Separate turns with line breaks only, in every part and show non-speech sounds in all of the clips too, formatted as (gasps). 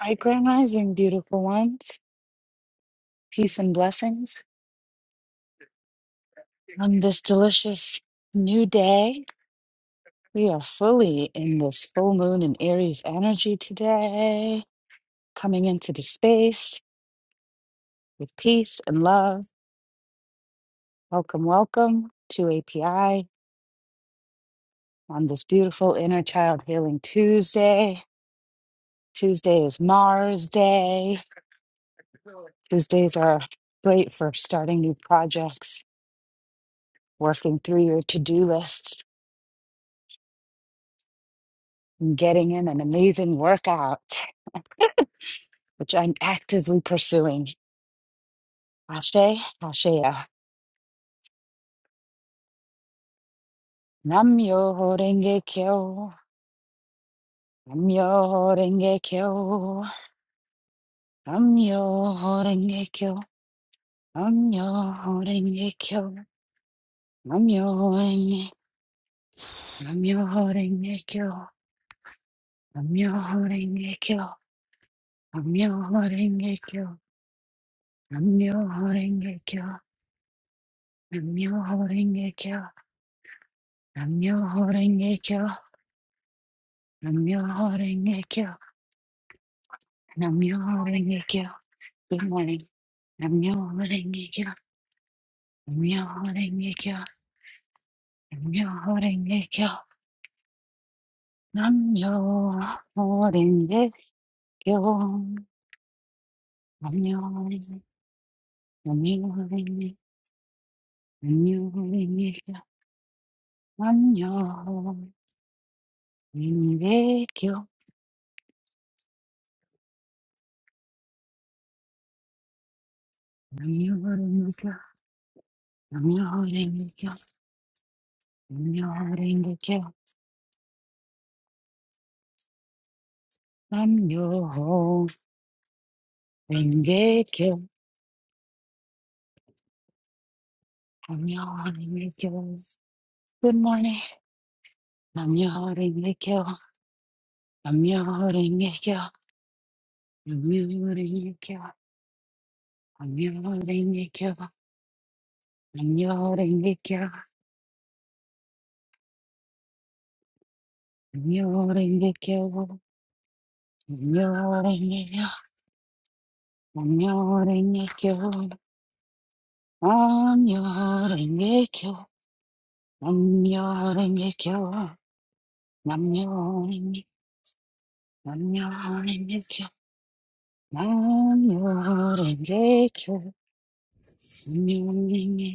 Right Rising, beautiful ones. Peace and blessings on this delicious new day. We are fully in this full moon and Aries energy today, coming into the space with peace and love. Welcome, welcome to API on this beautiful Inner Child Healing Tuesday. Tuesday is Mars Day. Tuesdays are great for starting new projects, working through your to do lists getting in an amazing workout, which I'm actively pursuing. Ashe, Ashea. Namyo Horenge Kyo. Namyo Horenge Kyo. Namyo Horenge Kyo. Namyo Horenge Kyo. Namyo Horenge Namyo Horenge Kyo. Namyo Horenge Kyo. Namyo Horenge Kyo. Namyo Horenge Kyo. Namyo Horenge Kyo. Namyo Horenge Kyo. Namyo-renge-kyo. Namyo-renge-kyo. Good morning. Namyo-renge-kyo. Namyo-renge-kyo. Namyo-renge-kyo. Namyo-renge-kyo. Namyo-renge- Namyo-renge- Namyo-renge-kyo. Namyo-renge-kyo. Namyo-renge-kyo. Namyo-renge-kyo. Namyo-renge-kyo. Namyo-renge-kyo. Namyo-renge-kyos. Good morning. Namyo-renge-kyo. Namyo-renge-kyo. Namyo-renge-kyo. Namyo-renge-kyo. Namyo-renge-kyo. Namyo-renge-kyo. Namyo-renge-kyo. Namyo-renge-kyo. Namyo-renge-kyo. Namyo-renge-kyo. Namyo-renge- Namyo-renge-kyo. Namyo-renge-kyo. Namyo-renge-kyo.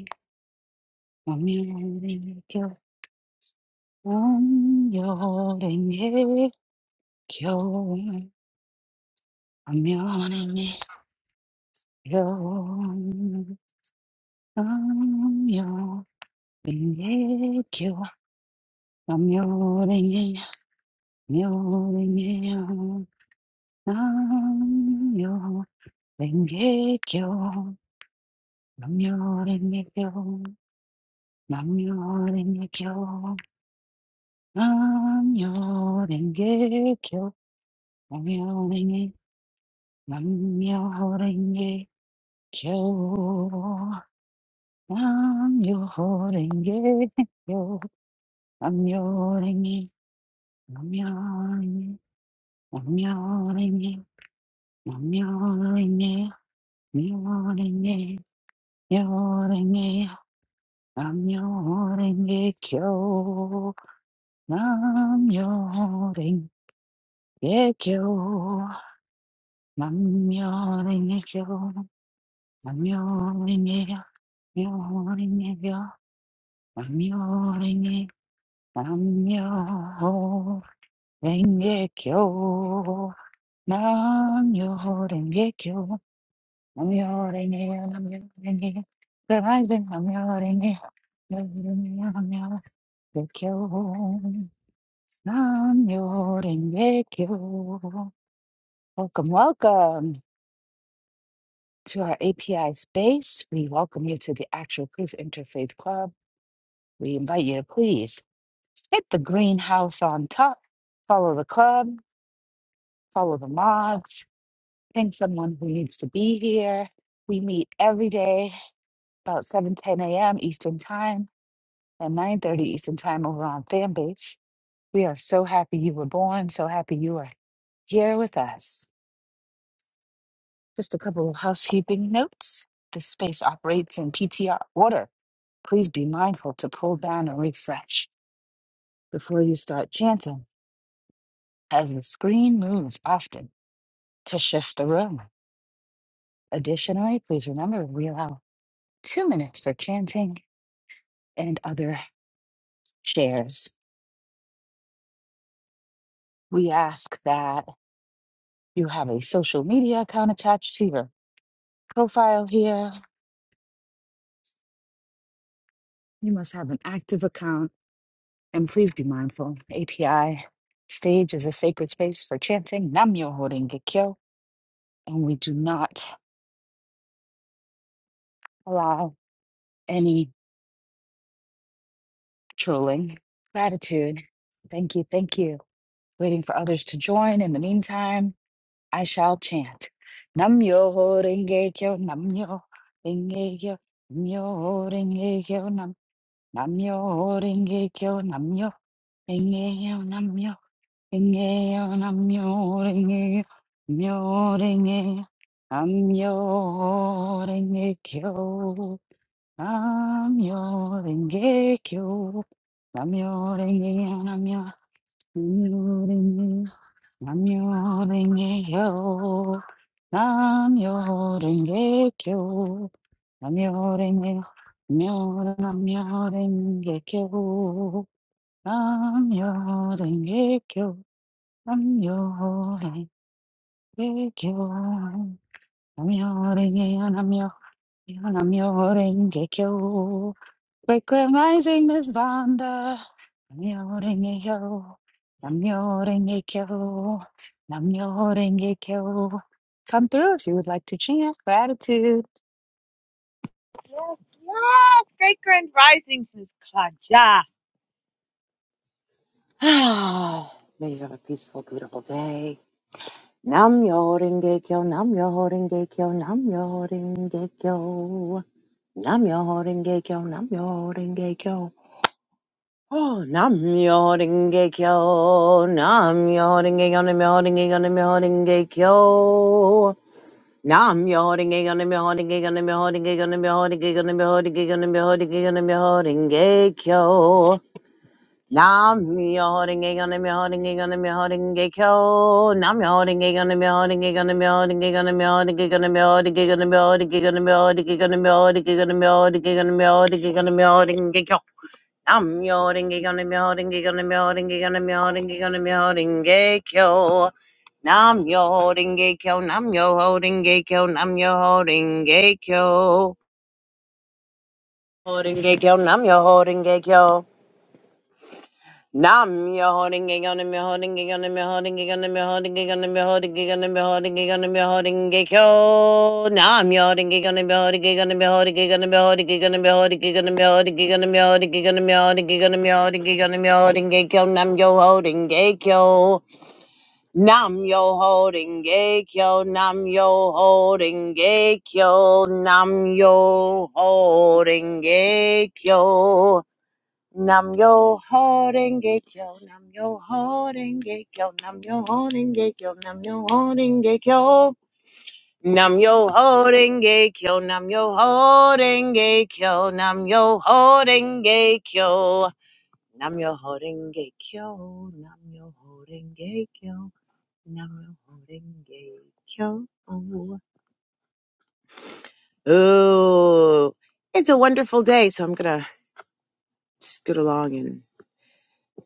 Amio lingio, amio lingio, amio lingio, amio lingio, amio lingio, amio lingio, amio lingio, amio lingio, amio lingio, amio lingio. Nam-myoho-renge kyo. Nam-myoho-renge kyo. Nam-myoho-renge, Nam-myoho-renge, Nam-myoho-renge, Nam-myoho-renge, Myoho-renge, Myoho-renge, Nam-myoho-renge kyo. Nam-myoho-renge kyo. Nam-myoho-renge kyo. Nam-myoho-renge, Myoho-renge kyo. 남녀랭이 남녀랭개교 남녀랭개교 남녀랭이 남녀랭이 그라이든 남녀랭이 남녀랭이 남녀랭개교 남녀랭개교 Welcome, welcome to our API space. We welcome you to the Actual Proof Interfaith Club. We invite you to please. hit the greenhouse on top, follow the club, follow the mods, ping someone who needs to be here. We meet every day about 7:10 a.m. Eastern Time and 9.30 Eastern Time over on Fanbase. We are so happy you were born, so happy you are here with us. Just a couple of housekeeping notes. This space operates in PTR order. Please be mindful to pull down and refresh before you start chanting, as the screen moves often to shift the room. Additionally, please remember we allow two minutes for chanting and other shares. We ask that you have a social media account attached to your profile here. You must have an active account and please be mindful. API stage is a sacred space for chanting Nam Myoho Renge Kyo, and we do not allow any trolling. Gratitude. Thank you. Thank you. Waiting for others to join in the meantime. I shall chant. Nam yo ho renge kyo, nam yo renge kyo, nam yo ho renge kyo, nam nam yo ho renge kyo, nam yo renge kyo, nam yo renge kyo, nam yo renge kyo, nam yo renge nam yo renge kyo, nam yo renge kyo, nam yo renge nam yo renge Namyo Renge-kyo. Namyo Renge-kyo. Namyo Renge, Namyo Namyo Renge-kyo. Namyo Renge-kyo. Namyo Renge-kyo. Namyo Renge, Namyo, Namyo Renge-kyo. Frequent rising is Vanda. Namyo renge kyo. Namyo renge kyo. Namyo renge kyo. Come through if you would like to chant gratitude.
Yes, yes, great grand risings, Miss Claudia. (sighs) Ah, May you have a peaceful, beautiful day. Nam yo renge kyo, nam yo renge kyo, nam yo renge kyo. Nam yo renge kyo, nam yo renge kyo. Oh, nam yo renge kyo, nam yo renge kyo, nam yo renge kyo, nam yo renge kyo. Nam yo renge kyo, nam yo renge kyo, nam yo renge kyo, nam yo renge kyo, nam yo renge kyo, nam yo renge kyo, nam yo renge kyo. Nam yo holding renge kyo, nam myoho renge kyo, nam holding renge kyo. Nam myoho renge kyo, nam myoho renge kyo, nam myoho renge kyo, nam myoho renge kyo, nam holding renge kyo, nam myoho renge kyo, nam myoho renge kyo, nam myoho renge kyo, nam myoho renge kyo, nam holding renge kyo, nam holding renge kyo. Nam myoho renge kyo, nam myoho renge kyo, nam myoho renge kyo, nam myoho renge kyo, nam holding renge kyo. Nam yo holding renge kyo, nam yo holding renge kyo, nam yo holding renge kyo. Myoho renge kyo, nam myoho renge kyo. Nam your holding gig on him, your holding gig on him, your holding gig on him, your holding gig on him, your holding gig on him, your holding gig on him, your holding gig yo. Nam your holding gig on him, your holding gig on him, your holding gig on him, your holding gig on him, your holding gig on him, your holding gig on him, your holding gig on him, your holding gig on him, your holding gig on him, your holding gig yo. Nam your holding gig yo. Nam your holding gig yo. Nam your holding gig yo. Nam your holding gig yo. Nam yo horenge kyo, nam yo horenge kyo, nam yo horenge kyo, nam yo horenge kyo. Nam yo horenge kyo, nam yo horenge kyo, nam yo horenge kyo. Nam yo horenge kyo, nam yo horenge kyo, nam yo horenge kyo. Ooh, it's a wonderful day, so I'm gonna scoot along and.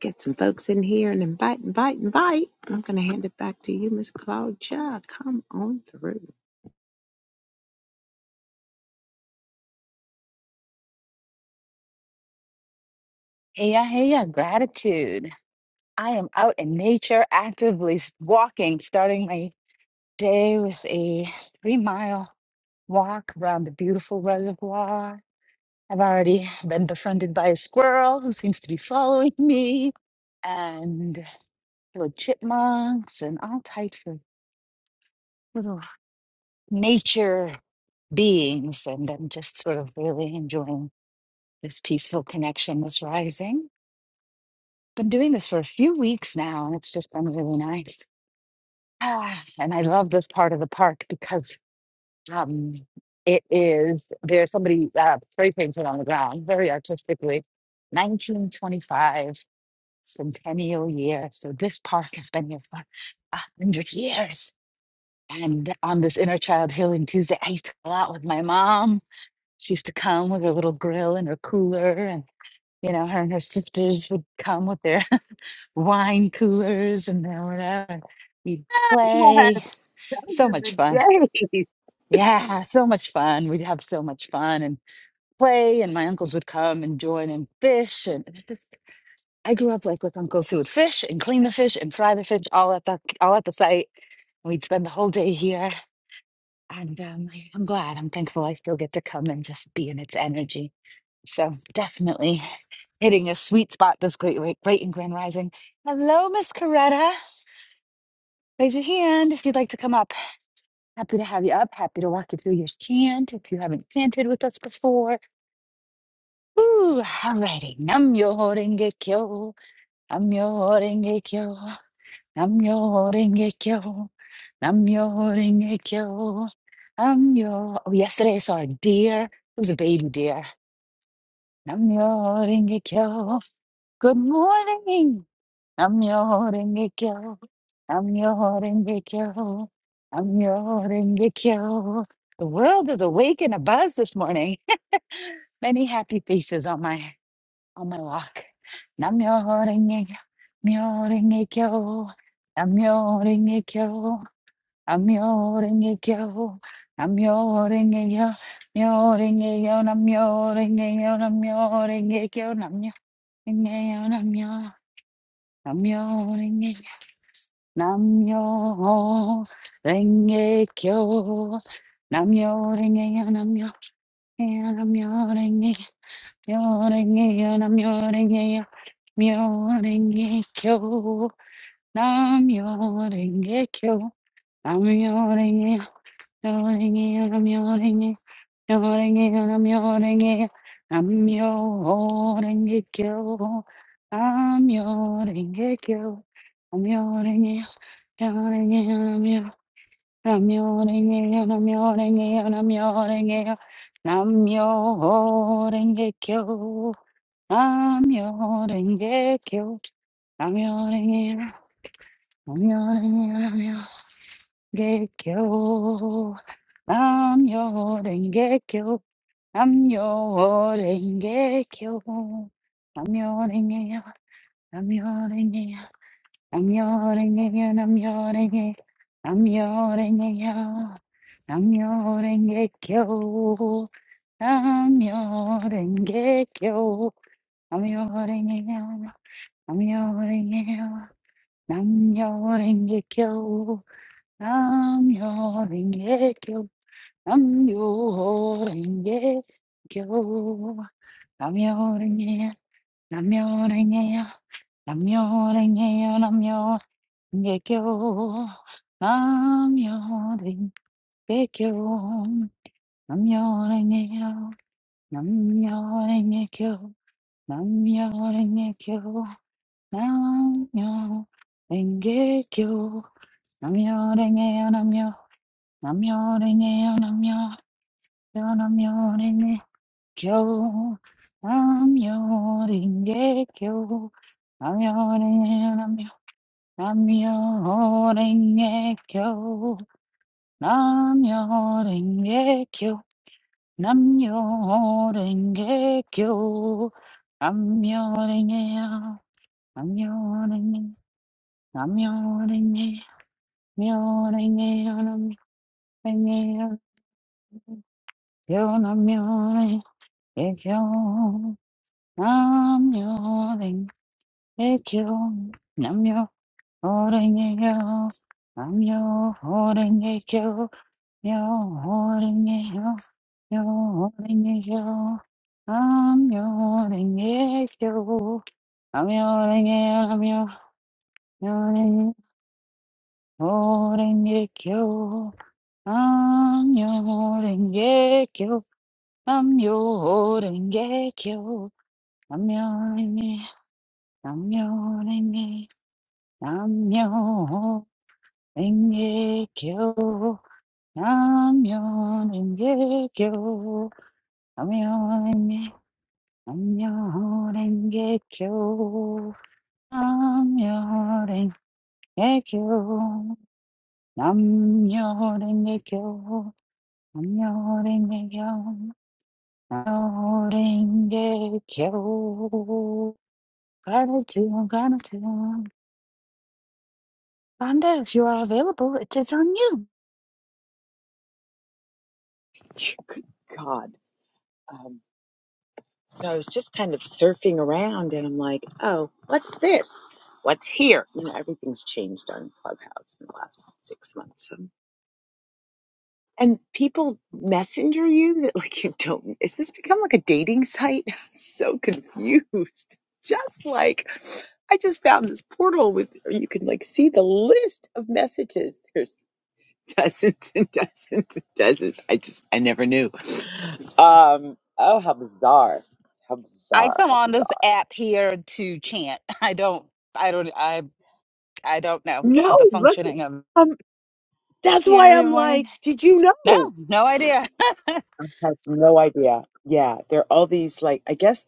Get some folks in here and invite, invite, invite. I'm going to hand it back to you, Miss Claudia. Come on through.
Heya, heya, gratitude. I am out in nature actively walking, starting my day with a three mile walk around the beautiful reservoir. I've already been befriended by a squirrel who seems to be following me. and. little chipmunks and all types of little nature beings. And I'm just sort of really enjoying this peaceful connection this rising. Been doing this for a few weeks now, and it's just been really nice. Ah, and I love this part of the park because um, it is there's somebody uh, spray painted on the ground very artistically. 1925 centennial year. So this park has been here for a hundred years And on this inner child healing Tuesday, I used to go out with my mom. She used to come with her little grill and her cooler, and you know, her and her sisters would come with their (laughs) wine coolers and their whatever. and We'd
Yes,
play.
those
So
are
much
the
fun.
days.
Yeah, so much fun. We'd have so much fun and play, and my uncles would come and join and fish. And it was just, I grew up like with uncles who would fish and clean the fish and fry the fish all at the all at the site. We'd spend the whole day here. And um, I'm glad, I'm thankful I still get to come and just be in its energy. So definitely hitting a sweet spot this great, great, great and grand rising. Hello, Miss Coretta. Raise your hand if you'd like to come up. Happy to have you up. Happy to walk you through your chant if you haven't chanted with us before. Ooh, alrighty. Nam yo horenge kyo. Nam yo horenge kyo. Namyo Rengekyo. Namyo Rengekyo. Namyo. Oh, yesterday I saw a deer. It was a baby deer. Namyo Rengekyo. Good morning. Namyo Rengekyo. Namyo Rengekyo. Namyo Rengekyo. The world is awake and abuzz this morning. (laughs) Many happy faces on my on my walk. Namyo Rengekyo. Namyo Rengekyo. Namyo Rengekyo. I'm yoring a yo, I'm yoring a yo, yoring a yo, I'm yoring a yo, I'm yoring a yo, I'm yoring a yo, I'm yo, I'm yoring a yo, I'm yoring a yo, I'm yoring a yo, I'm yo, I'm yoring a yoring a yo, I'm yoring a yo, I'm yoring a yo, I'm yoring a yo, I'm yoring a yo, Namyo-renge-kyo. Namyo-renge-kyo. Namyo-renge-kyo. Namyo-renge-kyo. Namyo-renge-kyo. Namyo-renge-kyo. Namyo-renge-kyo. Namyo-renge-kyo. Namyo-renge-kyo. Namyo-renge-kyo. Namyo-renge-kyo. Namyo-renge-kyo. Namyo-renge-kyo. Namyo-renge-kyo. I'm yawning, get you. I'm yawning, yeah. I'm yawning, yeah. I'm yawning, yeah. I'm yawning, yeah. I'm yawning, yeah. I'm yawning, get you. I'm yawning, get you. I'm yawning, yeah. I'm yawning, yeah. I'm yawning, get you. I'm yawning, get you. Namjoon, yejiyo. Namjoon, yeo. Namjoon, yeo. Namjoon, yeo. Namjoon, yejiyo. Namjoon, yejiyo. Namjoon, yeo. Namjoon, yeo. Namjoon, yejiyo. Namjoon, yeo. Namjoon, yeo. Namjoon, yejiyo. Namjoon, yeo. Namjoon, yeo. Namjoon, yeo. Namjoon, yeo. Kyo, I'm your yeah, kyo, I'm your i I'm your yeah, kyo, I'm your yeah, kyo, I'm your yeah, kyo, I'm your yeah, I'm your yodding, I'm your yeah, I'm your yeah, I'm your yeah, I'm your yeah, kyo, I'm your yodding. Ekyo, namyo, horengeyo, namyo, horengeyo, yo, horengeyo, yo, horengeyo, namyo, horengeyo, namyo, horengeyo, namyo, horengeyo, horengeyo, namyo, horengeyo, namyo, horengeyo, namyo, horengeyo, namyo, horengeyo, Engekyo, Namyon Engekyo, Namyon Enge- Namyon Engekyo, Namyon Engekyo, Namyon Engekyo, Namyon Engekyo, Namyon Engekyo. Gratitude, gratitude. Fonda, if you are available, it is on you.
Good God. Um, so I was just kind of surfing around and I'm like, oh, what's this? What's here? You know, everything's changed on Clubhouse in the last six months. And people messenger you that like you don't. Is this become like a dating site? (laughs) I'm so confused. Just like I just found this portal with or you can like see the list of messages. There's (laughs) dozens and dozens and dozens. I just I never knew. Um. Oh, how bizarre! How
I
bizarre!
come
How
on this
bizarre!
app here to chant. (laughs) I don't, I don't, I, I don't know how
No,
the
that's
functioning of
um. That's
here
why
every
I'm
morning.
like, did you
No,
know?
no idea. (laughs)
I have no idea. Yeah, there are all these like I guess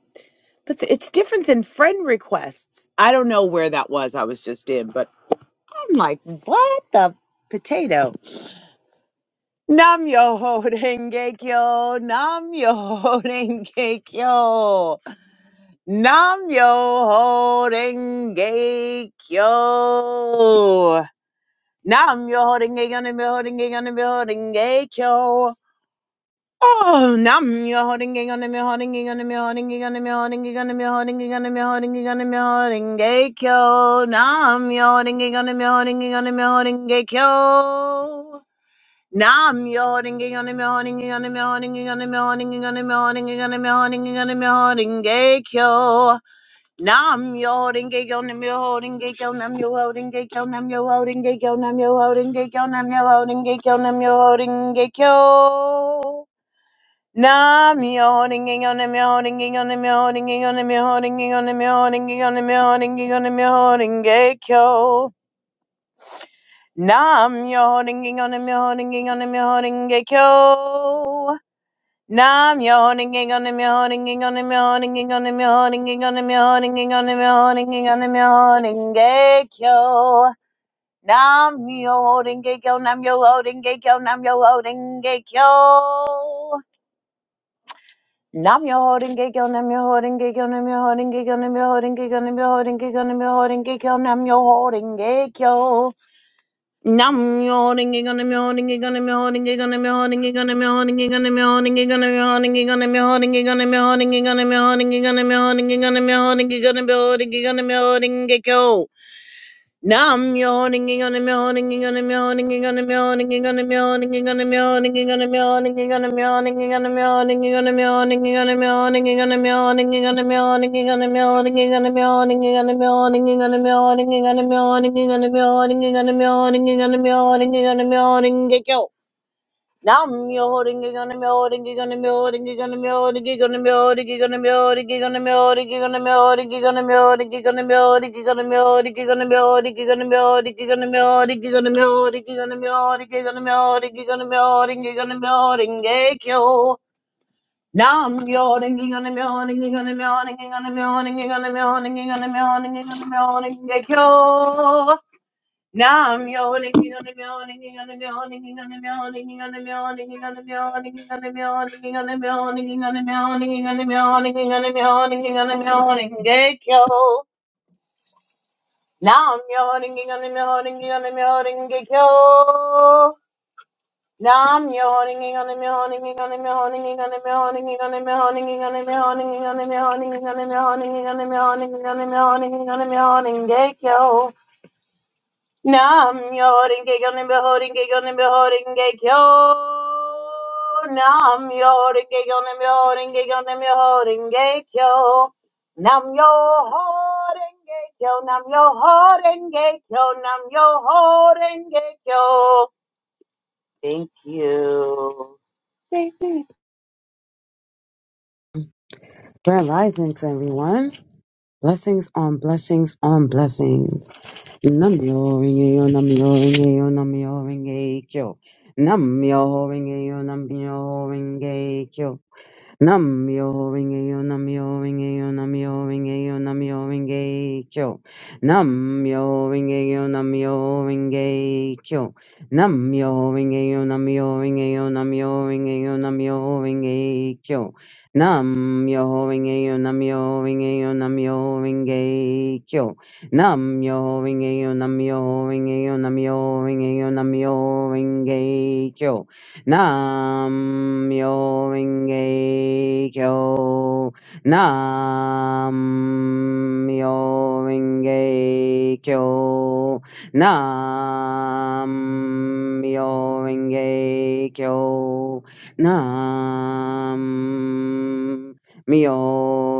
But th- it's different than friend requests. I don't know where that was I was just in, but I'm like, what the potato? Nam yo ho denge kyo, nam yo ho (laughs) denge kyo, nam yo ho denge kyo. Nam yo ho denge kyo, nam yo ho denge kyo, nam yo ho denge kyo. Oh, nam yo holding gang on the me holding gang on the me holding gang on the me holding gang on the me holding gang on the me holding gang on the me holding gay kyo. Nam yo holding gang on the me holding gang on the me holding gay kyo. Nam yo holding gang on the me holding gang on the me holding gang on the me holding gang on the me holding gang on the me holding gang on the me holding gay kyo. Nam yo holding gang on the me holding gay kyo. Nam yo holding gay kyo. Nam yo holding gay kyo. Nam yo holding gay kyo. Nam yo holding gay kyo. Nam yo holding gay kyo. Nam myoho holding on the myoho ringing on the myoho ringing on the myoho ringing on the myoho ringing on the myoho ringing on the myoho ringing kyo. Nam myoho ringing on the myoho ringing on the myoho ringing kyo. Nam myoho ringing on the myoho ringing on the myoho ringing on the myoho ringing on the myoho ringing on the myoho ringing on the myoho ringing kyo. Nam myoho ringing kyo. Nam myoho ringing kyo. Nam myoho ringing kyo. Nam your holding gig on them your holding gig on them your holding gig on them your holding gig on them your holding gig on them your holding gig on them your holding gig yo Nam your holding gig on them your holding gig on them your holding gig on them your holding gig on them your holding gig on them your holding gig on them your holding gig on them your holding gig on them your holding gig on them your holding gig on them your holding gig on them your holding gig on them your holding gig on them your holding gig yo Now mule holding it on the mule holding it on the mule holding it on the mule holding it on the mule holding it on the mule holding it on the mule holding it on the mule holding it on the mule holding it on the mule holding it on the mule holding it on the mule holding it on the mule holding it on the mule holding it on the mule holding it on the mule holding it on the mule holding it on the mule holding it on the mule holding it yo. Now I'm yawning on the morning on the morning on the morning on the morning on the morning on the morning on the morning yo. Nam Nam Nam Yoden Gekyo Nimbe Hoden Gekyo Nimbe Hoden Gekyo. Nam Yoden Gekyo Nimbe Hoden Gekyo Nimbe Hoden Gekyo. Nam Yo Hoden Gekyo Nam Yo Hoden Gekyo Nam Yo Hoden Gekyo. Thank you. Stacy.
Grand risings, everyone. Blessings on blessings on blessings. Namyo ringeyo, namyo ringeyo, namyo ringeyo. Namyo ringeyo, namyo ringeyo. Nam yo ringe yo nam yo ringe yo nam yo ringe yo nam yo ringe kyo. Nam yo ringe yo nam yo ringe kyo. Nam yo ringe yo nam yo ringe yo nam yo ringe yo nam yo ringe kyo. Nam yo ringe yo nam yo ringe yo nam yo ringe kyo. Nam yo ringe yo nam yo ringe yo nam yo ringe yo nam yo ringe kyo nam myo renge kyo nam myo renge kyo nam myo renge kyo nam myo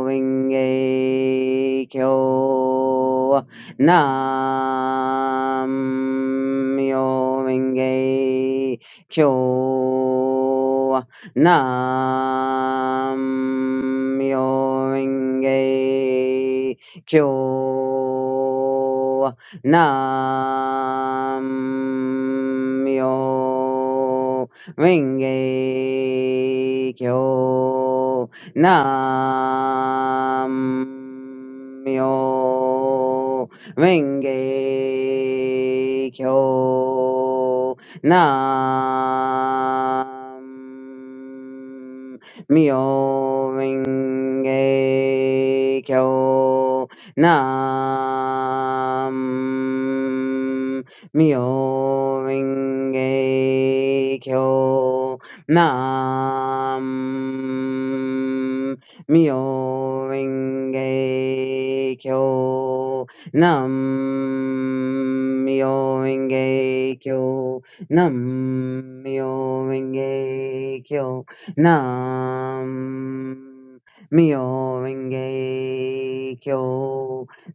renge kyo nam myo renge kyo kyo nam myo renge kyo nam myo renge kyo nam myo renge kyo Nam Myo Renge Kyo Nam Myo Renge Kyo Nam Myo Renge Kyo Nam Myo Renge Kyo Nam myo renge kyo. Nam myo renge kyo.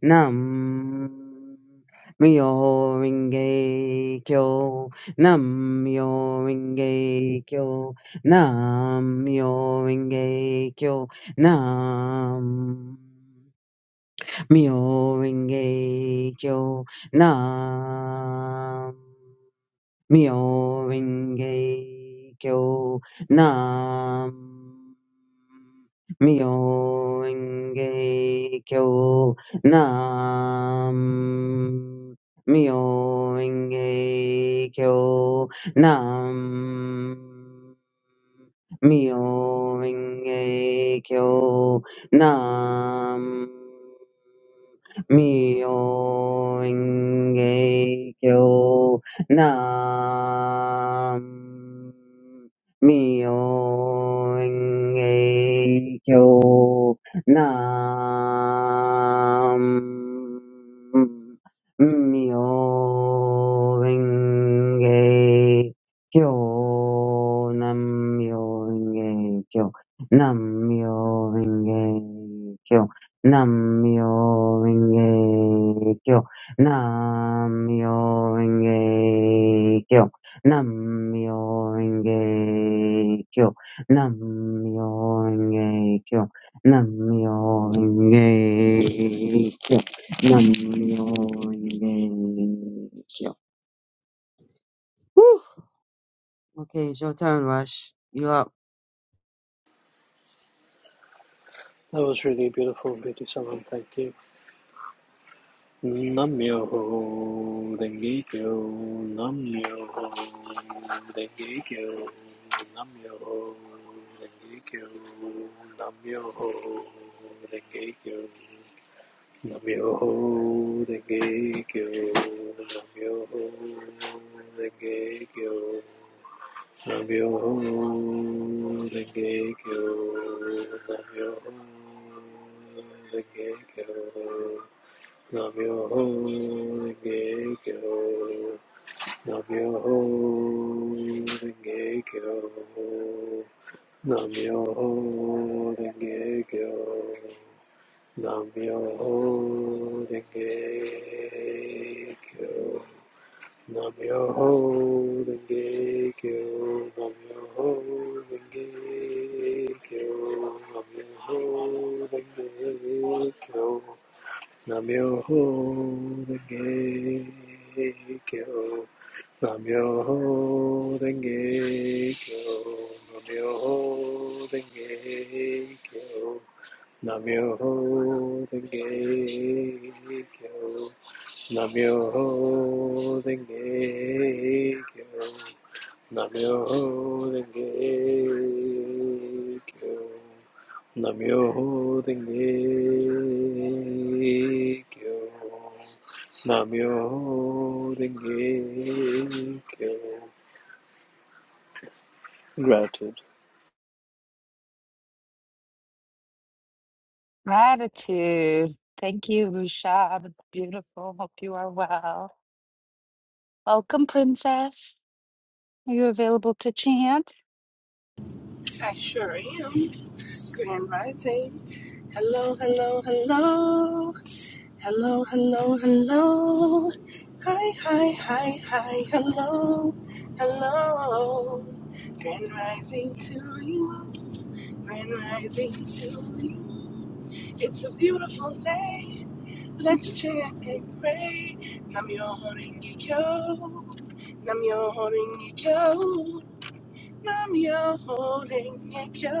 Nam myo renge kyo. Nam myo renge kyo. Nam myo renge kyo. Nam myo renge kyo. Nam kyo Nam Myoho-renge-kyo Nam Myoho-renge-kyo Nam Mi oing ayo nam. Mi oing ayo nam. Mi oing ayo nam. Mi oing ayo. Kyo Namyo Renge Kyo Namyo Renge Kyo Namyo Renge Kyo Namyo Renge Kyo Namyo Renge Kyo Namyo Renge Kyo Namyo Renge Kyo Namyo Renge Kyo Whew! Okay, it's your turn, Rush. You up?
That was really beautiful, beauty salon. Thank you. Nam yo ho denge kyo. Nam yo ho denge kyo. Nam yo ho denge kyo. Nam yo ho denge kyo. Nam yo ho denge kyo. Nam yo ho kyo. Navyoho Renge Kyo, Navyoho Renge Kyo, Navyoho Renge Kyo, Navyoho Renge Kyo, Navyoho Renge Kyo, Navyoho Renge Kyo. Namyoho Renge Kyo, Namyoho Renge Kyo, Namyoho Renge Kyo, Namyoho Renge Kyo, Namyoho Renge Kyo, Namyoho Renge Kyo, Namyoho Renge Kyo. Namyoho Renge Kyo. Namyoho Renge Kyo. Namyoho Renge Kyo. Namyoho Renge Kyo. Gratitude.
Gratitude. Thank you, Rushab. Beautiful. Hope you are well. Welcome, Princess. Are you available to chant?
I sure am. Grand Rising. Hello, hello, hello. Hello, hello, hello. Hi, hi, hi, hi. Hello, hello. Grand Rising to you. Grand Rising to you. It's a beautiful day. Let's chant and pray. Namyo Horengekyo. Namyo Horengekyo. Nam-myoho-renge-kyo,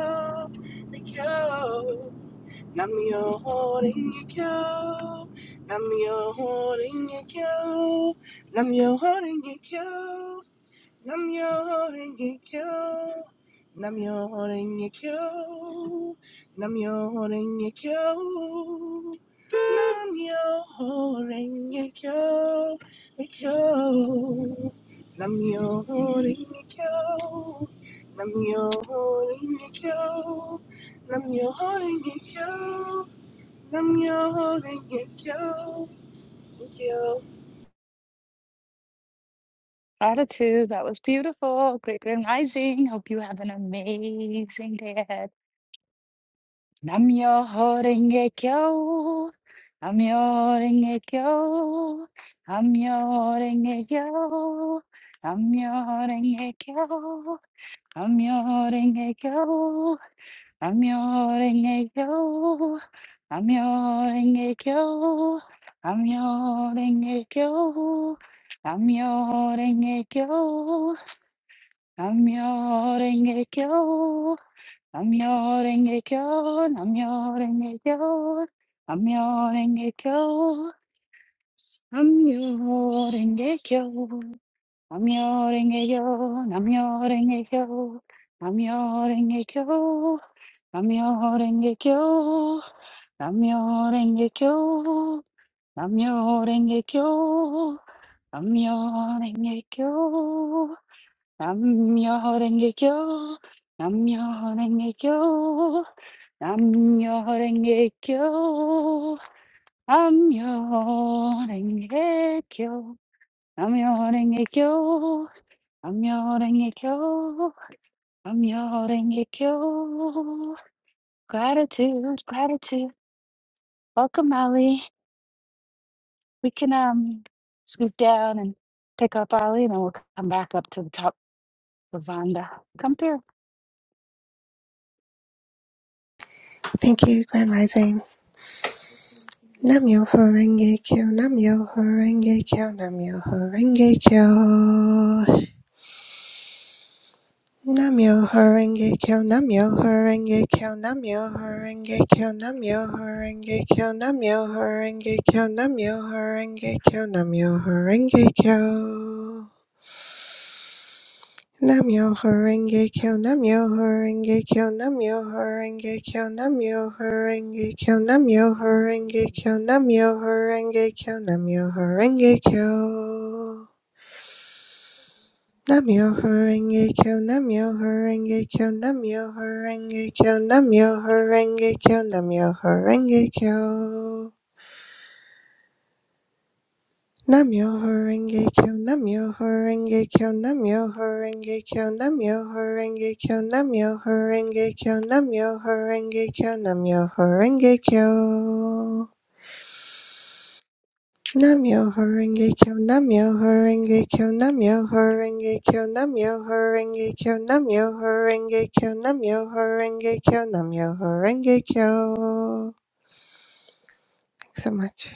kyo. Nam-myoho-renge-kyo, Nam-myoho-renge-kyo, Nam-myoho-renge-kyo. Namyo Rengekyo. Namyo Rengekyo. Namyo Rengekyo. Namyo Rengekyo. Rengekyo. Namyo Rengekyo. Namyo Rengekyo. Namyo Rengekyo. Namyo Rengekyo. Thank you.
Gratitude. That was beautiful. Great, great, amazing. Hope you have an amazing day ahead. Namyo Renge Kyo. Namyo Renge Kyo. Namyo Renge Kyo. Namyo Renge Kyo. Namyo Renge Kyo. Namyo Renge Kyo. Namyo Renge Kyo. Namyo Renge Kyo. Namyo Renge Kyo. Namyo Renge Kyo. Namyo renge kyo, namyo renge kyo, namyo renge kyo, namyo renge kyo, namyo renge kyo, namyo renge kyo, namyo renge kyo, namyo renge kyo, namyo renge kyo, namyo renge kyo, namyo renge kyo, namyo renge kyo, namyo renge kyo. 남여행애교 남여행애교 남여행애교 남여행애교 남여행애교 gratitude gratitude welcome Ali we can um scoop down and pick up Ali and then we'll come back up to the top Lavanda come here.
Thank you, Grand Rising. Namyo Horenge Kyo, Namyo Horenge Kyo, Namyo Horenge Kyo. Namyo Horenge Kyo, Namyo Horenge Kyo, Namyo Horenge Kyo, Namyo Horenge Kyo, Namyo Horenge Kyo, Namyo Horenge Kyo, Namyo Horenge Kyo. Namyo Horenge Kyo, Namyo Horenge Kyo, Namyo Horenge Kyo, Namyo Horenge Kyo, Namyo Horenge Kyo, Namyo Horenge Kyo, Namyo Horenge Kyo. Namyo Horenge Kyo, Namyo Horenge Kyo, Namyo Horenge Kyo, Namyo Horenge Kyo, Namyo Horenge Kyo. Namyo Horenge Kyo, Namyo Horenge Kyo, Namyo Horenge Kyo, Namyo Horenge Kyo, Namyo Horenge Kyo, Namyo Horenge Kyo, Namyo Horenge Kyo. Namyo Horenge Kyo, Namyo Horenge Kyo, Namyo Horenge Kyo, Namyo Horenge Kyo, Namyo Horenge Kyo, Namyo Horenge Kyo, Namyo Horenge Kyo. Thanks so much.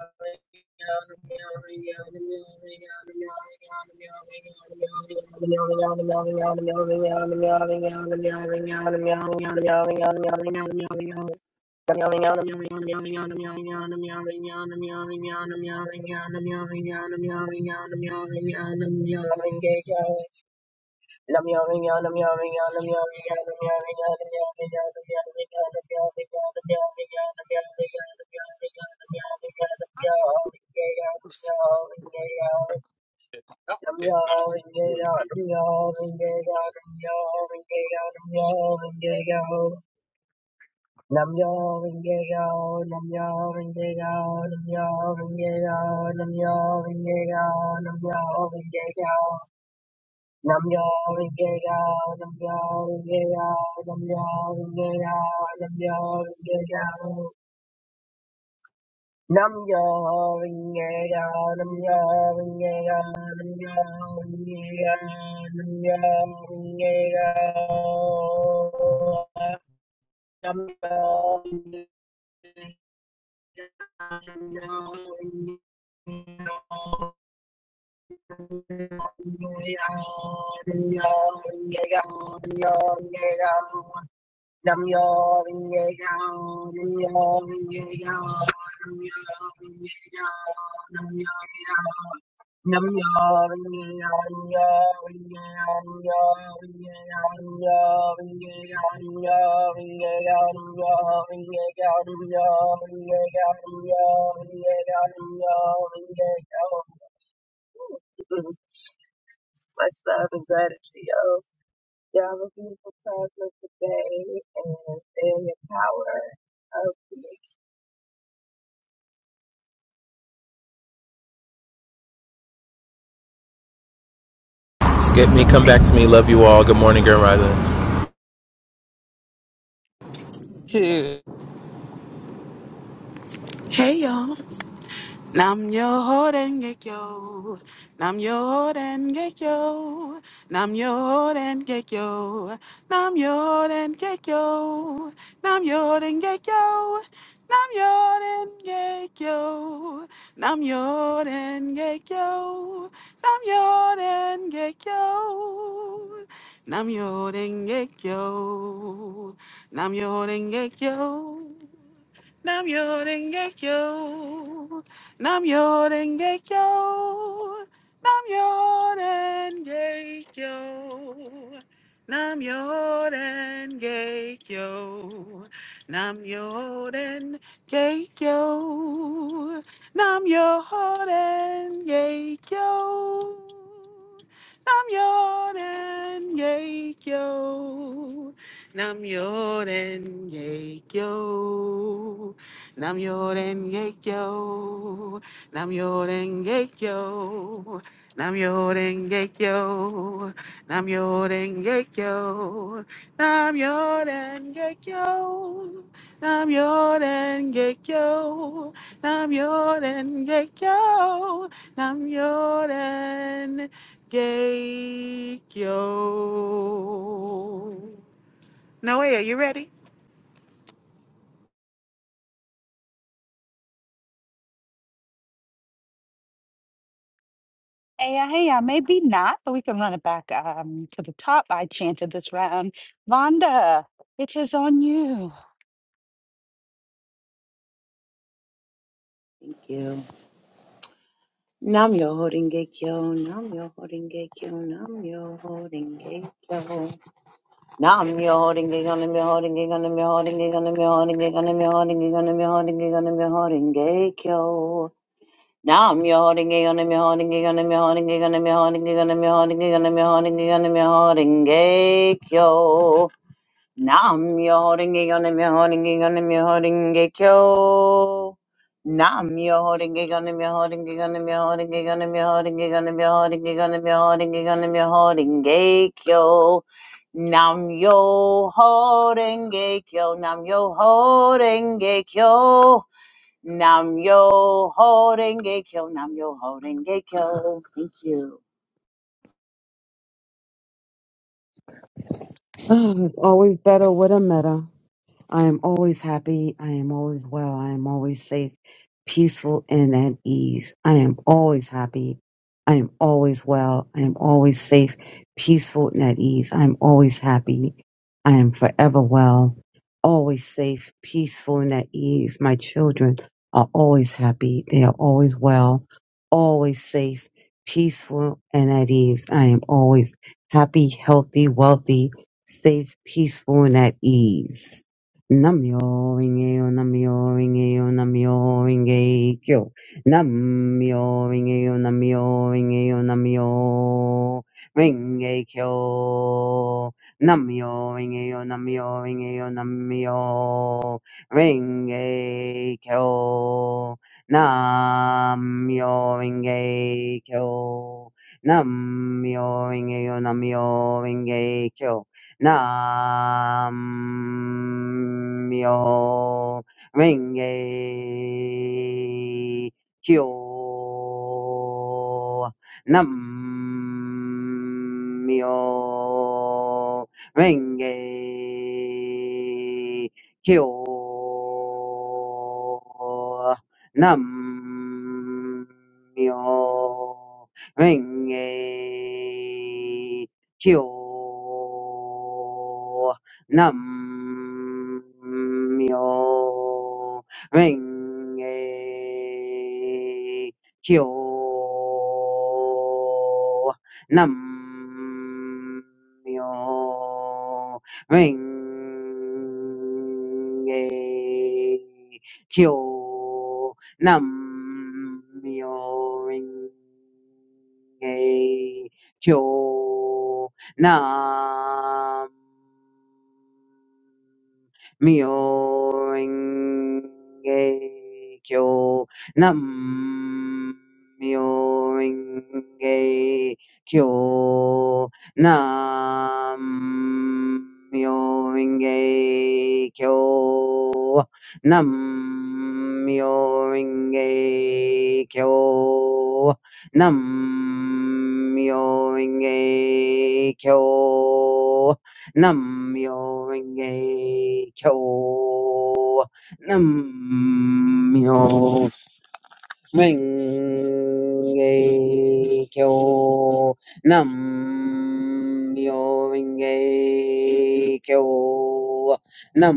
meowing,
Yep.
Nam Nam yo ringe yo, nam yo ringe yo, nam yo ringe yo, nam yo ringe yo. Nam yo ringe yo, nam yo ringe yo, nam yo ringe yo, nam yo ringe yo. Nam yo ringe yo, nam yo ringe yo, nam yo ringe yo, nam yo ringe yo, nam yo ringe yo. Nam yo vinge yo, nam yo vinge yo, nam yo vinge yo, nam yo yo. Nam yo vinge yo, nam yo vinge yo, nam yo vinge yo, nam yo vinge yo, nam yo vinge yo, nam yo vinge yo, nam yo vinge yo, nam yo vinge yo, nam yo vinge yo. Ooh, (laughs) Much love and gratitude, yo. You have a beautiful plasma today and stay in your power of creation.
Skip me, come back to me. Love you all. Good morning, Grand Rising.
two
Hey y'all. Nam yo hoden get yo. Nam yo hoden get yo. Nam yo hoden get yo. Nam yo hoden get yo. Nam yo hoden get yo. Nam yo hoden get yo. Nam yo hoden get yo. Nam yo hoden get yo. Nam yo hoden get yo. Nam yo hoden get yo. Nam yo denge yo. Nam yo denge yo. Nam yo denge yo. Nam yo denge yo. Nam yo denge yo. Nam yo denge yo. Nam yo denge yo. Nam Yoren kyo. Nam Yoren kyo. Nam Yoren kyo. Nam Yoren kyo. Nam Yoren kyo. Nam Yoren kyo. Nam Yoren kyo. Nam Yoren Gekyo. Nam Yoren Gekyo. Noelle, you ready?
Hey, uh, hey, uh, maybe not, but we can run it back um, to the top. I chanted this round. Vonda, it is on you.
Thank you. Nam Yo Hoden Gekyo Nam Yo Hoden Gekyo Nam Yo Hoden Gekyo. Nam your holding gig on me holding gig on me holding gig on me holding gig on me holding gig on me holding gig on me holding gig yo. Nam your holding gig on me holding gig on me holding gig on me holding gig on me holding gig on me holding gig on me holding gig yo. Nam your holding gig on me holding gig on me holding gig yo. Nam your holding gig on me holding gig on me holding gig on me holding gig on me holding gig on me holding gig on me holding gig yo. Nam yo ho renge kyo, nam yo ho renge kyo, nam yo ho renge kyo, nam yo ho renge kyo. Thank you.
(sighs) Oh, it's always better with a meta. I am always happy. I am always well. I am always safe, peaceful, and at ease. I am always happy. I am always well. I am always safe, peaceful, and at ease. I am always happy. I am forever well, always safe, peaceful, and at ease. My children are always happy. They are always well, always safe, peaceful, and at ease. I am always happy, healthy, wealthy, safe, peaceful, and at ease. Namyo Rinkeyo Namyo Rinkeyo Namyo Rinkeyo Namyo Rinkeyo Namyo Rinkeyo Namyo Rinkeyo Namyo Rinkeyo Namyo Rinkeyo Namyo Rinkeyo Namyo Rinkeyo Namyo Rinkeyo Namyo Rinkeyo Nam Myo Renge Kyo Nam Myo Renge Kyo Nam Myo Renge kyo nam myo renge kyo nam myo renge kyo nam Myo Kyo Nam Myoho-renge-kyo. Nam Myoho-renge-kyo. Nam Myoho-renge-kyo. Nam Myoho-renge-kyo. Nam Myoho-renge-kyo. Nam yo renge kyo. Nam yo renge kyo. Nam yo renge kyo. Nam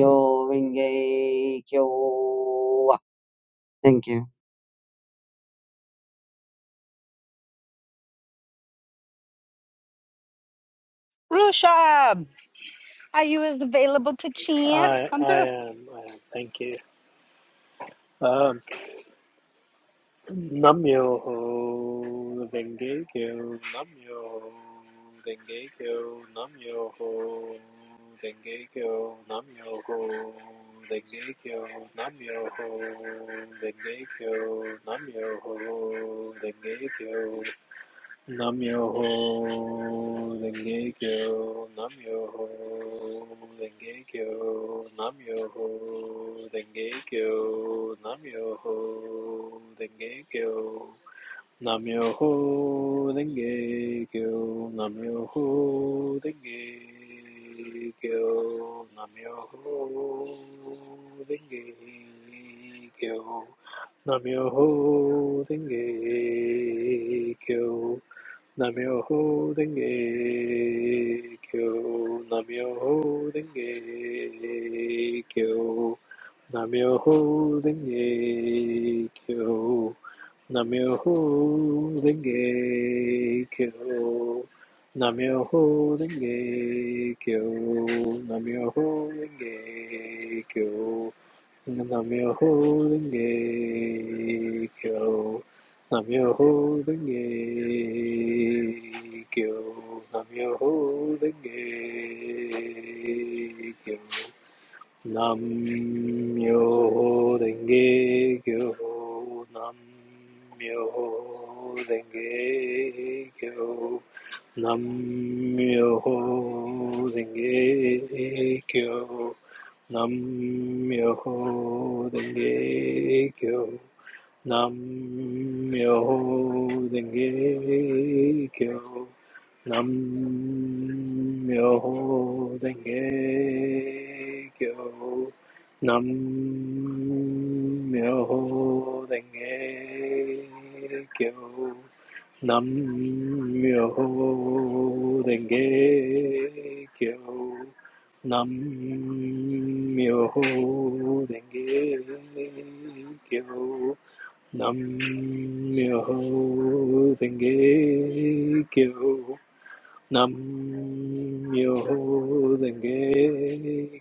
yo renge kyo. Thank you.
Rushab, are you as available to chant?
I,
Come
I
through.
am, I am. Thank you. Um. Namyo ho denge kyo, namyo ho denge kyo, namyo ho denge kyo, namyo ho kyo, namyo ho kyo, namyo ho kyo. Namyoho Renge Kyo, Namyoho Renge Kyo, Namyoho Renge Kyo, Namyoho Renge Kyo, Namyoho Renge Kyo, Namyoho Renge Kyo, Namyoho Renge Kyo, Namyoho Renge Kyo. Namyoho Denge Kyo, Namyoho Denge Kyo, Namyoho Denge Kyo, Namyoho Denge Kyo, Namyoho Denge Kyo, Namyoho Denge Kyo, Namyoho Denge Kyo. Namyoho Renge Kyo. Namyoho Renge Kyo. Namyoho Renge Kyo. Namyoho Renge Kyo. Namyoho Renge Kyo. Namyoho Renge Kyo. Nam-myoho Renge Kyo. Nam-myoho Renge Kyo. Nam-myoho Renge Kyo. Nam-myoho Renge Kyo. Nam-myoho Renge Kyo. Nam Myoho Renge Kyo. Nam Myoho Renge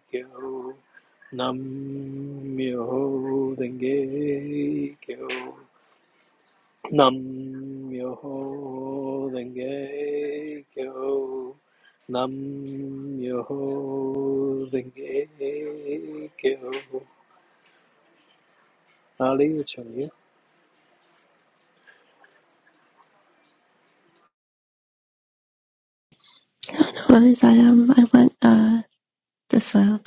Kyo. Nam Myoho Renge Kyo. Nam Myoho Renge Kyo. Nam Myoho Renge Kyo. Ali, it's on you.
No worries, I um I went uh this round.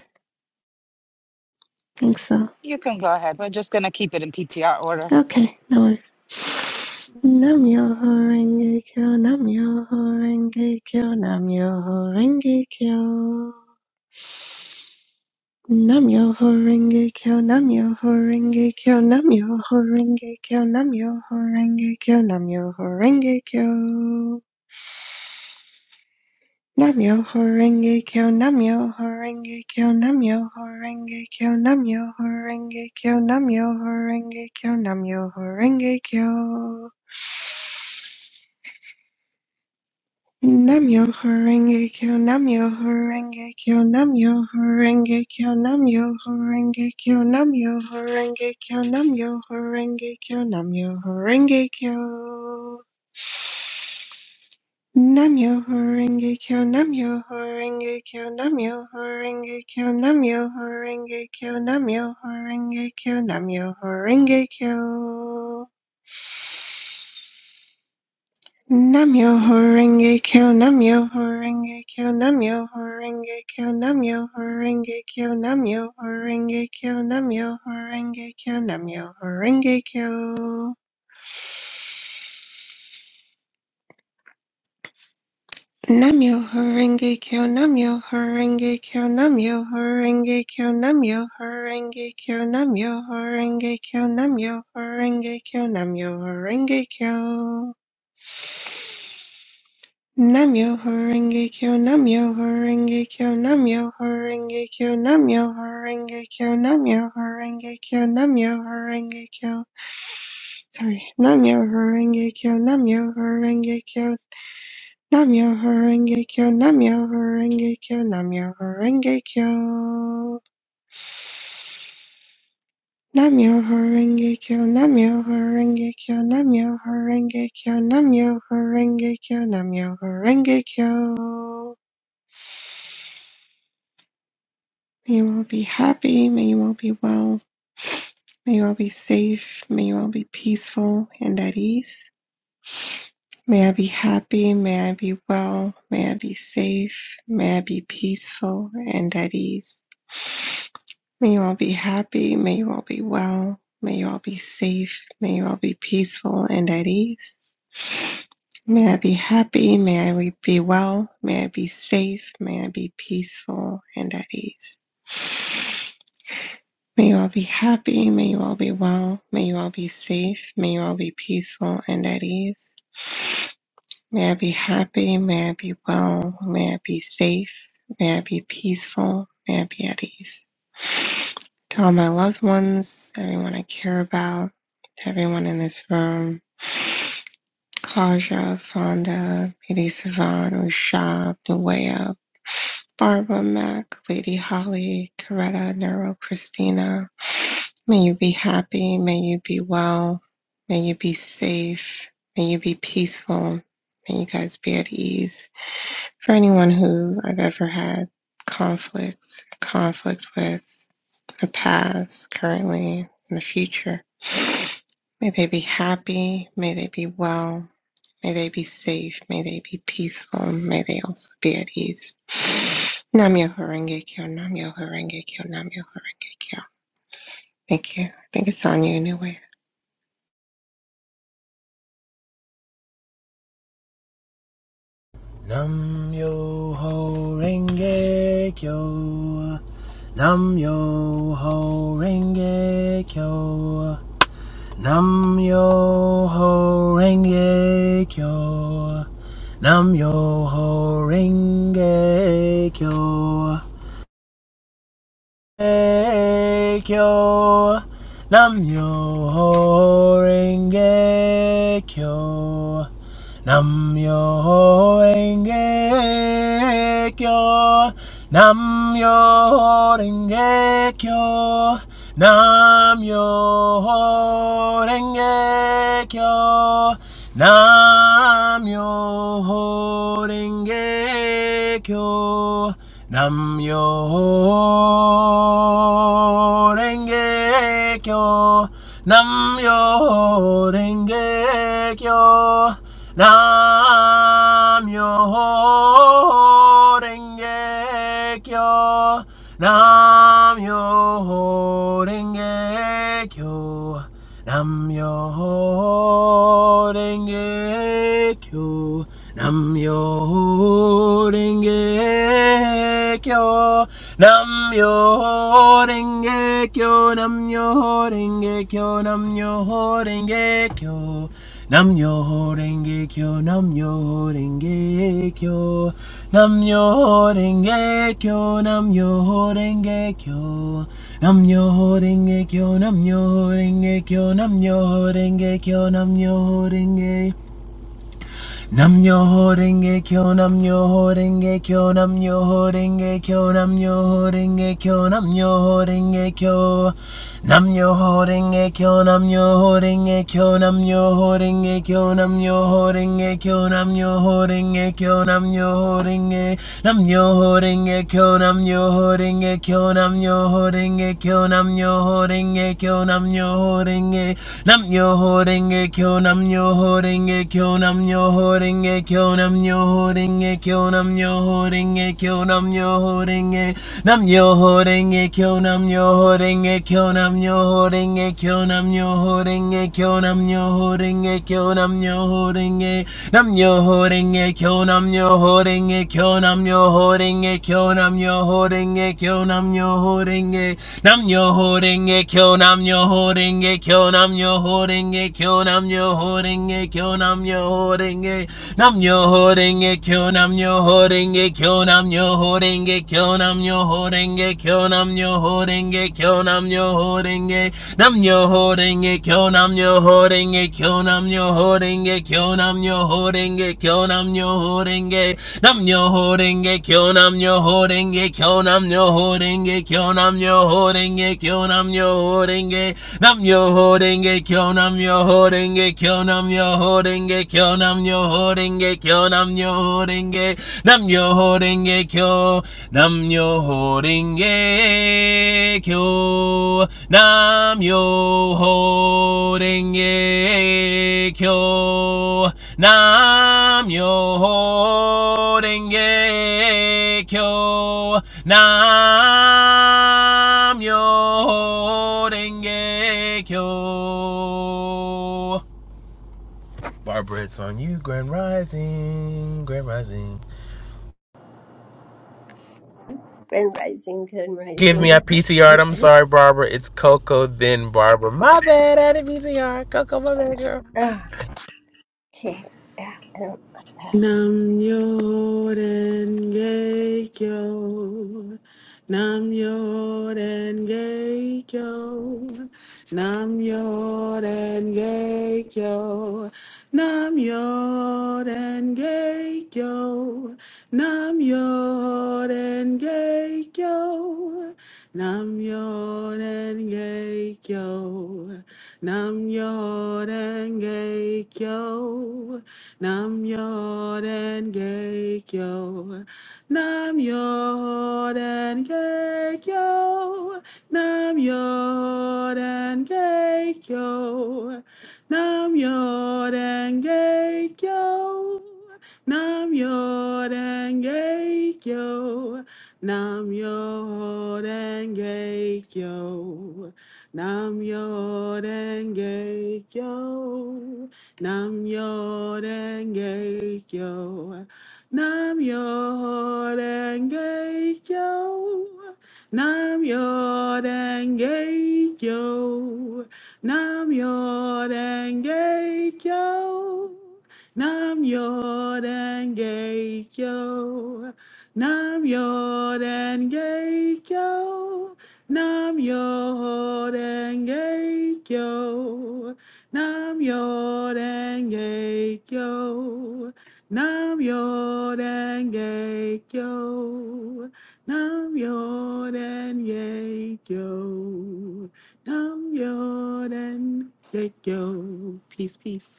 Thanks so
You can go ahead. We're just going to keep it in PTR order.
Okay, no worries. Nam Yoho Renge Kyo, Nam Yoho Renge Kyo, Nam Yoho Renge Kyo. Nam Yoho Renge Kyo, Nam Yoho Renge Kyo, Nam Yoho Renge Kyo, Nam Yoho Renge Kyo, Nam Yoho Renge Kyo. Nam Yoho Renge Kyo, Nam Yoho Renge Kyo, Nam Yoho Renge Kyo, Nam Yoho Renge Kyo, Nam Yoho Renge Kyo, Nam Yoho Kyo. Namyo Horenge Kyo Namyo Horenge Kyo Namyo Horenge Kyo Namyo Horenge Kyo Namyo Horenge Kyo Namyo Horenge Kyo Namyo Horenge Kyo Namyo Horenge Kyo Namyo Horenge Kyo Namyo Horenge Kyo Namyo Horenge Kyo Namyo Horenge Kyo Namyo Horenge Kyo Namyo Horenge Kyo Namyo Horenge Kyo Namyo Horenge Kyo Namyo Horenge Kyo Namyo Horenge Kyo Namyo Horenge Kyo Namyo Horenge Kyo Namyo Horenge Kyo Namyo Horenge Kyo Namyo Horenge Kyo Namyo Horenge Kyo Namyo Horenge Kyo Namyo Horenge Kyo Namyo Horenge Kyo Namyo Horenge Kyo, Namyo Horenge Kyo, Namyo Horenge Kyo, Namyo Horenge Kyo, Namyo Horenge Kyo, Namyo Horenge Kyo. Sorry, Namyo Horenge Kyo, Namyo Horenge Kyo, Namyo Horenge Kyo, Namyo Horenge Kyo, Namyo Horenge Kyo. Namyo Horenge Kyo, Namyo Horenge Kyo, Namyo Horenge Kyo, Namyo Horenge Kyo, Namyo Horenge Kyo. May you all be happy. May you all be well. May you all be safe. May you all be peaceful and at ease. May I be happy. May I be well. May I be safe. May I be peaceful and at ease. May you all be happy. May you all be well. May you all be safe. May you all be peaceful and at ease. May I be happy. May I be well. May I be safe. May I be peaceful and at ease. May you all be happy. May you all be well. May you all be safe. May you all be peaceful and at ease. May I be happy. May I be well. May I be safe. May I be peaceful. May I be at ease. To all my loved ones, everyone I care about, to everyone in this room, Kaja, Fonda, Lady Savan, Rashab, Nuea, Barbara, Mac, Lady Holly, Coretta, Nero, Christina, May you be happy. May you be well. May you be safe. May you be peaceful. May you guys be at ease. For anyone who I've ever had conflict, conflict with the past, currently, and the future, may they be happy. May they be well. May they be safe. May they be peaceful. May they also be at ease. Namyo Horenge Kyo, Namyo Horenge Kyo, Namyo Horenge Kyo. Thank you. I think it's on you anyway.
Nam yo ho renge kyo. Nam yo ho renge kyo. Nam yo ho renge kyo. Nam yo ho renge kyo. Kyo Nam Yo Renge Kyo Nam Renge Kyo Nam Renge Kyo Nam Renge Kyo Nam Yo kyo nam yo renge kyo nam renge kyo nam renge kyo yo nam yo renge kyo nam yo renge kyo nam yo renge kyo nam yo renge Renge kyo nam yo ho renge kyo nam yo ho renge kyo nam yo ho renge kyo nam yo ho renge kyo nam yo ho renge kyo nam yo ho renge kyo nam yo ho renge kyo nam yo ho renge kyo nam yo ho renge kyo nam yo ho renge nam yo ho renge kyo nam yo ho renge kyo nam yo ho kyo nam yo ho kyo nam yo ho kyo Nam yo holding a kyo, nam yo holding a kyo, nam yo holding a kyo, nam yo holding a kyo, nam yo holding a kyo, nam yo holding a, nam yo holding a kyo, nam yo holding a kyo, nam yo holding a kyo, nam yo holding a kyo, nam yo holding a, nam yo holding a kyo, nam yo holding a kyo, nam yo holding a kyo, nam yo holding a kyo, nam yo holding a kyo, nam yo holding a, nam yo Myoho Renge Kyo Nam Myoho Renge Kyo Nam Myoho Renge Kyo Nam Myoho Renge Kyo Nam Myoho Renge Kyo Nam Myoho Renge Kyo, Nam Myoho Renge Kyo Nam Myoho Renge Kyo Nam Myoho Renge Kyo Nam Myoho Renge Kyo Nam Myoho Renge Kyo, Nam Myoho Renge Kyo Nam Myoho Renge Kyo Nam Myoho Renge Kyo Nam Myoho Renge Kyo Nam Myoho Renge Kyo, Nam Myoho Renge Kyo Nam Myoho Renge renge Kyo nam yo ho reng e, kyo nam yo ho reng e, kyo nam yo ho reng e, kyo nam yo ho reng e, nam yo ho reng e, kyo nam yo ho reng e, kyo nam yo ho reng e, kyo nam yo ho reng e, kyo nam yo ho reng e, kyo nam yo ho reng e, nam yo ho reng e, kyo nam yo ho reng e, kyo nam yo ho reng e, kyo nam yo ho reng e, kyo nam yo ho reng e, nam yo ho reng e, kyo nam yo ho reng e, kyo nam yo ho reng e, kyo nam yo ho reng e, kyo nam yo ho reng e. Nam yo ho, ding ye, yo. Nam yo ho, ding ye, yo. Nam yo ho, ding ye, yo. Nam yo ho, ding ye, yo. Nam yo ho, ding ye, yo. Nam yo ho, ding ye, yo. Barbara, it's on you. Grand Rising. Grand Rising.
Been rising, been
Give me a
rising.
P am sorry, Barbara. It's Coco, then Barbara. My bad, I didn't PTR. Coco, my bad, girl.
Ah, okay. Yeah, I don't like that.
Nam Yoden Geikyo. Nam Yoden Geikyo. Nam Yoden Geikyo. Nam Yoden Geikyo. Nam Yoden Geikyo. Nam Yoden Geikyo. Nam Yoden Geikyo. Nam Yoden Geikyo. Nam Yoden Geikyo. Nam Yoden Geikyo. Nam Yoden Geikyo. Nam Yoden Geikyo. Nam Yoden Geikyo. Nam Yoden Geikyo. Nam yo denge yo. Nam yo denge yo. Nam yo denge yo. Nam yo denge yo. Nam yo denge yo. Nam yo denge yo. Nam yo denge yo. Nam Yodenge Kyo. Nam Yodenge Kyo. Nam Yodenge Kyo. Nam Yodenge Kyo. Peace, peace.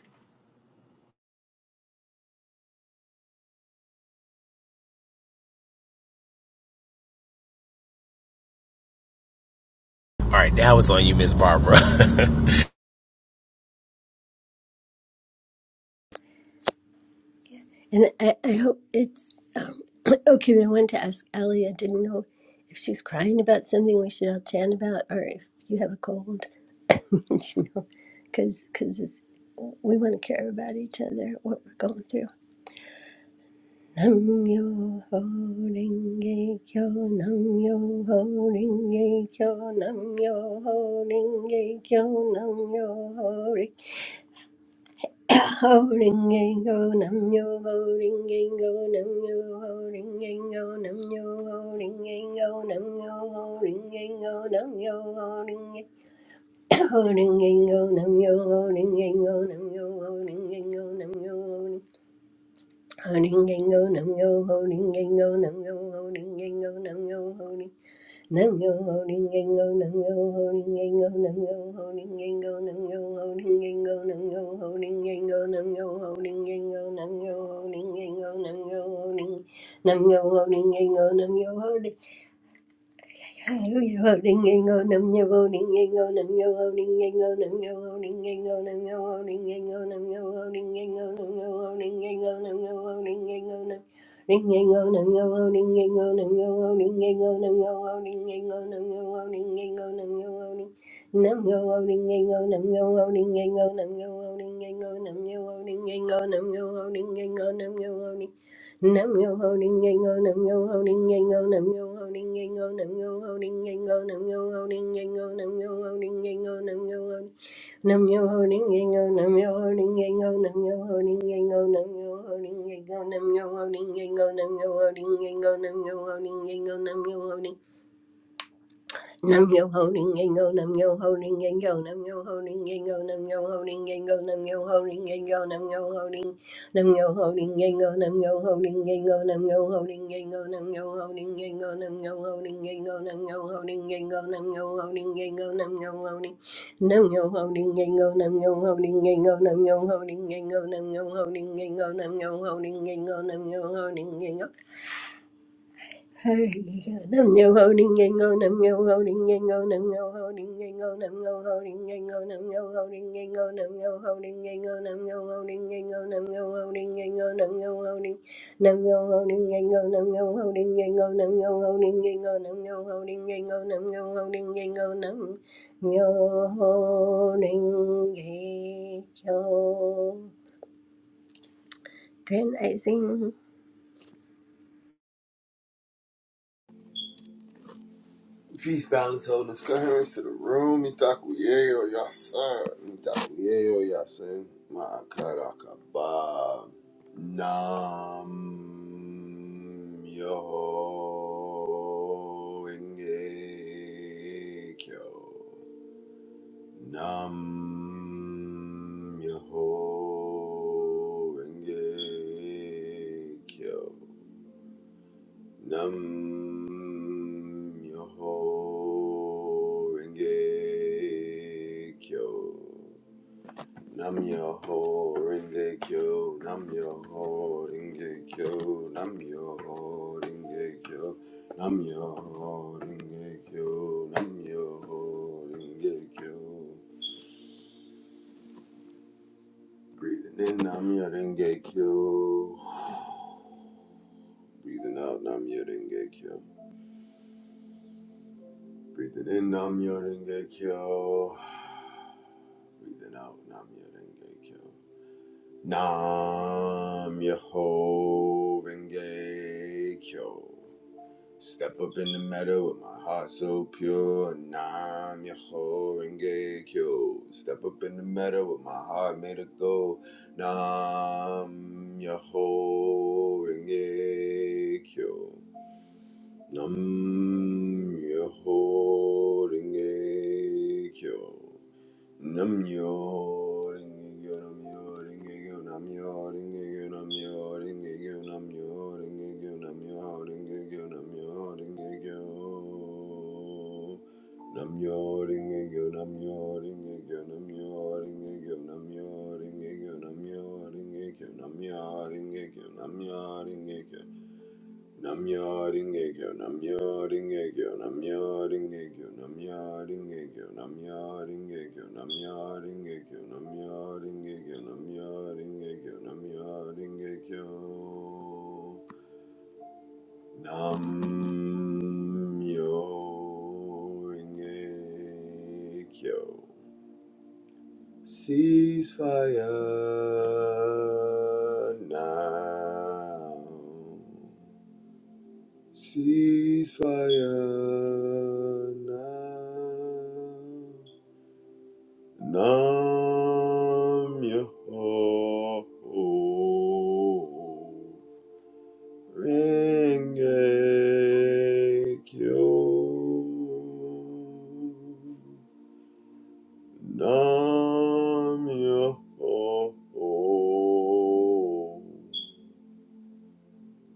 All right, now it's on you, Miss Barbara.
And I, I hope it's um, (clears throat) okay. But I wanted to ask Ellie. I didn't know if she was crying about something we should all chant about, or if you have a cold. (laughs) you know, because because we want to care about each other, what we're going through. Nam yo ho ringe kyo, nam yo ho ringe kyo, nam yo ho ringe kyo, nam yo Ho-ring-a-go, nam-yo, ho-ring-a-go, nam-yo, ho-ring-a-go, nam-yo, ho-ring-a-go, nam-yo, ho-ring-a-go, nam-yo, ho-ring-a- ho-ring-a-go, nam-yo, ho-ring-a-go, nam-yo, ho-ring-a-go, nam-yo, ho-ring- ho-ring-a-go, nam-yo, ho-ring-a-go, nam-yo, ho-ring-a-go, nam-yo, ho-ring- (coughs) Nam yo ho ding yang go, nam yo ho ding yang go, nam yo ho ding yang go, nam yo ho ding yang go, nam yo ho ding yang go, nam yo ho ding yang go, nam yo ho ding yang go, nam yo ho ding. nam yo ho ding ding go, nam yo ho Hallelujah, holding and on, I'm your holding and on, I'm your holding and on, I'm your holding and on, I'm your holding and on, I'm your holding and on, I'm your holding and on, I'm your holding and on, I'm Ring and on, I'm your holding and on, I'm your holding and on, I'm your holding and on, I'm your holding and on, I'm your holding. Nam yo holding and on, I'm your holding and on, I'm your holding and on, I'm your holding and on, I'm your holding and on, I'm your holding. Nam yo ho ding yang go, nam yo ho ding yang go, nam yo ho ding yang go, nam yo ho ding yang go, nam yo ho ding yang go, nam yo ho ding yang go, nam yo ho nam yo ho ding yang go, nam yo ho ding yang go, nam yo ho ding yang go, nam yo ho ding yang go, nam yo ho ding yang go, nam yo ho ding yang go, nam yo ho ding yang go, nam yo ho ding Nam yo holding, ring yang go, nam yo ho ring yang go, nam yo holding, ring go, nam yo holding, ring go, nam yo holding, ring go, nam yo holding, ring, nam yo holding, ring go, nam yo holding, ring go, nam yo holding, ring go, nam yo holding, ring go, nam yo holding, ring go, nam yo holding, ring go, nam yo holding, ring go, nam yo holding, ring, nam yo holding, ring go, nam yo holding, ring go, nam yo holding, ring go, nam yo holding, ring go, nam yo holding, ring go, nam yo holding, ring go, Hey, Nam yo ho ding yang go, nam yo ho ding yang go, nam yo ho ding yang go, nam yo ho ding yang go, nam yo ho ding yang go, nam yo ho ding yang go, nam yo ho ding yang go, nam yo ho ding yang go, nam yo ho ding, nam yo ho ding yang go, nam yo ho ding yang go, nam yo ho ding yang go, nam yo ho ding yang go, nam yo ho ding yang go, nam yo ho ding yang go. Can I sing?
Peace, balance, wholeness, coherence to the room. Mitaku yeo yasan. Mitaku yeo yasan. Ma'akarakaba. Nam Yoho. inge kyo. Nam Yoho. inge kyo. Nam Myoho Renge Kyo. Nam Myoho Renge Kyo. Nam Myoho Renge Kyo. Nam Myoho Renge Kyo. Nam Myoho Renge Kyo. Nam Myoho Renge Kyo. Breathing in Nam Myoho Renge Kyo. (sighs) Breathing out Nam Myoho Renge Kyo. Breathe it in, Nam Myoho Kyo. Breathe it out, Nam Myoho Kyo. Nam Myoho Kyo. Step up in the meadow with my heart so pure. Nam Yaho Renge Kyo. Step up in the meadow with my heart made of gold. Nam Yaho Renge Kyo. Nam Yaho Renge Kyo. Namyo Renge-kyo, Namyo Renge-kyo, Namyo Renge-kyo, Namyo Renge-kyo, Namyo Renge-kyo, Namyo Renge-kyo, Namyo Renge-kyo. Namyo Renge-kyo, Namyo Renge-kyo, Namyo Renge-kyo, Namyo Renge-kyo, Namyo Renge-kyo, Namyo Renge-kyo, Namyo Renge-kyo. Namyo Ringegyo, Namyo Ringegyo, Namyo Ringegyo, Namyo Ringegyo, Namyo Ringegyo, Namyo Ringegyo, Namyo Ringegyo, Namyo Ringegyo, Namyo Ringegyo, Namyo Ringegyo. Ceasefire now. Ceasefire now. Nam Yoho Renge Kyo. Nam Yoho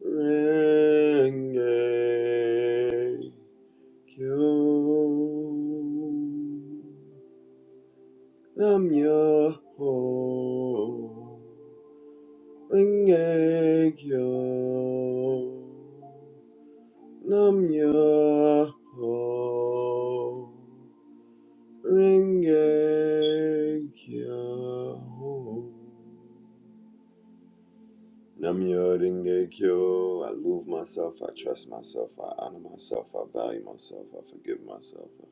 Renge Kyo Namyo Ho Renge Kyo Namyo Ho Renge I love myself, I trust myself, I honor myself, I value myself, I forgive myself, I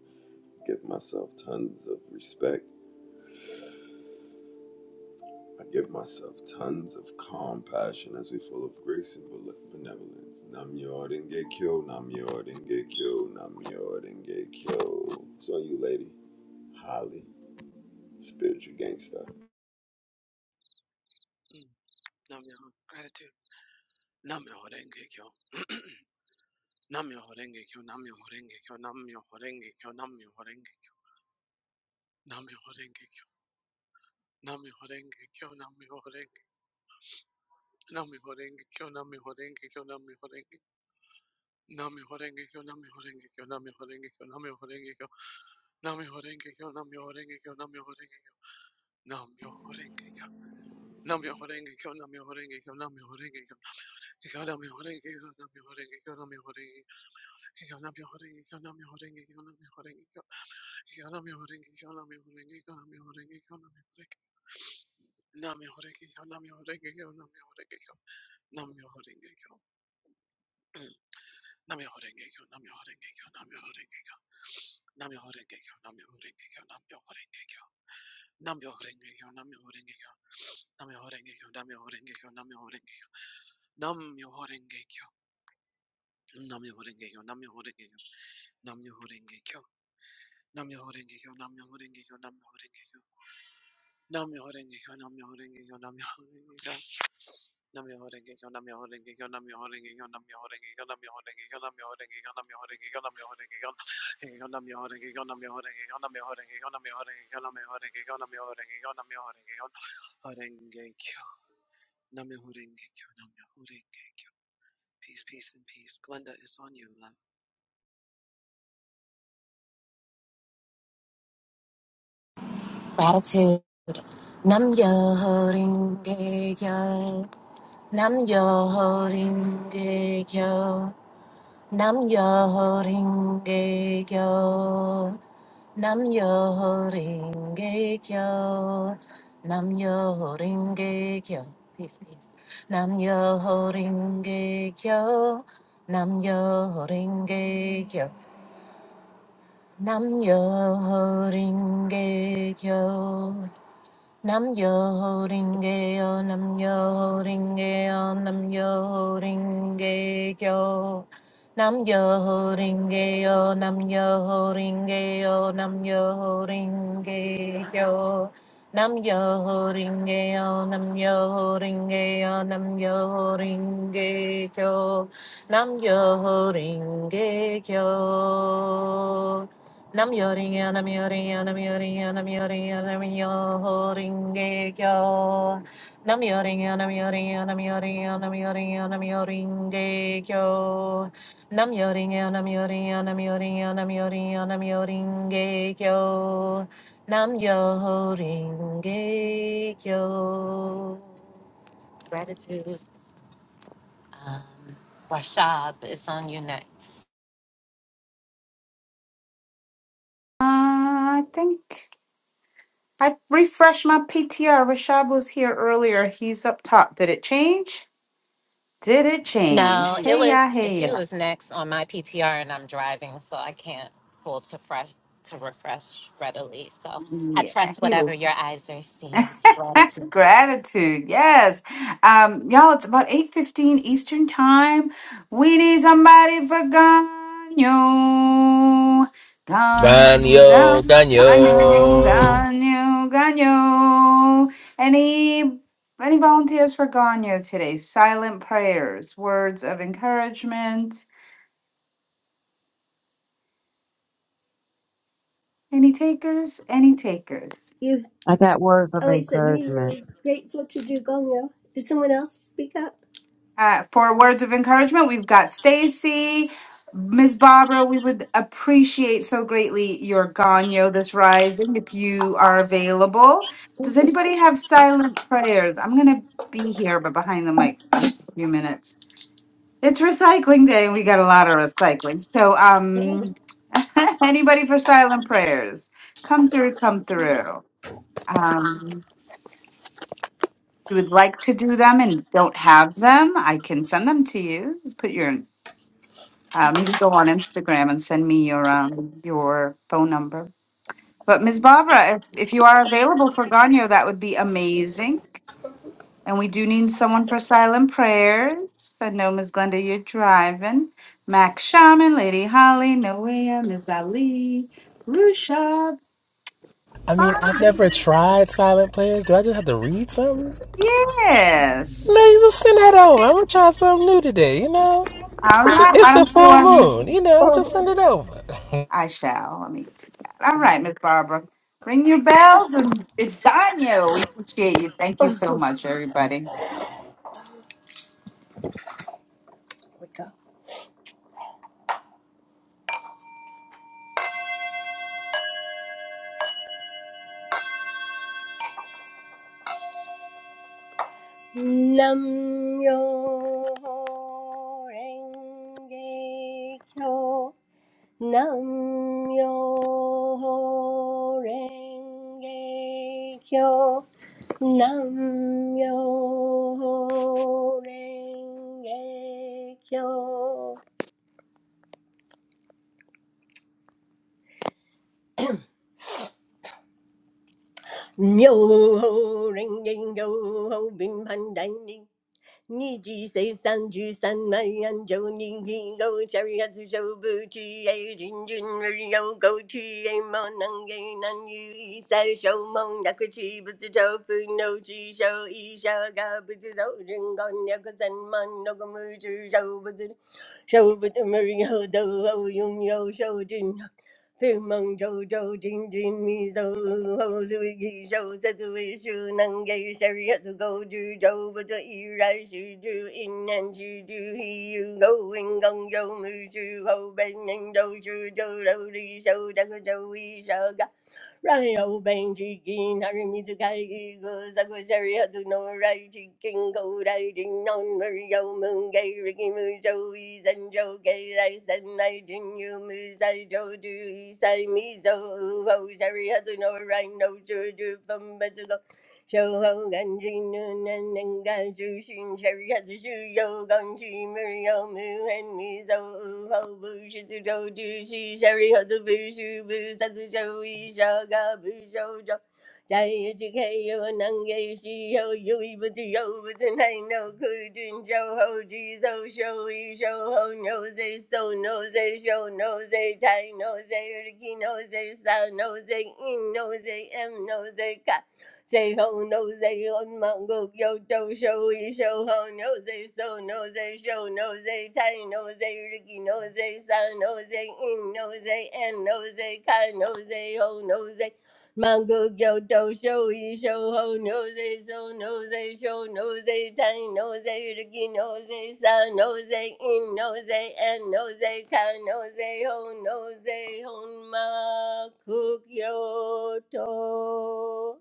give myself tons of respect. I give myself tons of calm passion as we full of grace and bel- benevolence. Namyo Dengekyo, Namyo Dengekyo, Namyo Dengekyo. It's on you, lady. Holly, spiritual gangster.
Mm. Namyoho gratitude. Namyoho renge kyo. Namyoho renge kyo. Namyoho renge kyo. Namyoho renge kyo. Namyoho renge kyo. Namyoho renge kyo. Namyoho renge kyo. Namyoho renge. Namyoho renge kyo. Namyoho renge kyo. Namyoho renge. Namyoho renge kyo. Namyoho renge kyo. Namyoho renge kyo. Namyoho renge kyo. Namyoho renge kyo. Namyoho renge kyo. Namyoho renge kyo. Namyoho renge kyo. Namyoho renge kyo. Namyoho renge kyo. Namyoho renge kyo. Ikyo namyoho renge kyo. Namyoho renge kyo. Namyoho renge kyo. Namyoho renge kyo. Namyoho renge kyo. Namyoho renge kyo. Nam Peace, peace, and peace. Glenda, it's on you, love.
Gratitude. Nam yo holding yo. Nam yo holding yo. Nam yo holding yo. Nam yo holding yo. Nam yo holding yo. Peace, peace. Nam yo holding yo. Nam yo holding yo. Nam yo holding yo. Nam yo holding yo, nam yo holding yo, nam yo holding yo. Nam yo holding yo, nam yo holding yo, nam yo holding yo. Nam yo holding yo, nam yo holding yo, nam yo holding yo. Nam yo holding yo. Nam yoringa, nam yoringa, nam yoringa, nam yoringa, nam yoringa kyo. Nam yoringa, nam yoringa, nam yoringa, nam yoringa, nam yoringa kyo. Nam yoringa, nam yoringa, nam yoringa, nam yoringa, nam yoringa kyo. Nam yoringa kyo. Gratitude. Um, Rashab is on you next.
Uh, I think I refreshed my PTR. Rashad was here earlier. He's up top. Did it change? Did it change?
No, it
Hey, yeah,
was
hey,
he
yeah.
was next on my PTR, and I'm driving, so I can't pull to fresh to refresh readily. So I
Yeah,
trust
he was.
whatever your eyes are seeing.
(laughs)
Gratitude.
Gratitude, yes. Um, y'all, it's about 8.15 Eastern time. We need somebody for Ganyo.
(laughs)
Ganyo,
Daniel,
Ganyo, Ganyo,
Daniel.
Ganyo, Ganyo. Any, any volunteers for Ganyo today? Silent prayers, words of encouragement. Any takers? Any takers?
You
I got words of
Always I'm really,
encouragement.
really grateful to do Gongyo. Did someone else speak up?
Uh, for words of encouragement, we've got Stacy, Ms. Barbara. We would appreciate so greatly your Ganyo this rising if you are available. Does
Mm-hmm.
anybody have silent prayers? I'm going to be here, but behind the mic for just a few minutes. It's recycling day, and we got a lot of recycling. So, um, (laughs) anybody for silent prayers? Come through, come through. Um, if you would like to do them and don't have them, I can send them to you. Just put your Um, you go on Instagram and send me your um, your phone number. But Ms. Barbara, if, if you are available for Ganyo, that would be amazing. And we do need someone for silent prayers. I know Ms. Glenda, you're driving. Mac Shaman, Lady Holly, Noea, Ms. Ali, Rusha,
I mean, I've
Bonda.
never tried silent players. Do I just have to read something?
Yes.
No, just send that over. I'm gonna try something new today. You know,
All
it's a,
right. Why
it's a
don't you
full
um
moon. You know, just
Oh,
send it over.
I shall. Let me do that. All right, Miss Barbara. Ring your bells and it's Daniel. We appreciate you. Thank you so much, everybody.
here we go. Nam Myoho Renge Kyo. Nam Myoho Renge Kyo. Nam Myoho Renge Kyo. Yo ho ring ding yo ho bin pan dan 你几岁？三句三万人，就你一个这样子手不去，哎，人人人有够去，哎，莫能给男女一三手忙，那个去不知道不弄去手，一手搞不知道人干那个三忙，那个没知道不知 Show with Mario, do do young yo show Jin, film on Joe Joe Jin Jin me so, how's it going? Show that we show, non get serious, go to Joe, but it's still a show. In and show, he's going on Joe, me show, I'm going to show Joe, I'm going to show Joe. Ryo Ben Jikin Harimizu Kai goes the Gushari Hadu no Rai Jikin Go Rai Jin Non Mario Moon Gay Ricky Mujo Is and Joe Gay Rice and I Jin Yu Musai Joe Do Isai Mizo Ho Shari Hadu no Rai no Juju from Betugo Show Jai Jikayo Nange Shio Yui Buti Yo Butin I no Kujin Joe Ho Jizo Show E Show Ho Nose So Nose Show Nose Tai Nose Riki Nose Sa Nose In Nose M Nose Ka Say ho no say on mongo yo do show e show ho no say so no say show no say tie no say Ricky no say son no say in no say and no say kind no say ho no say Mango yo do show e show ho no say so no say show no say tie no say Ricky no say son no say in no say and no say kind no say ho no say ho ma cook yo to.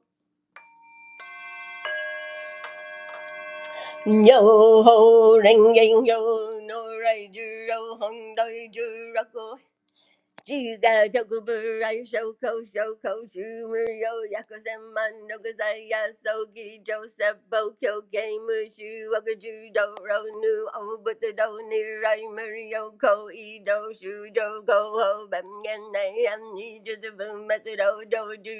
Yo ho ring ring yo no ray juro hong doi juro ko jiga toku burai shoko shoko shumu yo yako senman no kusai ya sogi joseph bo kyo keimu shu waka judo ro nu o buta do ni rai muri yo ko i do shu jo ko ho bam gen nai am ni ju tu bu mata do do ju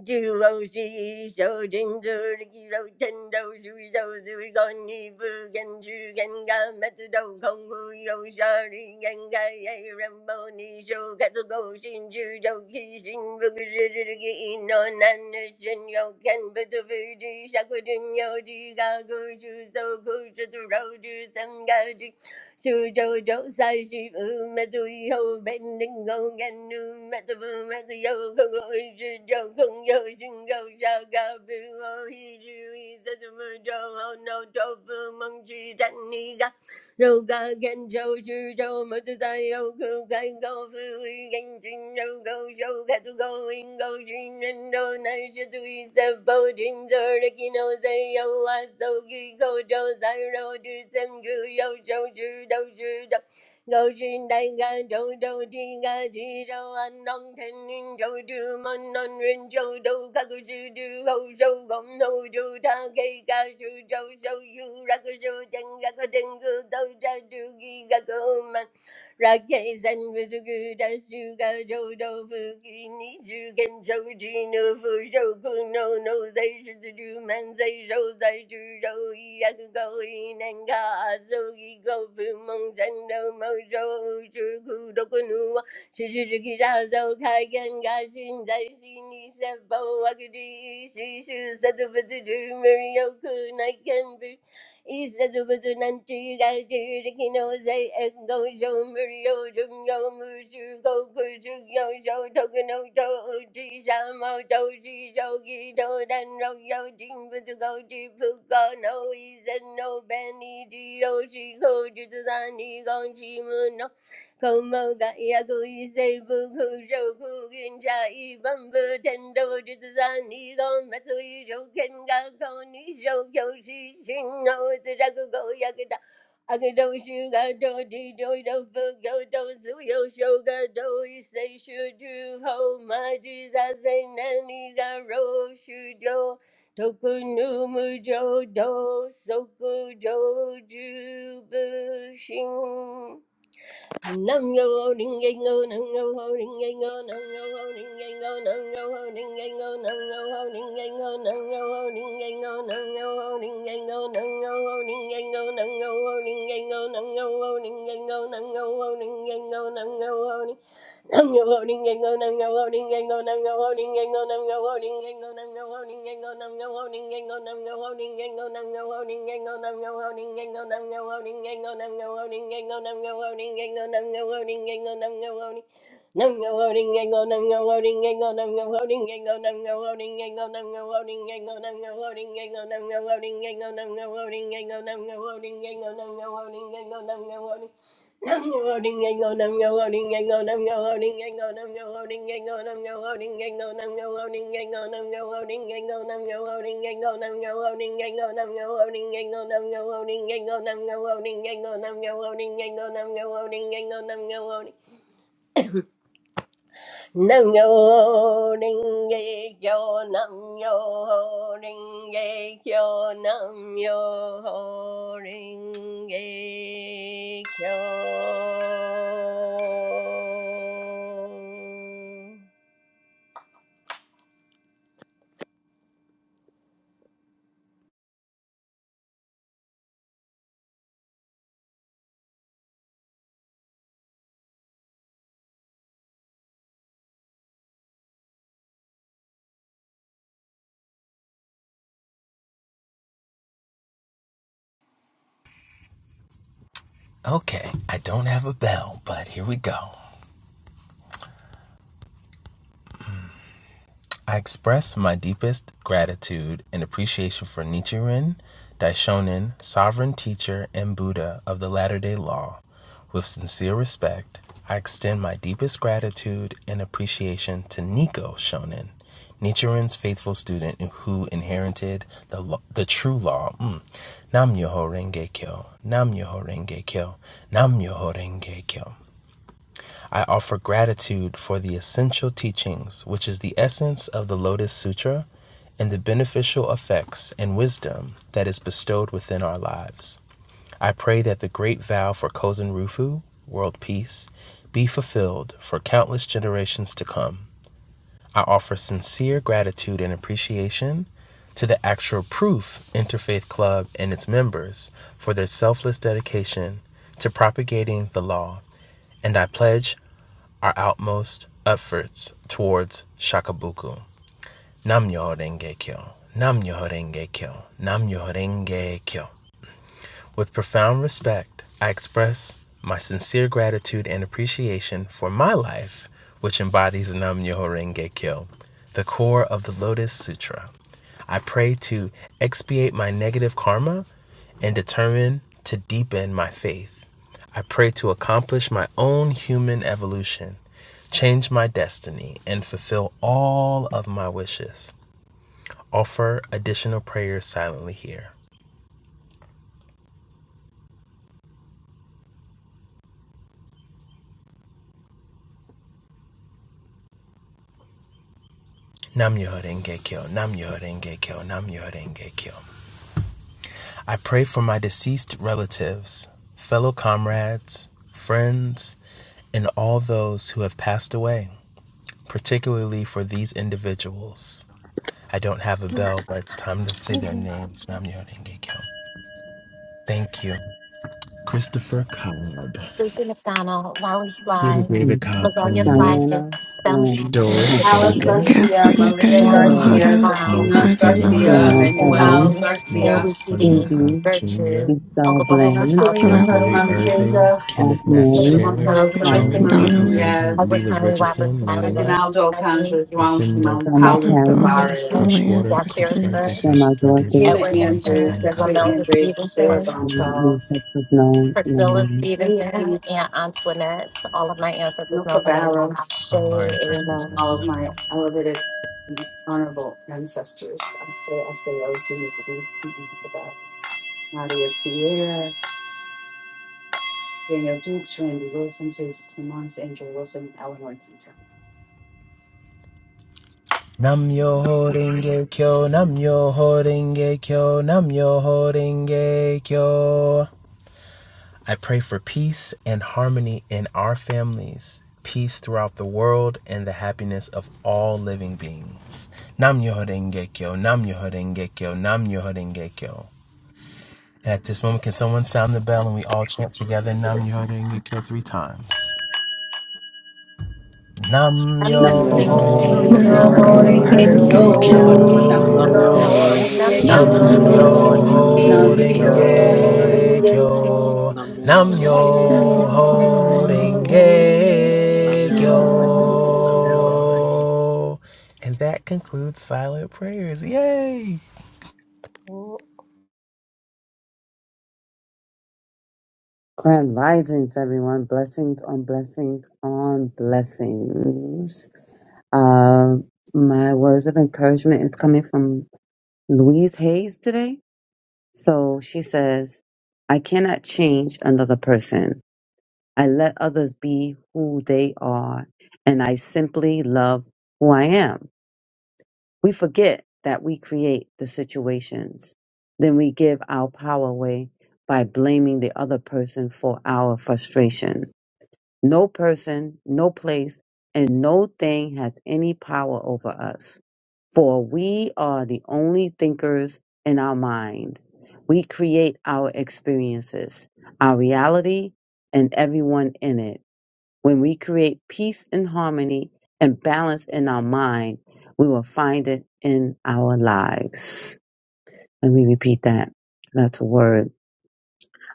do I see something that I can't do? Do I go and be just as bad? My throat constricts, I can't even breathe. I'm so nervous, I'm so scared. I'm so scared, I'm so scared. 苏州州三十五，满足以后本能够干路，满足满足又空空，是周空又心高烧高，不我一直为三什么着好闹着不梦去站你个。Look at the trees, trees, mountains, and look at the flowers. Look at the trees, look at the flowers. Look at the mountains, look at the flowers. Look at the mountains, look at the flowers. Goji na ga, do do ji ga ji do. An long ten ji, do do man long ren ji do. Ka ku ji ji, hu shou gong tou ji ta qi ga xu ji xu yu la ku xu zhen la ku zhen ku dou zai du yi ga ku man rakei he said, "It wasn't until you got to your taking over that I started showing mercy. Show mercy, go push it, show talking over, talk to show more talk to show you don't know your dreams, but you go keep pushing. No, he said, no, Benny, just keep pushing, just let me go, keep pushing." 口某大呀口一塞不口手不云差一分不成斗只子三你口没错一手肯高口你手口是心口自杀口口呀口大。I could do you got do do do do go do so yo show got do you say should you hold my Jesus say nanny got roll should yo toku no mujo do soku joju bushin Nam yo ho ding ding go, nam yo ho ding ding go, nam yo ho ding ding go, nam yo ho ding ding go, nam yo ho ding ding go, nam yo ho ding ding go, nam yo ho ding ding go, nam yo ho ding ding go, nam yo ho ding ding go, nam yo ho ding ding go, nam yo ho ding ding go, nam yo ho ding I'm your loading and go, I'm your loading and go, I'm your loading and go, I'm your loading and go, I'm your loading and go, I'm your loading and go, I'm your loading and go, I'm your loading and go, I'm your loading and go, I'm your loading and go, I'm your loading and go, I'm your loading and go, I'm your loading and go, I'm your loading. I'm your loading and go, I'm your loading and go, I'm your loading and go, I'm your loading and go, I'm your loading and go, I'm your loading and go, I'm your loading and go, I'm your loading and go, I'm your loading and go, I'm your loading and go, I'm your loading. Nam yo ho ding yang go, nam yo ho ding yang go, nam yo ho ding yang go, nam yo ho ding yang go, nam yo ho ding yang go, nam yo ho ding yang go, nam yo ho ding yang go, nam yo ho ding yang go, nam yo ho ding yang go, nam yo ho ding yang go, nam yo ho ding yang go, nam yo ho ding yang go, nam yo ho ding yang go, nam yo ho ding yang go, nam yo ho ding Nam yo ring ye yo nam yo ho ring ye yo nam yo ho ring ye yo.
Okay, I don't have a bell, but here we go. I express my deepest gratitude and appreciation for Nichiren Daishonin, sovereign teacher and Buddha of the Latter day Law. With sincere respect, I extend my deepest gratitude and appreciation to Nico Shonin, Nichiren's faithful student who inherited the, lo- the true law. Mm. Nam Myoho Renge Kyo, Nam Myoho Renge Kyo, Nam Myoho Renge Kyo. I offer gratitude for the essential teachings, which is the essence of the Lotus Sutra, and the beneficial effects and wisdom that is bestowed within our lives. I pray that the great vow for Kozen Rufu, world peace, be fulfilled for countless generations to come. I offer sincere gratitude and appreciation to the Actual Proof Interfaith Club and its members for their selfless dedication to propagating the law, and I pledge our utmost efforts towards Shakabuku. Nam Yoho Renge Kyo. Nam Yoho Renge Kyo. Nam Yoho Renge Kyo. With profound respect, I express my sincere gratitude and appreciation for my life, which embodies Nam Myoho Renge Kyo, the core of the Lotus Sutra. I pray to expiate my negative karma and determine to deepen my faith. I pray to accomplish my own human evolution, change my destiny, and fulfill all of my wishes. Offer additional prayers silently here. Namyo Renge Kyo, Namyo Renge Kyo, Namyo Renge Kyo. I pray for my deceased relatives, fellow comrades, friends, and all those who have passed away, particularly for these individuals. I don't have a bell, but it's time to say their names. Namyo Renge Kyo. Thank you. Christopher Cobb,
Lucy McDonald, Wally
Peter
Sly,
David Cobb
Mazalia
Jr.,
Sly
Diana
Hicks, Thelma
Lynn
Maxine
Doris
Hicks
Alice
Thompson.
Longer,
Murray,
Garcia,
Gafford,
Maria
Nathaniel
Marion
Pearl
Hicks
Garcia,
Malhado,
Brown,
Justina
Moses
Ivy
Cornell
Malhado,
Garcia,
Jan
Cobb the
and
Manuel
Evans.
Naomi,
first,
and
Garcia,
Moses
Lucy
Cornell
D,
Abby
Cobb Jr.,
Gertrude,
Esau
Uncle Brian
Blaine,
DeCloud,
Marcelino
Rowella
Rosemarie
Perumano
Malhado,
Irving,
Vega,
Aunt
Kenneth Matthew
Isolde
Mary,
James
Taylor,
Montero,
Smiley,
Carissa
Devin
Helen,
Jones,
Marie
Rosemary
Donnelly,
Irving,
Diaz,
Edward
Leela
Smiley, Robert
Richardson,
Smiley,
Layla,
William
Aguinaldo
Smiley,
Alcantara, João
Lucinda
Simão,
Grandma
one
Paulo
I've
Carrie,
James
lost, all
Smith,
Tavares,
my
Freshwater,
Yasir
Christopher Isaiah
Smith.
ancestors.
Grandma
David
Dorothy,
Fatima
Edward
Hopkins,
Andrews,
Henson,
Jeffrey
Romelia
Andrews, Sheila
Stevenson,
and
Gonzalez,
ancestors known and
Priscilla
unknown.
Junior
Stevenson,
Keys,
and Antoinette. all of my ancestors know
Milka
that I'm on
Barros,
Ashe. Amen.
all of my elevated, and honorable ancestors. I say, I say, oh, Jimmy, about Nadia Pierre, Daniel Dukes, Randy Wilson, Jason Simmons, Angel Wilson, Eleanor Tito.
Nam yo ho renge kyo, nam yo ho kyo, nam yo ho kyo. I pray for peace and harmony in our families, peace throughout the world, and the happiness of all living beings. Nam yo ho renge kyo, nam yo ho kyo, nam yo ho kyo. And at this moment, can someone sound the bell and we all chant together Nam Yo Renge Kyo three times? Nam
I'm
Nam
your
Namyo
Yo
Yo
holding
yo
Horengekyo,
Ho
ring
Yo ho
yo,
Namyo
kyo,
ring
Namyo
renge
nam
your
ye
Horenge
Renge
Horengekyo,
yo
holding
yo.
kyo, nam
ring
Kyo.
yo
Namyo
Namyo
Kyo.
yo,
ho
Ali,
kyo,
Renge Kyo,
Horengekyo,
I'm
renge
I'm
your
nam
Namyo
Nam
Renge
yo
kyo,
Yo
Namyo
Kyo,
Namyo
holding
ring
nam
Ho
Namyo
Horenge
yo
yo.
Kyo.
Renge
ho
Kyo,
kyo.
Renge
renge
Kyo.
Horengekyo.
kyo.
Namyo
Nam Yo
Namyo
Renge Kyo,
Ho
Horenge
Renge
Namyo Renge
Kyo.
Kyo,
Kyo. And that concludes silent prayers. Yay!
Grand risings, everyone. Blessings on blessings on blessings. Um, my words of encouragement is coming from Louise Hayes today So she says, I cannot change another person. I let others be who they are, and I simply love who I am. We forget that we create the situations. Then we give our power away by blaming the other person for our frustration. No person, no place, and no thing has any power over us. For we are the only thinkers in our mind. We create our experiences, our reality, and everyone in it. When we create peace and harmony and balance in our mind, we will find it in our lives. Let me repeat that. That's a word.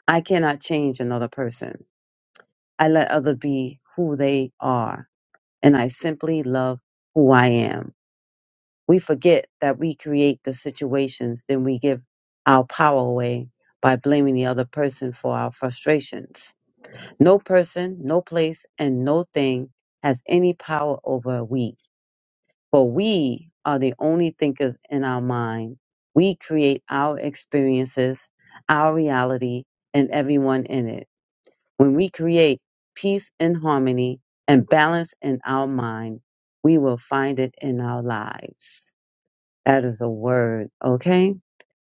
I cannot change another person. I let others be who they are, and I simply love who I am. we forget that we create the situations, then we give our power away by blaming the other person for our frustrations. No person, no place, and no thing has any power over we, for we are the only thinkers in our mind. We create our experiences, our reality, and everyone in it. When we create peace and harmony and balance in our mind, we will find it in our lives. That is a word, okay?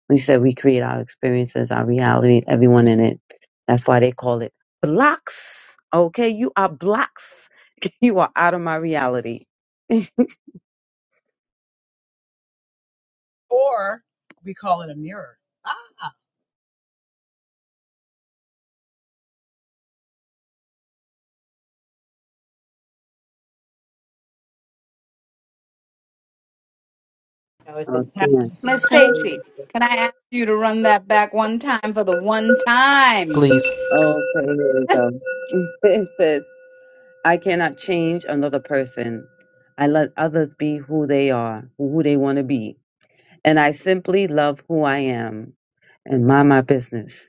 We said we create our experiences, our reality, everyone in it. That's why they call it blocks, okay? You are blocks. (laughs) You are out of my reality. (laughs)
Or we call it a mirror. Ah. So it's a
Okay.
tapping
Miss
thing. The
Stacy, can I ask you to run that back one time for the one time?
Please.
Oh, okay, here we go. (laughs) It says, I cannot change another person. I let others be who they are, who they want to be. And I simply love who I am and mind my business.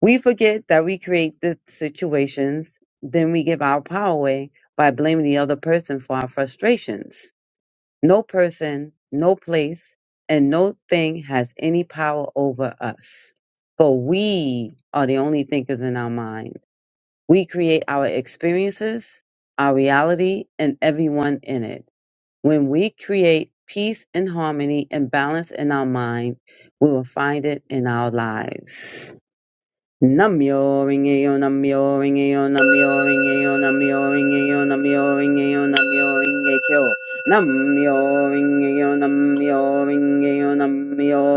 We forget that we create the situations, then we give our power away by blaming the other person for our frustrations. No person, no place, and no thing has any power over us. For we are the only thinkers in our mind. We create our experiences, our reality, and everyone in it. When we create peace and harmony and balance in our mind, we will find it in our lives. Namyo Rinkeyo Namyo Rinkeyo Namyo Rinkeyo Namyo Rinkeyo Namyo Rinkeyo Namyo Rinkeyo Namyo Rinkeyo Namyo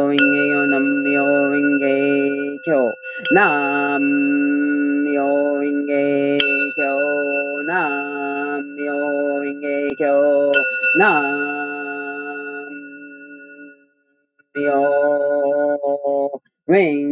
Rinkeyo Namyo Rinkeyo Namyo Rinkeyo Namyo Rinkeyo Namyo Rinkeyo Namyo Renge-kyo.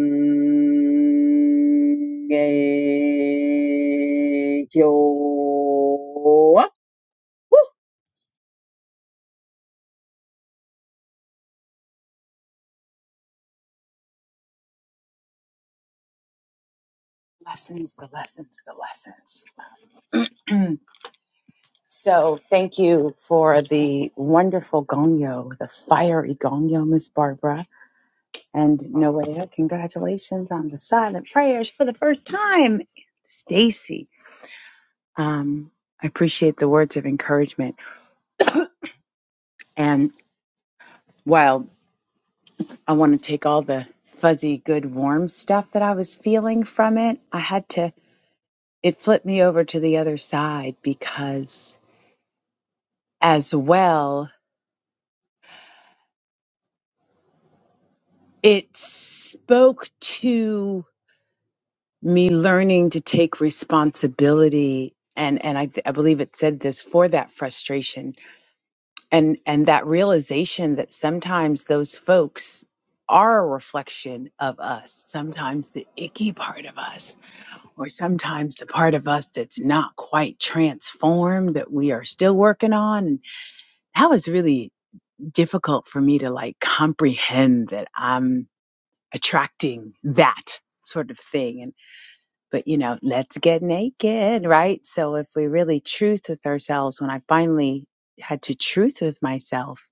Lessons, the lessons, the lessons. (clears throat) so thank you for the wonderful gongyo, the fiery gongyo, Miss Barbara. And Noah, congratulations on the silent prayers for the first time, Stacy. Um, I appreciate the words of encouragement. And while I want to take all the fuzzy, good, warm stuff that I was feeling from it, I had to, it flipped me over to the other side because as well, it spoke to me learning to take responsibility. And, and I, I believe it said this for that frustration and and that realization that sometimes those folks are a reflection of us sometimes the icky part of us or sometimes the part of us that's not quite transformed that we are still working on and that was really difficult for me to like comprehend that i'm attracting that sort of thing and but you know let's get naked right so if we really truth with ourselves when i finally had to truth with myself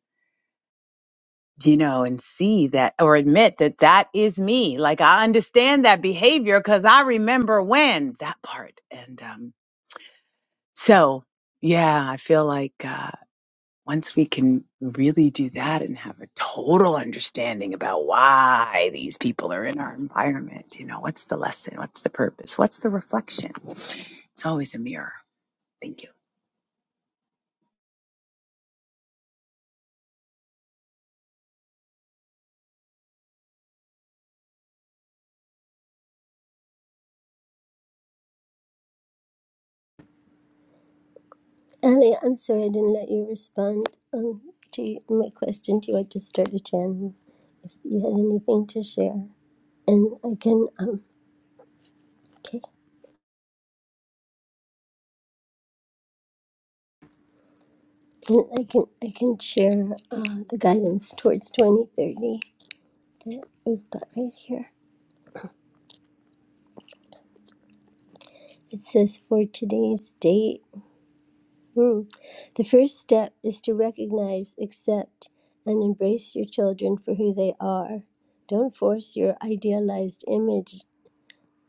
you know, and see that or admit that that is me. Like I understand that behavior because I remember when that part. And um, so, yeah, I feel like uh, once we can really do that and have a total understanding about why these people are in our environment, you know, what's the lesson? What's the purpose? What's the reflection? It's always a mirror. Thank you.
sorry I didn't let you respond um, to you- my question to you. I just started chanting. If you had anything to share, and I can um, okay, and I can I can share uh, the guidance towards 2030 that we've got right here. It says for today's date. Mm. The first step is to recognize, accept, and embrace your children for who they are. Don't force your idealized image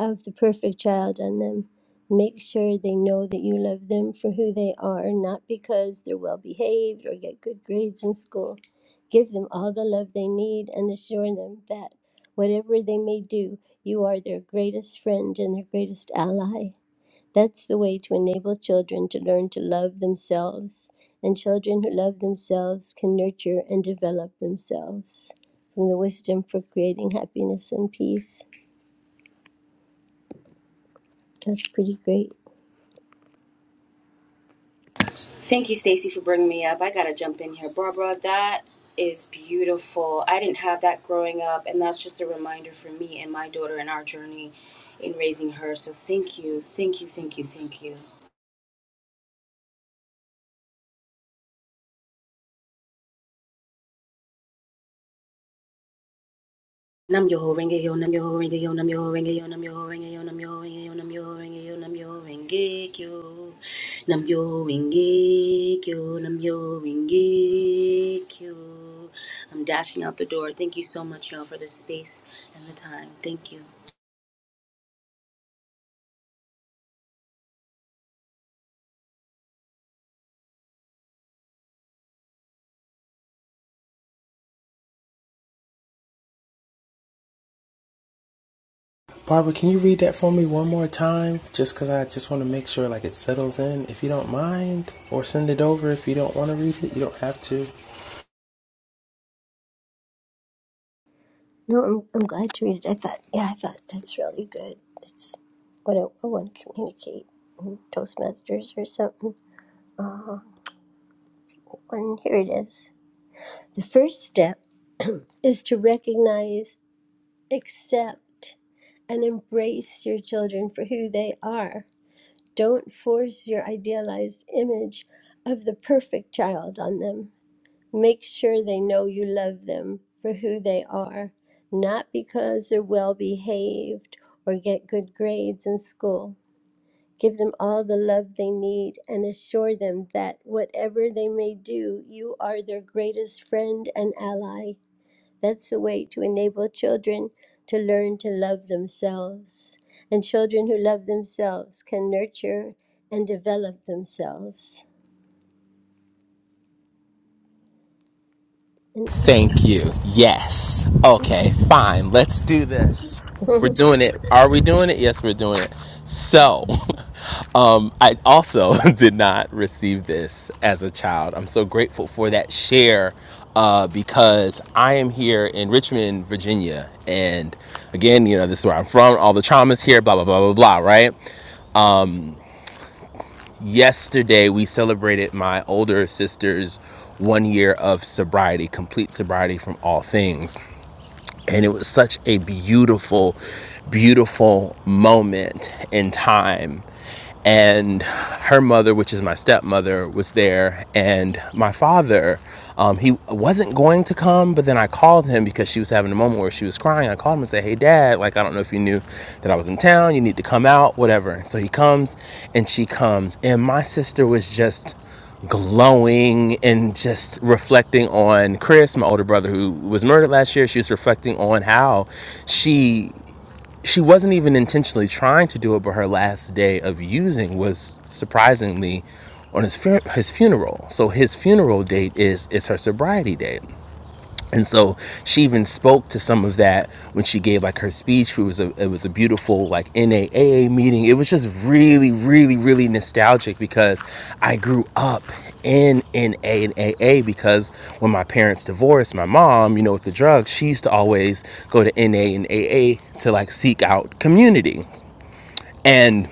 of the perfect child on them. Make sure they know that you love them for who they are, not because they're well behaved or get good grades in school. Give them all the love they need and assure them that whatever they may do, you are their greatest friend and their greatest ally. That's the way to enable children to learn to love themselves, and children who love themselves can nurture and develop themselves. From the Wisdom for Creating Happiness and Peace. That's pretty great.
Thank you, Stacy, for bringing me up. I gotta jump in here, Barbara. That is beautiful. I didn't have that growing up, and that's just a reminder for me and my daughter and our journey in raising her. So thank you, thank you, thank you, thank you. Nam yo ho renge yo nam yo ho renge yo nam yo ho renge yo nam yo ho renge yo nam yo ho renge yo nam yo ho renge yo nam yo ho renge kyo nam yo ho renge kyo nam yo ho renge kyo. I'm dashing out the door. Thank you so much, y'all, for the space and the time. Thank you.
Barbara, can you read that for me one more time? Just because I just want to make sure like it settles in, if you don't mind, or send it over if you don't want to read it. You don't have to.
No, I'm, I'm glad to read it. I thought, yeah, I thought that's really good. That's what I, I want to communicate in Toastmasters or something. And here it is. The first step is to recognize, accept, and embrace your children for who they are. Don't force your idealized image of the perfect child on them. Make sure they know you love them for who they are, not because they're well behaved or get good grades in school. Give them all the love they need and assure them that whatever they may do, you are their greatest friend and ally. That's the way to enable children to learn to love themselves. And children who love themselves can nurture and develop themselves. And
Thank you. Yes. Okay, fine. Let's do this.
(laughs)
We're doing it. Are we doing it? Yes, we're doing it. So, (laughs) um, I also (laughs) did not receive this as a child. I'm so grateful for that share uh, because I am here in Richmond, Virginia. And again, you know, this is where I'm from, all the traumas here, blah, blah, blah, blah, blah, right? Yesterday, we celebrated my older sister's one year of sobriety, complete sobriety from all things. and it was such a beautiful beautiful moment in time and her mother, which is my stepmother, was there, and my father, um, he wasn't going to come, but then I called him because she was having a moment where she was crying. I called him and said, "Hey, Dad, like I don't know if you knew that I was in town. You need to come out, whatever." And so he comes, and she comes, and my sister was just glowing and just reflecting on Chris, my older brother who was murdered last year. She was reflecting on how she she wasn't even intentionally trying to do it, but her last day of using was surprisingly on his his funeral. So his funeral date is is her sobriety date and so she even spoke to some of that when she gave like her speech. It was a it was a beautiful like NAAA meeting. It was just really, really, really nostalgic because I grew up in NA and AA because when my parents divorced, my mom, you know, with the drugs, she used to always go to NA and AA to like seek out community. And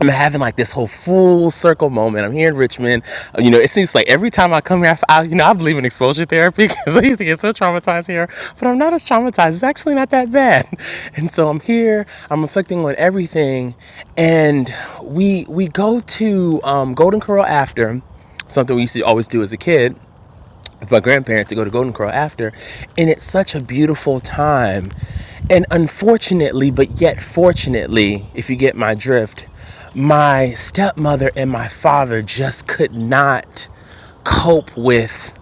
I'm having like this whole full circle moment. I'm here in Richmond. Uh, You know, it seems like every time I come here, I, f- I- you know, I believe in exposure therapy because (laughs) I used to get so traumatized here, but I'm not as traumatized. It's actually not that bad. (laughs) And so I'm here. I'm reflecting on everything, and we we go to um, Golden Corral after something we used to always do as a kid with my grandparents to go to Golden Corral after. And it's such a beautiful time. And unfortunately, but yet fortunately, if you get my drift, my stepmother and my father just could not cope with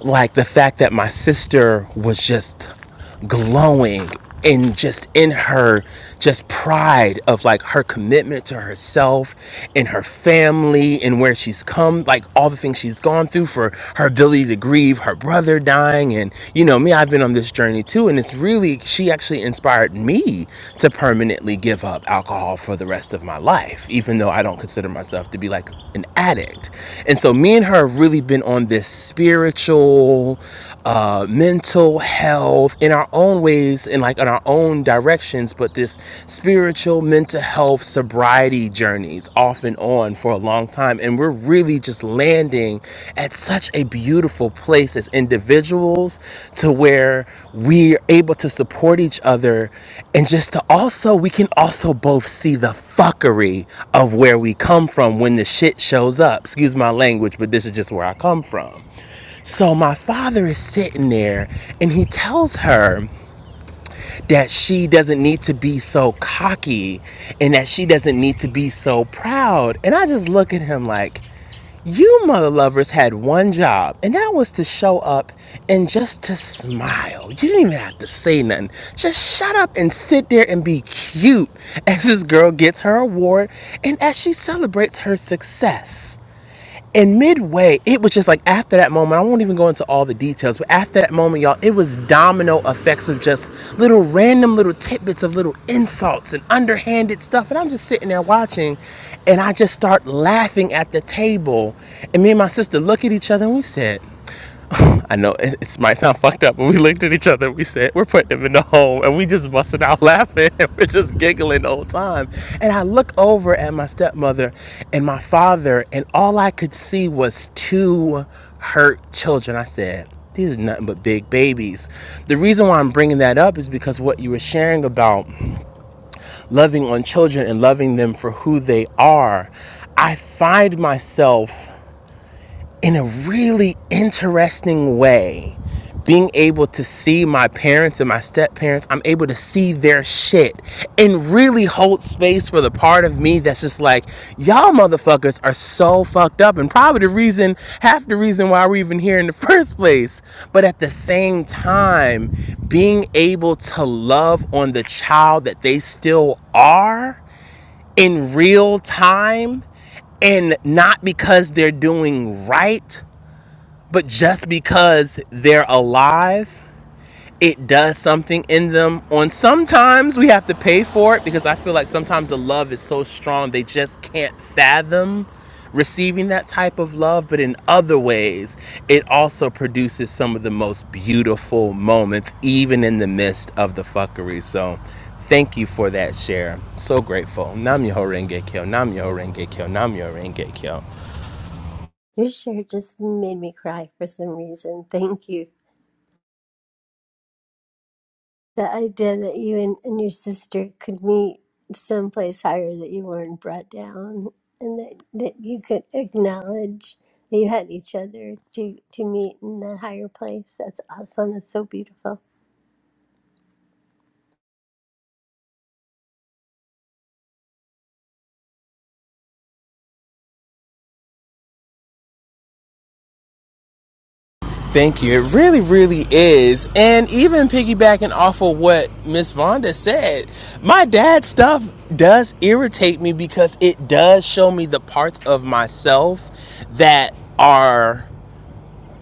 like the fact that my sister was just glowing and just in her just pride of like her commitment to herself and her family and where she's come like all the things she's gone through for her ability to grieve her brother dying and you know me I've been on this journey too and it's really she actually inspired me to permanently give up alcohol for the rest of my life even though I don't consider myself to be like an addict and so me and her have really been on this spiritual uh uh, mental health in our own ways and like in our own directions, but this spiritual mental health sobriety journeys off and on for a long time. And we're really just landing at such a beautiful place as individuals to where we're able to support each other and just to also, we can also both see the fuckery of where we come from when the shit shows up. Excuse my language, but this is just where I come from. So my father is sitting there and he tells her that she doesn't need to be so cocky and that she doesn't need to be so proud. And I just look at him like, you mother lovers had one job, and that was to show up and just to smile. You didn't even have to say nothing. Just shut up and sit there and be cute (laughs) as this girl gets her award and as she celebrates her success and midway, it was just like after that moment, I won't even go into all the details, but after that moment, y'all, it was domino effects of just little random little tidbits of little insults and underhanded stuff. And I'm just sitting there watching, and I just start laughing at the table. And me and my sister look at each other and we said, I know it, might sound fucked up, but we looked at each other and we said, We're putting him in the home. And we just busted out (laughs) laughing. And we're just giggling the whole time. And I look over at my stepmother and my father, and all I could see was two hurt children. I said, These are nothing but big babies. The reason why I'm bringing that up is because what you were sharing about loving on children and loving them for who they are, I find myself in a really interesting way being able to see my parents and my step parents, I'm able to see their shit and really hold space for the part of me that's just like, y'all motherfuckers are so fucked up and probably the reason, half the reason why we're even here in the (laughs) first place. But at the same time, being able to love on the child that they still are in real time and not because they're doing right but just because they're alive, it does something in them. And sometimes we have to pay for it because I feel like sometimes the love is so strong they just can't fathom receiving that type of love. But in other ways, it also produces some of the most beautiful moments, even in the midst of the fuckery. So thank you for that share. So grateful. Nam Yoho Renge Kyo, Nam Yoho Renge Kyo, Nam Yoho Renge Kyo.
your share just made me cry for some reason. Thank you. The idea that you and, and your sister could meet someplace higher that you weren't brought down and that, that you could acknowledge that you had each other to, to meet in that higher place. That's awesome. That's so beautiful.
Thank you. It really, really is. And even piggybacking off of what Miss Vonda said, my dad stuff does irritate me because it does show me the parts of myself that are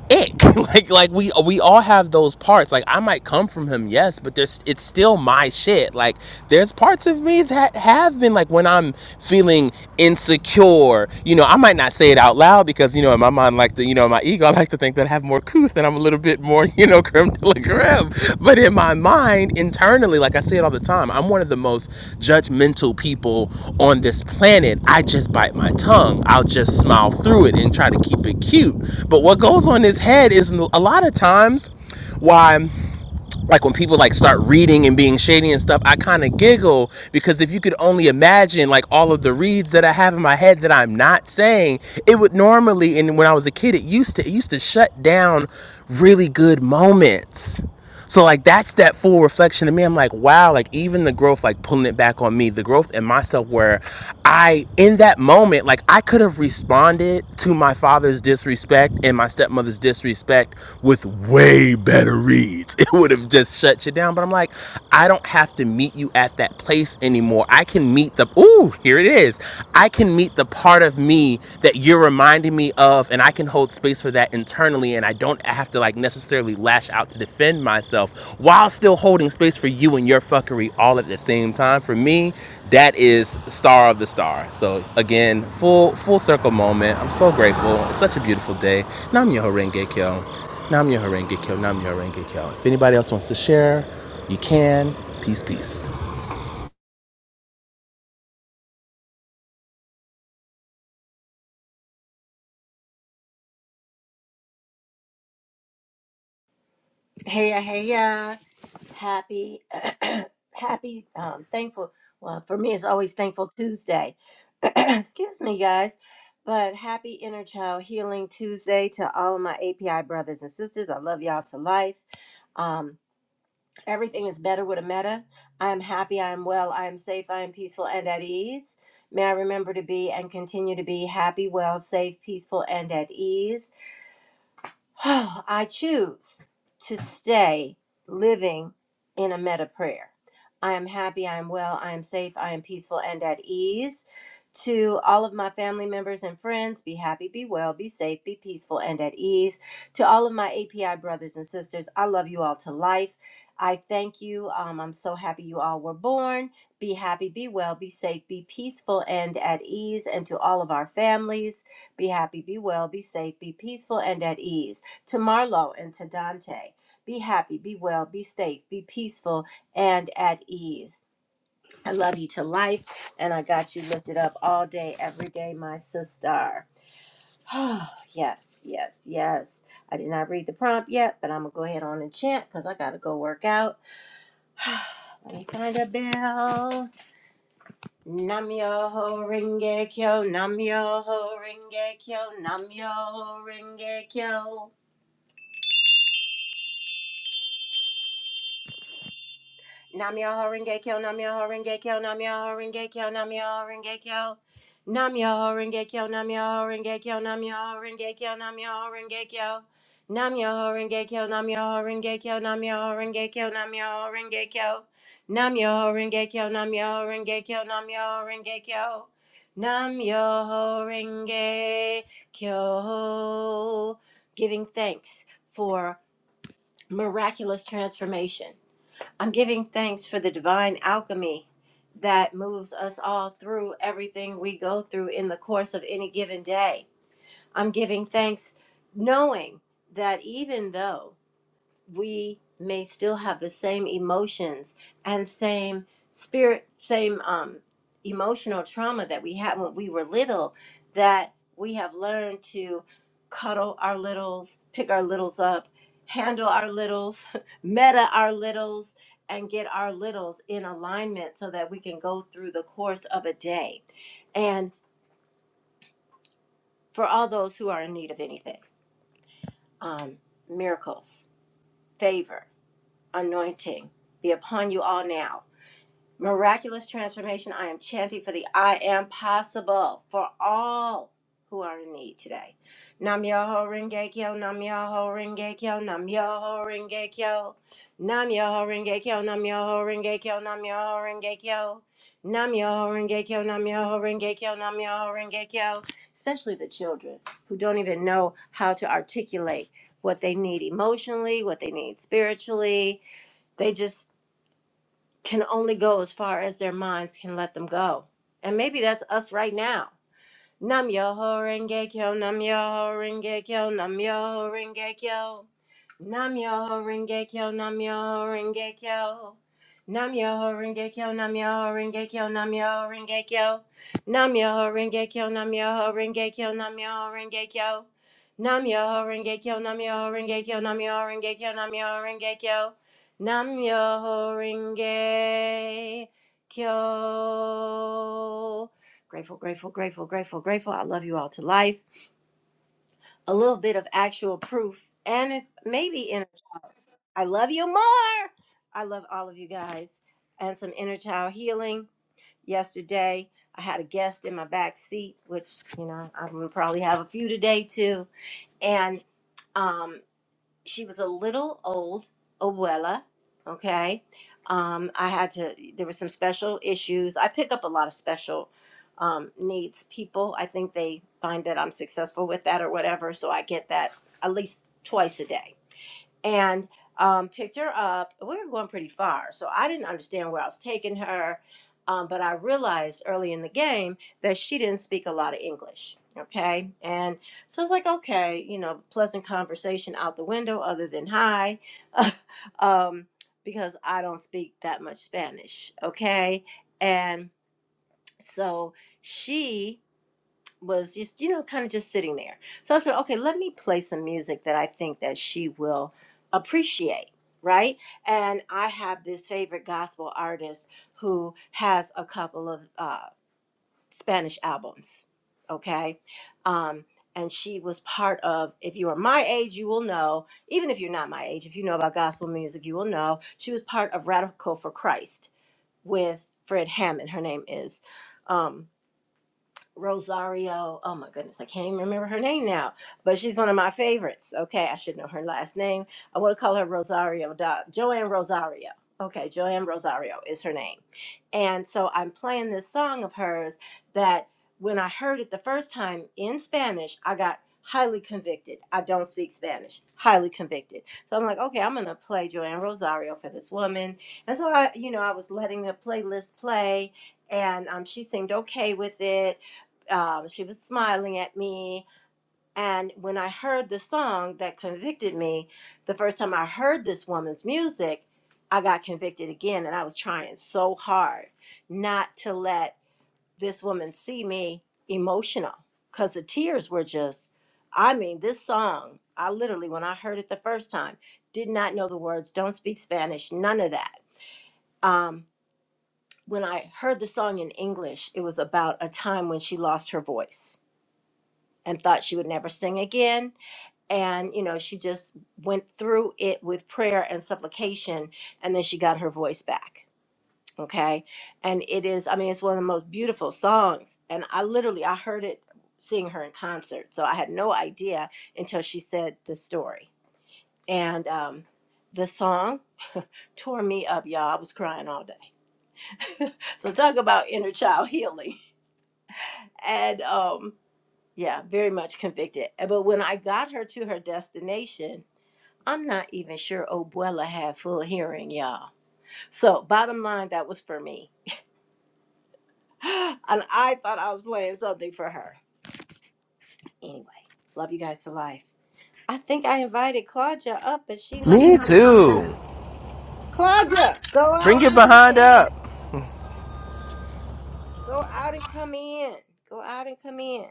ick. (laughs) like like we we all have those parts. Like I might come from him, yes, but there's it's still my shit. Like there's parts of me that have been like when I'm feeling insecure, you know, I might not say it out loud because you know in my mind like the you know my ego I like to think that I have more couth and I'm a little bit bit more, (laughs) you know, creme de la creme. But in my mind, internally, like I say it all the time, I'm one of the most judgmental people on this planet. I just bite my tongue. I'll just smile through it and try to keep it cute. But what goes on his head is a lot of times why like when people like start reading and being shady and stuff, I kind of giggle because if you could only imagine like all of the reads that I have in my head that I'm not saying, it would normally and when I was a kid, it used to it used to shut down really good moments. So like that's that full reflection to me. I'm like, wow, like even the growth, like pulling it back on me, the growth in myself where I in that moment, like I could have responded to my father's disrespect and my stepmother's disrespect with way better reads. (laughs) It would have just shut you down. But I'm like, I don't have to meet you at that place anymore. I can meet the ooh, here it is. I can meet the part of me that you're reminding me of, and I can hold space for that internally. And I don't have to like necessarily lash out to defend myself while still holding space for you and your fuckery all at the same time. For me, that is star of the star. So again, full full circle moment. I'm so grateful. It's such a beautiful day. Nam yo renge kyo. Nam yo renge kyo. Nam yo renge kyo. If anybody else wants to share, you can. Peace, peace.
Heya, uh, hey, yeah. Happy, (clears throat) happy, um, thankful. Well, for me, it's always Thankful Tuesday. (clears throat) Excuse me, guys. But happy Inner Child Healing Tuesday to all of my API brothers and sisters. I love y'all to life. Um, everything is better with a meta. I am happy, I am well, I am safe, I am peaceful and at ease. May I remember to be and continue to be happy, well, safe, peaceful, and at ease. (sighs) Oh, I choose to stay living in a meta prayer. I am happy, I am well, I am safe, I am peaceful and at ease. To all of my family members and friends, be happy, be well, be safe, be peaceful and at ease. To all of my API brothers and sisters, I love you all to life. I thank you. Um, I'm so happy you all were born. Be happy, be well, be safe, be peaceful and at ease. And to all of our families, be happy, be well, be safe, be peaceful and at ease to Marlowe and to Dante. Be happy, be well, be safe, be peaceful, and at ease. I love you to life, and I got you lifted up all day, every day, my sister. (sighs) Oh, yes, yes, yes. I did not read the prompt yet, but I'm going to go ahead on and chant because I got to go work out. (sighs) Let me find a bell. Nam yo ho ringe kyo, nam yo ho ringe kyo, nam yo ho ringe kyo. Namyoho Renge Kyo, Namyoho Renge Kyo, Namyoho Renge Kyo, Namyoho Renge Kyo. Namyoho Renge Kyo, Namyoho Renge Kyo, Namyoho Renge Kyo, Namyoho Renge Kyo. Namyoho Renge Kyo, Namyoho Renge Kyo, Namyoho Renge Kyo, Namyoho Renge Kyo. Namyoho Renge Kyo, Namyoho Renge Kyo, Namyoho Renge Kyo. Namyoho Renge Kyo. Giving thanks for miraculous transformation I'm giving thanks for the divine alchemy that moves us all through everything we go through in the course of any given day. I'm giving thanks knowing that even though we may still have the same emotions and same spirit, same um, emotional trauma that we had when we were little, that we have learned to cuddle our littles, pick our littles up, handle our littles, (laughs) meta our littles, and get our littles in alignment so that we can go through the course of a day. And for all those who are in need of anything, um, miracles, favor, anointing be upon you all now Miraculous transformation. I am chanting for the I am possible for all who are in need today. Nam Yoho Rengekyo, Nam Yoho Rengekyo, Nam Yoho Rengekyo, Nam Yoho Rengekyo, Nam Yoho Rengekyo, Nam Yoho Rengekyo, Nam Yoho Rengekyo, Nam Yoho Rengekyo, Nam Yoho Rengekyo. Especially the children who don't even know how to articulate what they need emotionally, what they need spiritually, They just can only go as far as their minds can let them go. And maybe that's us right now. Nam Yoho Renge Kyo, Nam Yoho Renge Kyo, Nam Yoho Renge Kyo. Nam Yoho Renge Kyo, Nam Yoho Renge Kyo. Nam Yoho Renge Kyo, Nam Yoho Renge Kyo, Nam Yoho Renge Kyo. Nam Yoho Renge Kyo, Nam Yoho Renge Kyo, Nam Yoho Renge Kyo. Nam Yoho Renge Kyo, Nam Yoho Renge Kyo, Nam Yoho Renge Kyo, Nam Yoho Renge Kyo. Nam Yoho Renge Kyo. Grateful, grateful, grateful, grateful, grateful. I love you all to life. A little bit of actual proof, and maybe in I love you more. I love all of you guys, and some inner child healing. Yesterday, I had a guest in my back seat, which you know I'm gonna probably have a few today too, and. um, she was a little old abuela okay um i had to there were some special issues i pick up a lot of special um, needs people i think they find that i'm successful with that or whatever so i get that at least twice a day and um, picked her up. We were going pretty far, so I didn't understand where I was taking her. Um, but I realized early in the game that she didn't speak a lot of English. Okay. And so I was like, okay, you know, pleasant conversation out the window other than hi, (laughs) um, because I don't speak that much Spanish. Okay. And so she was just you know kind of just sitting there so i said okay let me play some music that i think that she will appreciate right and i have this favorite gospel artist who has a couple of uh, spanish albums okay um, and she was part of if you are my age you will know even if you're not my age if you know about gospel music you will know she was part of radical for christ with fred hammond her name is um, Rosario. Oh my goodness, I can't even remember her name now, but she's one of my favorites. Okay, I should know her last name. I want to call her Rosario. Doc. Joanne Rosario. Okay, Joanne Rosario is her name. And so I'm playing this song of hers that when I heard it the first time in Spanish, I got highly convicted. I don't speak Spanish. Highly convicted. So I'm like, okay, I'm going to play Joanne Rosario for this woman. And so I, you know, I was letting the playlist play and um, she seemed okay with it um, she was smiling at me. And when I heard the song that convicted me, the first time I heard this woman's music, I got convicted again. And I was trying so hard not to let this woman see me emotional because the tears were just, I mean, this song, I literally, when I heard it the first time, did not know the words, don't speak Spanish, none of that. Um, when I heard the song in English, it was about a time when she lost her voice and thought she would never sing again. And, you know, she just went through it with prayer and supplication, and then she got her voice back. Okay. And it is, I mean, it's one of the most beautiful songs. And I literally, I heard it seeing her in concert. So I had no idea until she said the story. And um, the song tore me up, y'all. I was crying all day. So talk about inner child healing. (laughs) And um, yeah, very much convicted. But when I got her to her destination, I'm not even sure Obuela had full hearing, y'all. So, bottom line, that was for me. (gasps) And I thought I was playing something for her. Anyway, love you guys to life. I think I invited Claudia up, but she's not
Me
coming up.
too.
Claudia, go out
Bring
and
it
come in.
behind up.
Go out and come in. Go out and come in.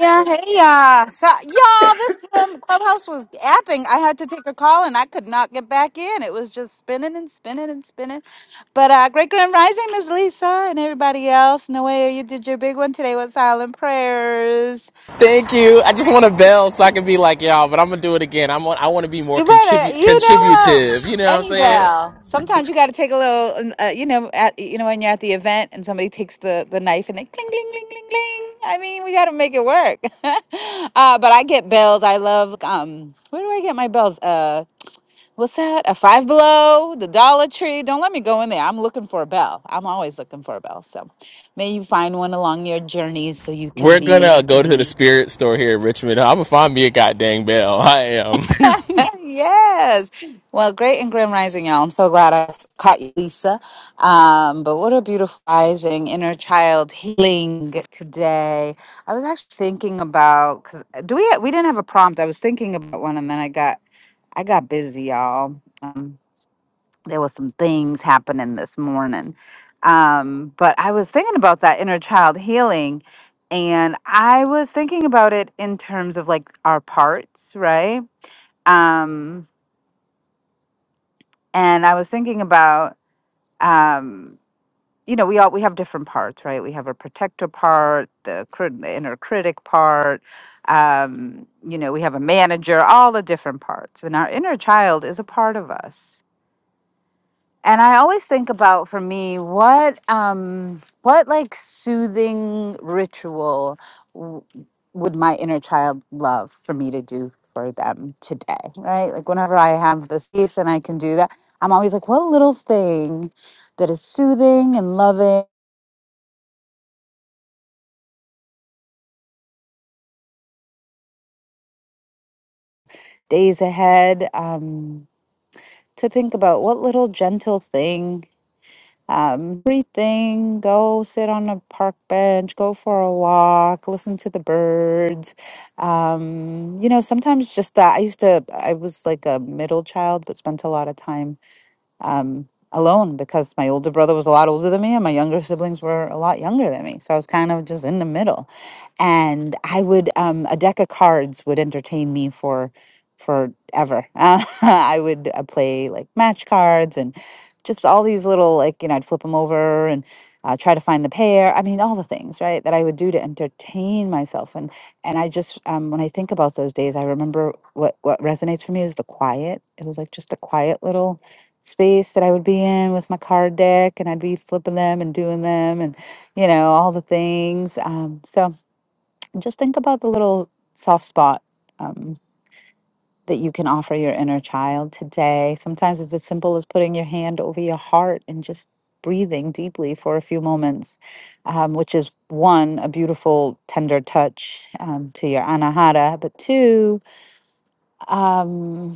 Yeah, hey, uh, so, y'all, this room, Clubhouse was apping. I had to take a call and I could not get back in. It was just spinning and spinning and spinning. But uh, Great Grand Rising, Miss Lisa, and everybody else. Noelle, you did your big one today with silent prayers.
Thank you. I just want a bell so I can be like y'all, but I'm gonna do it again. I'm I want to be more
You better,
contribute
you know what?
contributive. You know what I'm
Any
saying?
bell. Sometimes you got to take a little, uh, you know, at, you know, when you're at the event and somebody takes the the knife and they cling, cling, cling, cling, cling. I mean, we got to make it work. (laughs) uh, but I get bells. I love. Um, where do I get my bells? Uh, what's that? A Five Below, the Dollar Tree. Don't let me go in there. I'm looking for a bell. I'm always looking for a bell. So, may you find one along your journey so you can
We're
be
gonna go to the spirit store here in Richmond. I'm gonna find me a goddamn bell. (laughs) I am.
(laughs) yes. Well, great and grim rising, y'all. I'm so glad I caught you, Lisa. Um, but what a beautiful rising, inner child healing today. I was actually thinking about because do we we didn't have a prompt. I was thinking about one, and then I got I got busy, y'all. Um, there was some things happening this morning. Um, but I was thinking about that inner child healing, and I was thinking about it in terms of like our parts, right? Um, and I was thinking about um, you know we all we have different parts, right? We have a protector part, the, crit- the inner critic part. Um, you know, we have a manager, all the different parts, and our inner child is a part of us and I always think about for me what um what like soothing ritual w- would my inner child love for me to do for them today, right? Like whenever I have the space and I can do that, I'm always like what little thing that is soothing and loving days ahead um to think about what little gentle thing um, everything. Go sit on a park bench, go for a walk, listen to the birds. Um, you know, sometimes just that. I used to, I was like a middle child, but spent a lot of time um, alone because my older brother was a lot older than me and my younger siblings were a lot younger than me. So I was kind of just in the middle. And I would, um, a deck of cards would entertain me for forever. Uh, (laughs) I would uh, play like match cards and just all these little, like, you know, I'd flip them over and uh, try to find the pair. I mean, all the things, right, that I would do to entertain myself. And and I just, um, when I think about those days, I remember what what resonates for me is the quiet. It was like just a quiet little space that I would be in with my card deck and I'd be flipping them and doing them and you know all the things um, so just think about the little soft spot um, that you can offer your inner child today sometimes it's as simple as putting your hand over your heart and just breathing deeply for a few moments um, which is one a beautiful tender touch um, to your anahata but two um,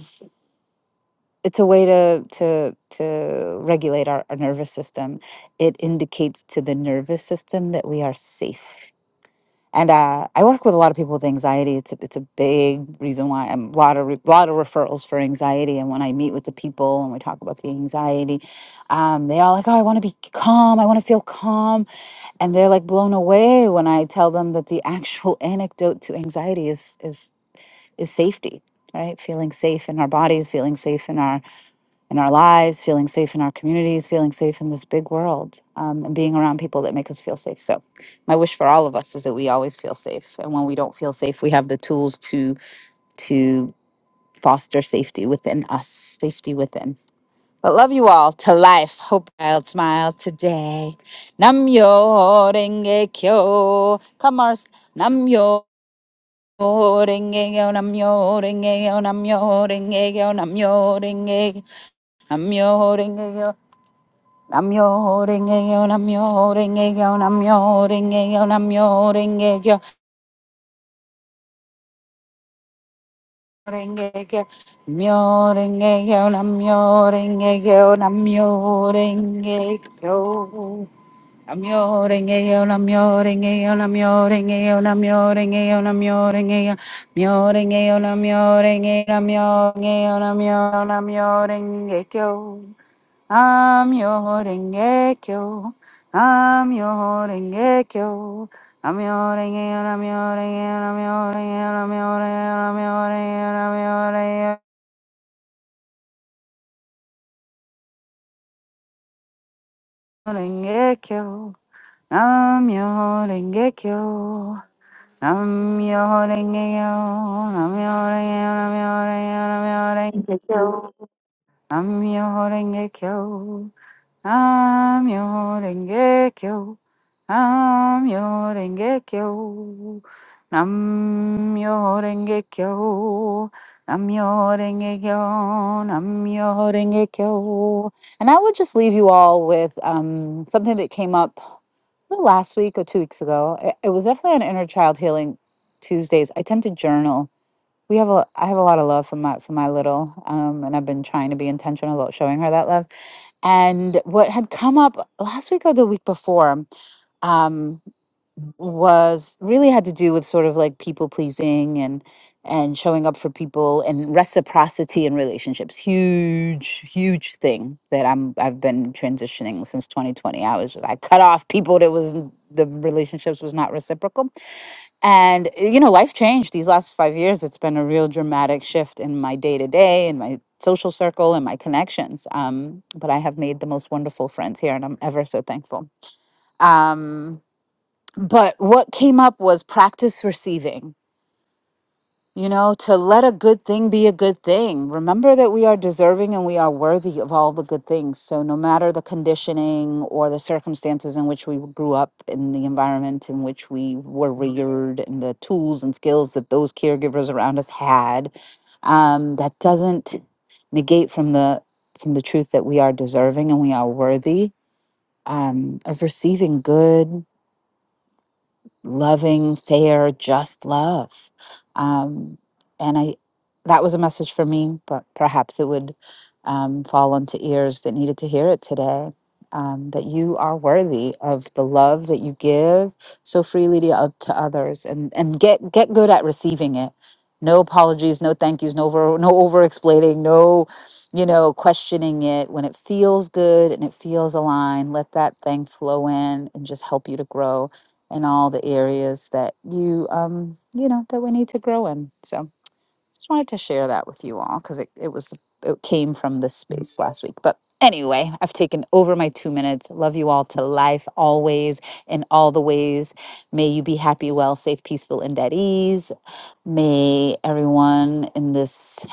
it's a way to to to regulate our, our nervous system. It indicates to the nervous system that we are safe. And uh, I work with a lot of people with anxiety. It's a, it's a big reason why I'm a lot of re- lot of referrals for anxiety. And when I meet with the people and we talk about the anxiety, um, they all like, oh, I want to be calm. I want to feel calm. And they're like blown away when I tell them that the actual antidote to anxiety is is is safety, right? Feeling safe in our bodies, feeling safe in our in our lives, feeling safe in our communities, feeling safe in this big world, um, and being around people that make us feel safe. So, my wish for all of us is that we always feel safe, and when we don't feel safe, we have the tools to to foster safety within us, safety within. But love you all to life. Hope I'll smile today. Namyo renge kyo. Come, Mars. Namyo. Renge kyo, namyo renge kyo, namyo renge kyo, namyo renge kyo. I'm your holding Namyo renge kyo, namyo renge kyo, namyo renge kyo, namyo renge kyo, renge kyo, namyo renge kyo, namyo renge kyo, namyo renge kyo, namyo renge kyo, namyo renge kyo, namyo renge kyo, namyo renge kyo, namyo renge kyo, namyo renge kyo, namyo renge kyo, namyo renge kyo, namyo renge kyo. namyo renge kyo. I'm your Rengekyo. I'm your Rengekyo. I'm your Rengekyo. I'm your Rengekyo. I'm your Rengekyo. I'm your Rengekyo. I'm your Rengekyo. I'm your Rengekyo. I'm your Rengekyo. I'm your Rengekyo. I'm your Rengekyo. I'm your Rengekyo. Nam your Rengekyo. Nam your Rengekyo. Nam your Rengekyo. And I would just leave you all with um, something that came up last week or two weeks ago. It, it was definitely an inner child healing Tuesdays. I tend to journal we have a I have a lot of love for my for my little um and I've been trying to be intentional about showing her that love. And what had come up last week or the week before um was really had to do with sort of like people pleasing and and showing up for people and reciprocity in relationships. Huge huge thing that I'm I've been transitioning since 2020. I was I cut off people that was the relationships was not reciprocal and uh, you know, life changed these last five years. It's been a real dramatic shift in my day to day, in my social circle, and my connections. Um, but I have made the most wonderful friends here, and I'm ever so thankful. Um, but what came up was practice receiving you know, to let a good thing be a good thing. Remember that we are deserving and we are worthy of all the good things. So, no matter the conditioning or the circumstances in which we grew up, in the environment in which we were reared, and the tools and skills that those caregivers around us had, um, that doesn't negate from the from the truth that we are deserving and we are worthy um, of receiving good loving, fair, just love. Um, and I, that was a message for me, but perhaps it would um, fall onto ears that needed to hear it today. Um, that you are worthy of the love that you give so freely to, oth- to others, and and get get good at receiving it. No apologies, no thank yous, no over no over explaining, no you know questioning it. When it feels good and it feels aligned, let that thing flow in and just help you to grow in all the areas that you um you know that we need to grow in so just wanted to share that with you all because it, it was it came from this space last week but anyway i've taken over my two minutes love you all to life always in all the ways may you be happy well safe peaceful and at ease May everyone in this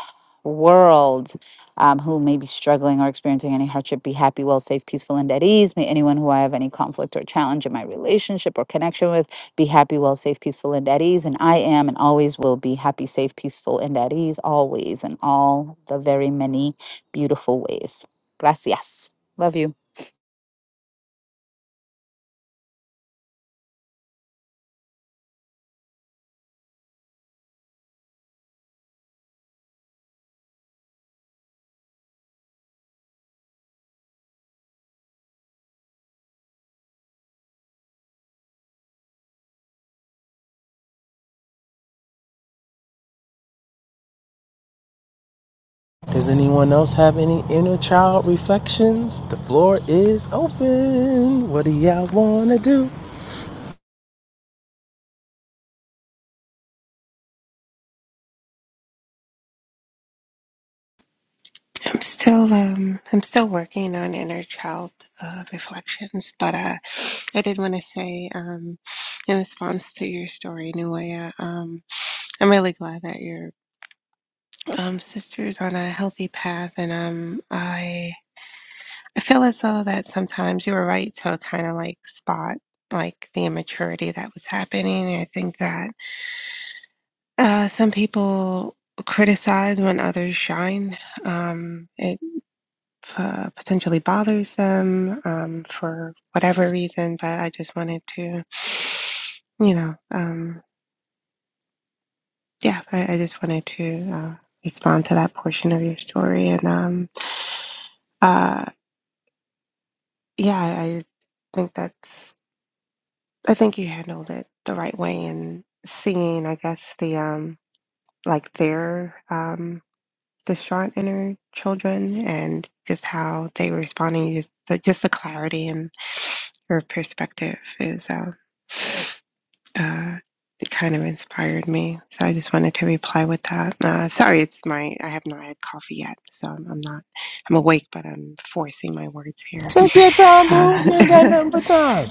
world um, who may be struggling or experiencing any hardship be happy, well, safe, peaceful, and at ease. May anyone who I have any conflict or challenge in my relationship or connection with be happy, well, safe, peaceful, and at ease. And I am and always will be happy, safe, peaceful, and at ease, always, in all the very many beautiful ways. Gracias. Love you.
Does anyone else have any inner child reflections? The floor is open. What do y'all wanna do?
I'm still um I'm still working on inner child uh, reflections, but uh, I did want to say um in response to your story, Nuea, um I'm really glad that your um sister is on a healthy path, and um I I feel as though that sometimes you were right to kind of like spot like the immaturity that was happening. I think that uh some people criticize when others shine. Um, it uh, potentially bothers them um, for whatever reason. But I just wanted to, you know, um, yeah, I, I just wanted to uh, respond to that portion of your story. And um, uh, yeah, I, think that's, I think you handled it the right way in seeing, I guess, the um, like their um, distraught inner children and just how they were responding, just the, just the clarity and. her perspective is uh, uh, it kind of inspired me. So I just wanted to reply with that. Uh, sorry, it's my I have not had coffee yet, so I'm, I'm not I'm awake, but I'm forcing my words here.
Take your time, boo.
Uh,
You ain't got
(laughs)
nothing but time.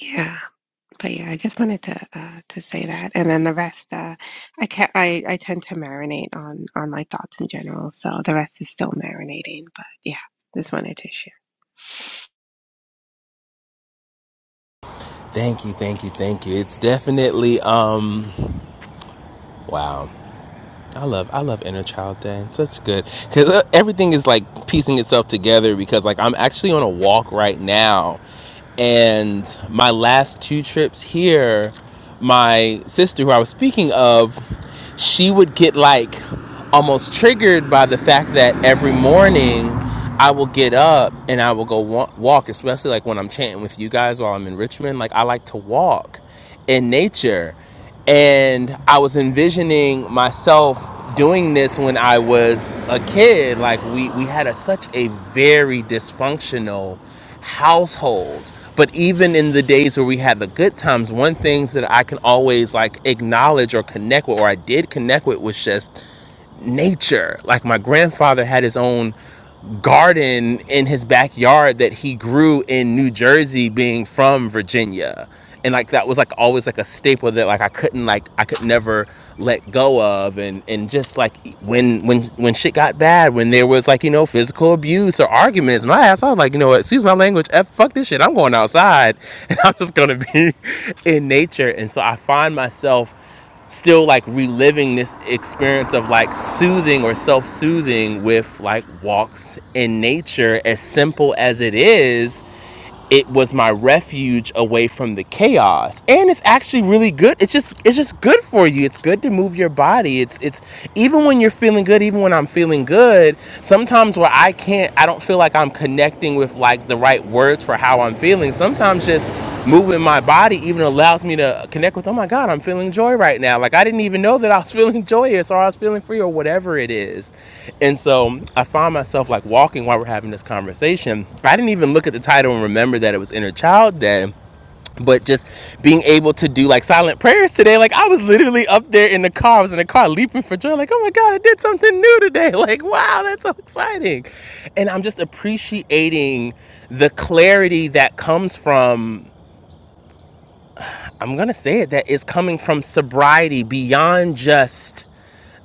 yeah, but yeah, I just wanted to uh, to say that, and then the rest uh, I can I I tend to marinate on on my thoughts in general, so the rest is still marinating. But yeah, just wanted to share.
Thank you, thank you, thank you. It's definitely um wow. I love I love Inner Child Day. It's such good because everything is like piecing itself together. Because like I'm actually on a walk right now, and my last two trips here, my sister who I was speaking of, she would get like almost triggered by the fact that every morning I will get up and I will go walk, especially like when I'm chanting with you guys while I'm in Richmond. Like I like to walk in nature and I was envisioning myself doing this when I was a kid. Like we we had a, such a very dysfunctional household. But even in the days where we had the good times, one things that I can always like acknowledge or connect with, or I did connect with, was just nature. Like my grandfather had his own garden in his backyard that he grew in New Jersey being from Virginia. And like that was like always like a staple that like I couldn't like I could never let go of and and just like when when when shit got bad when there was like you know physical abuse or arguments my ass I was like you know what excuse my language f fuck this shit I'm going outside (laughs) and I'm just gonna be (laughs) in nature and so I find myself still like reliving this experience of like soothing or self-soothing with like walks in nature as simple as it is it was my refuge away from the chaos and it's actually really good it's just it's just good for you it's good to move your body it's it's even when you're feeling good even when i'm feeling good sometimes where i can't i don't feel like i'm connecting with like the right words for how i'm feeling sometimes sometimes just moving my body even allows me to connect with, oh my God, I'm feeling joy right now. Like I didn't even know that I was (laughs) feeling joyous or I was feeling free or whatever it is. And so I find myself like walking while we're having this conversation. I didn't even look at the title and remember that it was Inner Child Day but just being able to do like silent prayers today like i was literally up there in the car i was in the car leaping for joy like oh my god i did something new today (laughs) like wow that's so exciting and i'm just appreciating the clarity that comes from i'm gonna say it that is coming from sobriety beyond just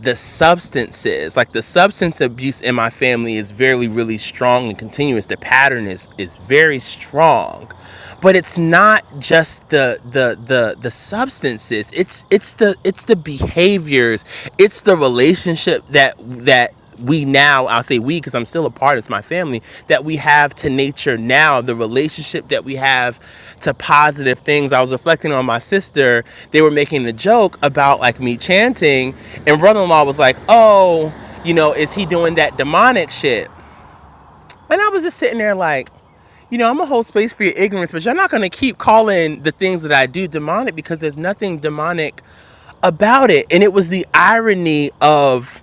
the substances like the substance abuse in my family is very really strong and continuous the pattern is is very strong but it's not just the the the the substances it's it's the it's the behaviors it's the relationship that that we now i'll say we because i'm still a part it's my family that we have to nature now the relationship that we have to positive things i was reflecting on my sister they were making a joke about like me chanting and brother-in-law was like oh you know is he doing that demonic shit and i was just sitting there like you know i'm a whole space for your ignorance but you're not gonna keep calling the things that i do demonic because there's nothing demonic about it and it was the irony of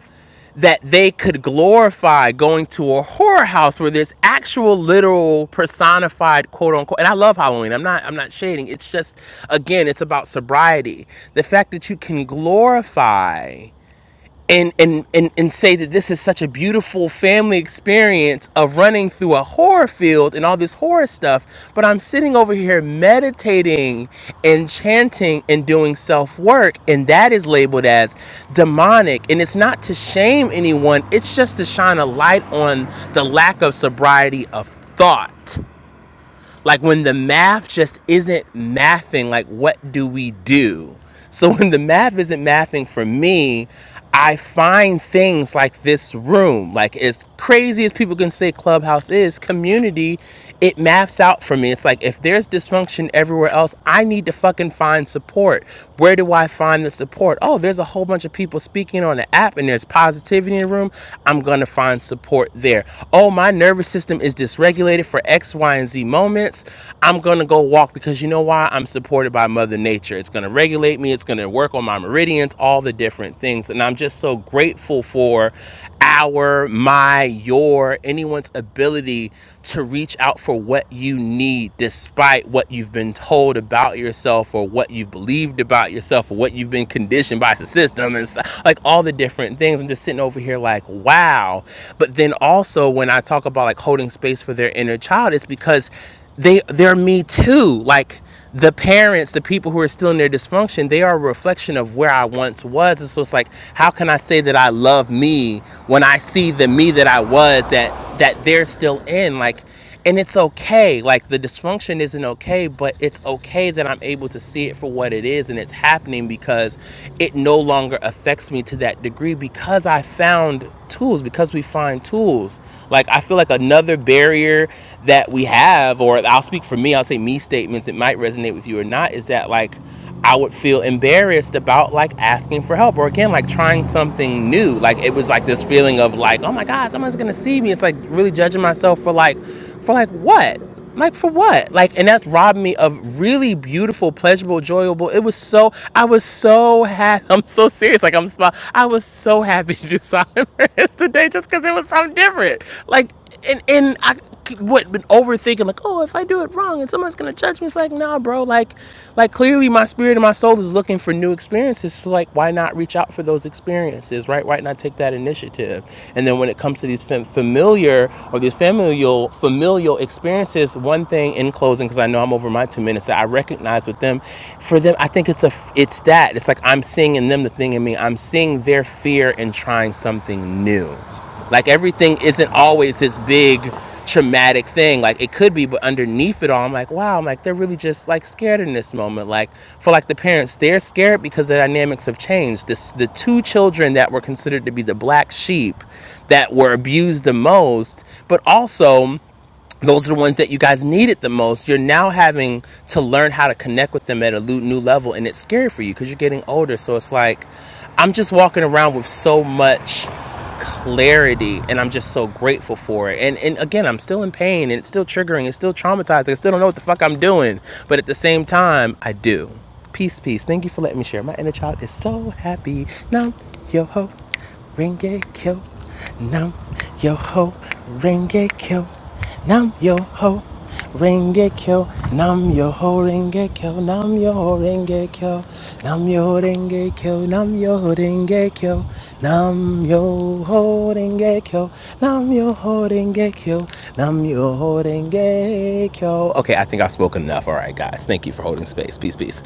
that they could glorify going to a horror house where there's actual literal personified quote unquote and I love Halloween. I'm not I'm not shading. It's just again, it's about sobriety. The fact that you can glorify and and and and say that this is such a beautiful family experience of running through a horror field and all this horror stuff but i'm sitting over here meditating and chanting and doing self work and that is labeled as demonic and it's not to shame anyone it's just to shine a light on the lack of sobriety of thought like when the math just isn't mathing, like what do we do? So (laughs) when the math isn't mathing for me, I find things like this room. Like as crazy as people can say Clubhouse is, community, it maps out for me. It's like if there's dysfunction everywhere else, I need to fucking find support. Where do I find the support? Oh, there's a whole bunch of people speaking on the app and there's positivity in the room. I'm gonna find support there. Oh, my nervous system is dysregulated for X, X, Y, and Z moments. I'm going to go walk because you know why? I'm supported by Mother Nature. It's going to regulate me, it's going to work on my meridians, all the different things. And I'm just so grateful for our, my, your, anyone's ability to reach out for what you need despite what you've been told about yourself or what you've believed about yourself or what you've been conditioned by the system and like all the different things. I'm just sitting over here like, wow. But then also when I talk about like holding space space for their inner child is because they they're me too. Like the parents, the people who are still in their dysfunction, they are a reflection of where I once was. And so it's like, how can I say that I love me when I see the me that I was that that they're still in? Like and it's okay like the dysfunction isn't okay but it's okay that i'm able to see it for what it is and it's happening because it no longer affects me to that degree because i found tools because we find tools like i feel like another barrier that we have or i'll speak for me i'll say me statements it might resonate with you or not is that like I would feel embarrassed about like asking for help or again like trying something new. Like it was like this feeling of like, oh my God, someone's gonna see me. It's like really judging myself for like for like what? Like for what? Like and that's robbed me of really beautiful, pleasurable, enjoyable. It was so I was so happy. (laughs) I'm so serious. Like I'm I was so happy to do (laughs) Simon Reyes today just because it was something different. Like and and I would been overthinking like, oh, if I do it wrong and someone's gonna judge me, it's like, nah, bro, like, like clearly my spirit and my soul is looking for new experiences. So like, why not reach out for those experiences, right? Why not take that initiative? And then when it comes to these fam- familiar or these familial familial experiences, one thing in closing, because I know I'm over my two minutes, that I recognize with them, for them, I think it's a it's that it's like I'm seeing in them the thing in me. I'm seeing their fear in trying something new like everything isn't always this big traumatic thing. Like it could be, but underneath it all, I'm like, wow, I'm like they're really just like scared in this moment. Like for like the parents, they're scared because the dynamics have changed. This the two children that were considered to be the black sheep that were abused the most, but also those are the ones that you guys needed the most. You're now having to learn how to connect with them at a new level, and it's scary for you because you're getting older. So it's like, I'm just walking around with so much clarity, and I'm just so grateful for it. And and again, I'm still in pain, and it's still triggering, it's still traumatizing. I still don't know what the fuck I'm doing, but at the same time, I do. Peace, peace. Thank you for letting me share. My inner child is so happy. Now, yo ho, ringe kyo. Nam yo ho, ringe kyo. Nam yo ho, renge kyo. Nam yo ho, renge kyo. Nam yo ho, renge kyo. Nam yo ho, renge kyo. Nam yo ho, renge kyo. Nam yo ho, renge kyo. Nam yo ho, renge kyo. Nam yo ho, renge Okay, I think I've spoken enough. All right, guys. Thank you for holding space. Peace, peace.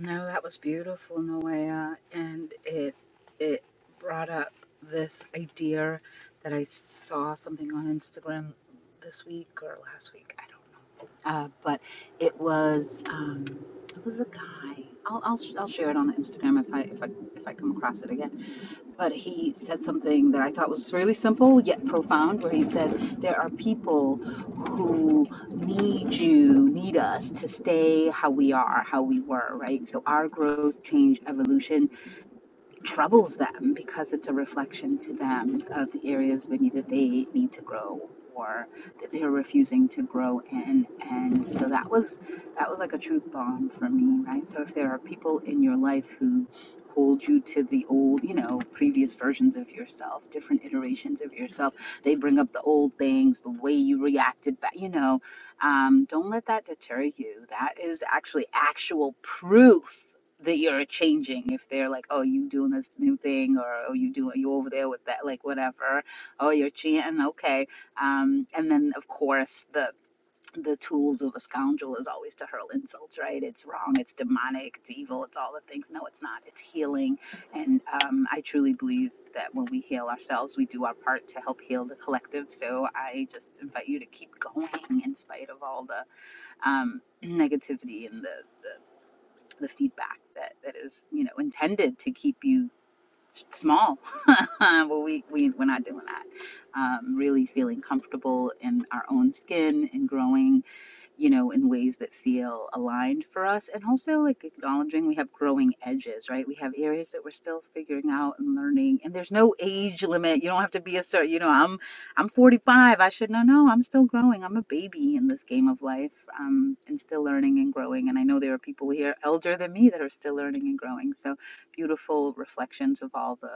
No, that was beautiful, Noea, and it it brought up this idea that I saw something on Instagram this week or last week, I don't know. Uh, but it was um, it was a guy. I'll, I'll I'll share it on Instagram if I if I if I come across it again but he said something that I thought was really simple yet profound, where he said, There are people who need you, need us to stay how we are, how we were, right? So our growth, change, evolution troubles them because it's a reflection to them of the areas maybe that they need to grow or that they're refusing to grow in and so that was that was like a truth bomb for me right so if there are people in your life who hold you to the old you know previous versions of yourself different iterations of yourself they bring up the old things the way you reacted back you know um, don't let that deter you that is actually actual proof that you're changing if they're like oh you doing this new thing or oh you doing you over there with that like whatever oh you're cheating okay um and then of course the the tools of a scoundrel is always to hurl insults right it's wrong it's demonic it's evil it's all the things no it's not it's healing and um, i truly believe that when we heal ourselves we do our part to help heal the collective so i just invite you to keep going in spite of all the um, negativity and the, the the feedback that, that is, you know, intended to keep you small. (laughs) well, we, we, we're not doing that. Um, really feeling comfortable in our own skin and growing you know, in ways that feel aligned for us. And also, like, acknowledging we have growing edges, right? We have areas that we're still figuring out and learning. And there's no age limit. You don't have to be a certain, you know, I'm, I'm 45. I should know, no, I'm still growing. I'm a baby in this game of life um, and still learning and growing. And I know there are people here elder than me that are still learning and growing. So beautiful reflections of all the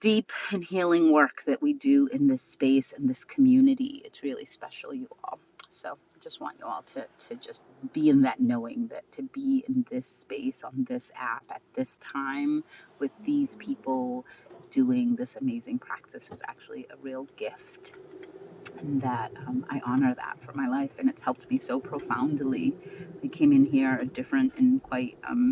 deep and healing work that we do in this space and this community. It's really special, you all. So I just want you all to, to just be in that knowing that to be in this space on this app at this time with these people doing this amazing practice is actually a real gift and that um, I honor that for my life and it's helped me so profoundly. I came in here a different and quite um,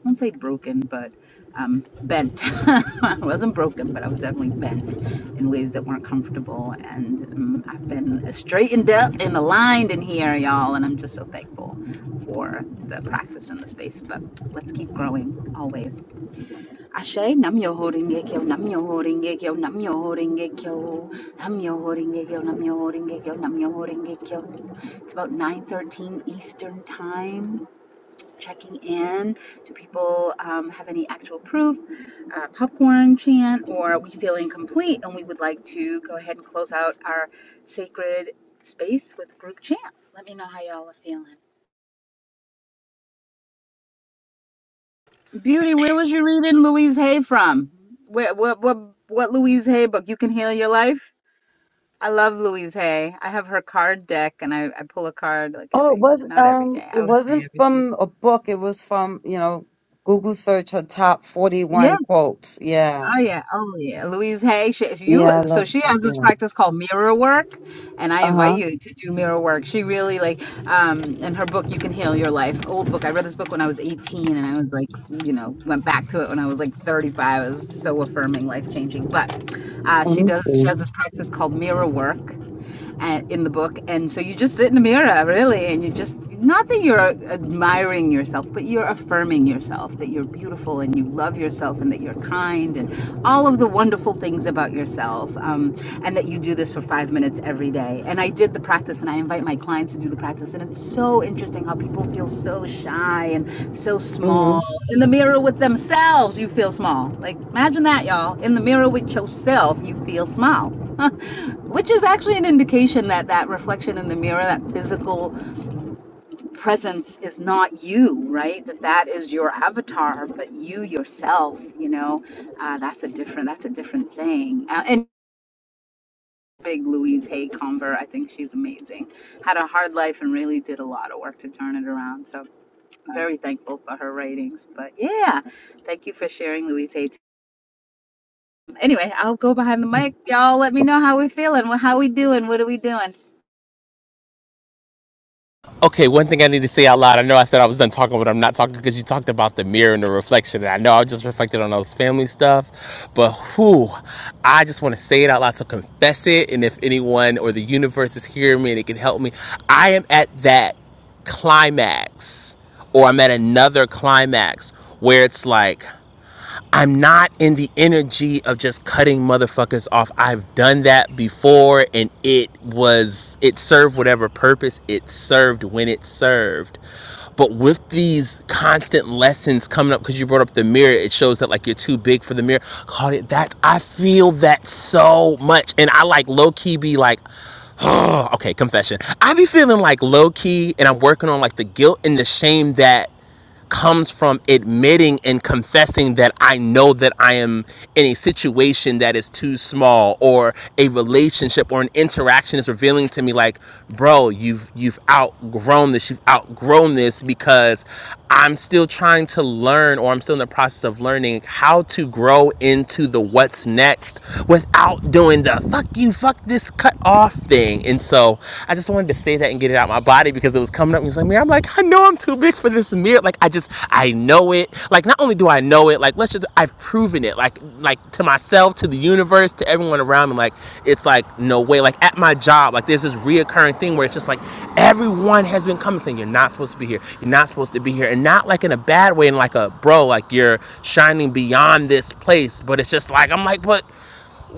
I won't say broken, but um, bent. (laughs) I wasn't broken, but I was definitely bent in ways that weren't comfortable. And um, I've been straightened up and aligned in here, y'all. And I'm just so thankful for the practice and the space. But let's keep growing always. Ashe, nam yo horinge kyo, nam yo horinge kyo, nam yo horinge kyo, nam yo horinge kyo, nam yo horinge kyo, nam yo horinge kyo. It's about 9:13 Eastern time checking in. Do people um, have any actual proof, uh, popcorn chant, or are we feeling complete and we would like to go ahead and close out our sacred space with group chant? Let me know how y'all are feeling. Beauty, where was you reading Louise Hay from? Where, what, what, what Louise Hay book? You Can Heal Your Life? I love Louise Hay. I have her card deck and I, I pull a card like
Oh, it
every,
was
not every
um,
day,
it
I would say
wasn't
every few.
from a book. It was from you know, Google search her top
Yeah.
forty-one quotes. Yeah,
Oh yeah, oh yeah. Louise Hay, she, you
yeah, I
so
love
she
it.
has this
Yeah.
practice called mirror work, and I
Uh
invite
huh.
you to do mirror work. She really like um in her book You Can Heal Your Life, old book. I read this book when I was 18 and I was like, you know, went back to it when I was like 35. It was so affirming, life-changing. But uh,
Let
she
me
does she
see.
has this practice called mirror work and, in the book. And so you just sit in the mirror, really, and you just, not that you're admiring yourself, but you're affirming yourself that you're beautiful and you love yourself and that you're kind and all of the wonderful things about yourself. Um, and that you do this for five minutes every day. And I did the practice and I I invite my clients to do the practice, and it's so interesting how people feel so shy and so
Mm-hmm.
small in the mirror with themselves. You feel small. Like imagine that, y'all. In the mirror with yourself, you feel small, (laughs) which is actually an indication that that reflection in the mirror, that physical presence, is not you, right? That that is your avatar, but you yourself. You know, uh, that's a different. That's a different thing. Uh, and big Louise Hay convert. I think she's amazing. Had a hard life and really did a lot of work to turn it around. So I'm very thankful for her writings. But yeah, thank you for sharing, Louise Hay. Anyway, I'll go behind the mic. Y'all let me know how we feeling. How we doing? What are we doing?
Okay, one thing I need to say out loud. I know I said I was done talking, but I'm not talking because you talked about the mirror and the reflection. And I know I just reflected on all this family stuff, but who? I just want to say it out loud. So confess it. And if anyone or the universe is hearing me and it can help me, I am at that climax or I'm at another climax where it's like, I'm not in the energy of just cutting motherfuckers off. I've done that before and it was, it served whatever purpose it served when it served. But with these constant lessons coming up, because you brought up the mirror, it shows that like you're too big for the mirror. Caught it that I feel that so much. And I like low key be like, (sighs) oh, okay, confession. I be feeling like low key and I'm working on like the guilt and the shame that comes from admitting and confessing that I know that I am in a situation that is too small or a relationship or an interaction is revealing to me like, bro, you've you've outgrown this, you've outgrown this because I'm still trying to learn or I'm still in the process of learning how to grow into the what's next without doing the fuck you, fuck this cut off thing. And so I just I just wanted to say that and get it out of my body because it was coming up. And he was like, man, I'm like, I know I'm too big for this mirror. Like, I just, I know it. Like, not only do I know it, like, let's just, I've proven it. Like, like to myself, to the universe, to everyone around me. Like, it's like, no way. Like, at my job, like, there's this reoccurring thing where it's just like, everyone has been coming saying, you're not supposed to be here. You're not supposed to be here. And not like in a bad way, in like a, bro, like, you're shining beyond this place. But it's just like, I'm like, but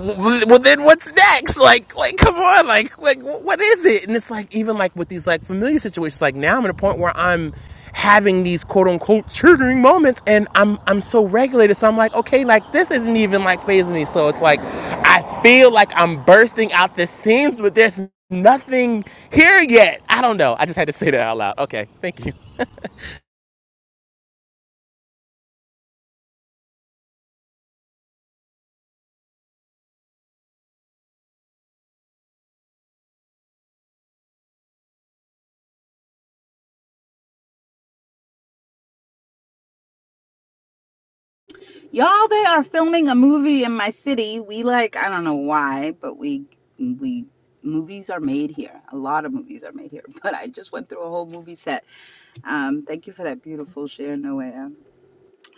well then what's next like like come on like like what is it and it's like even like with these like familiar situations like now i'm at a point where i'm having these quote unquote triggering moments and i'm i'm so regulated so i'm like okay like this isn't even like phasing me so it's like i feel like i'm bursting out the seams but there's nothing here yet i don't know i just had to say that out loud okay thank you
Y'all, they are filming a movie in my city. We like, I don't know why, but we we movies are made here. A lot of movies are made here. (laughs) But I just went through a whole movie set. Um, thank you for that beautiful share, Noah.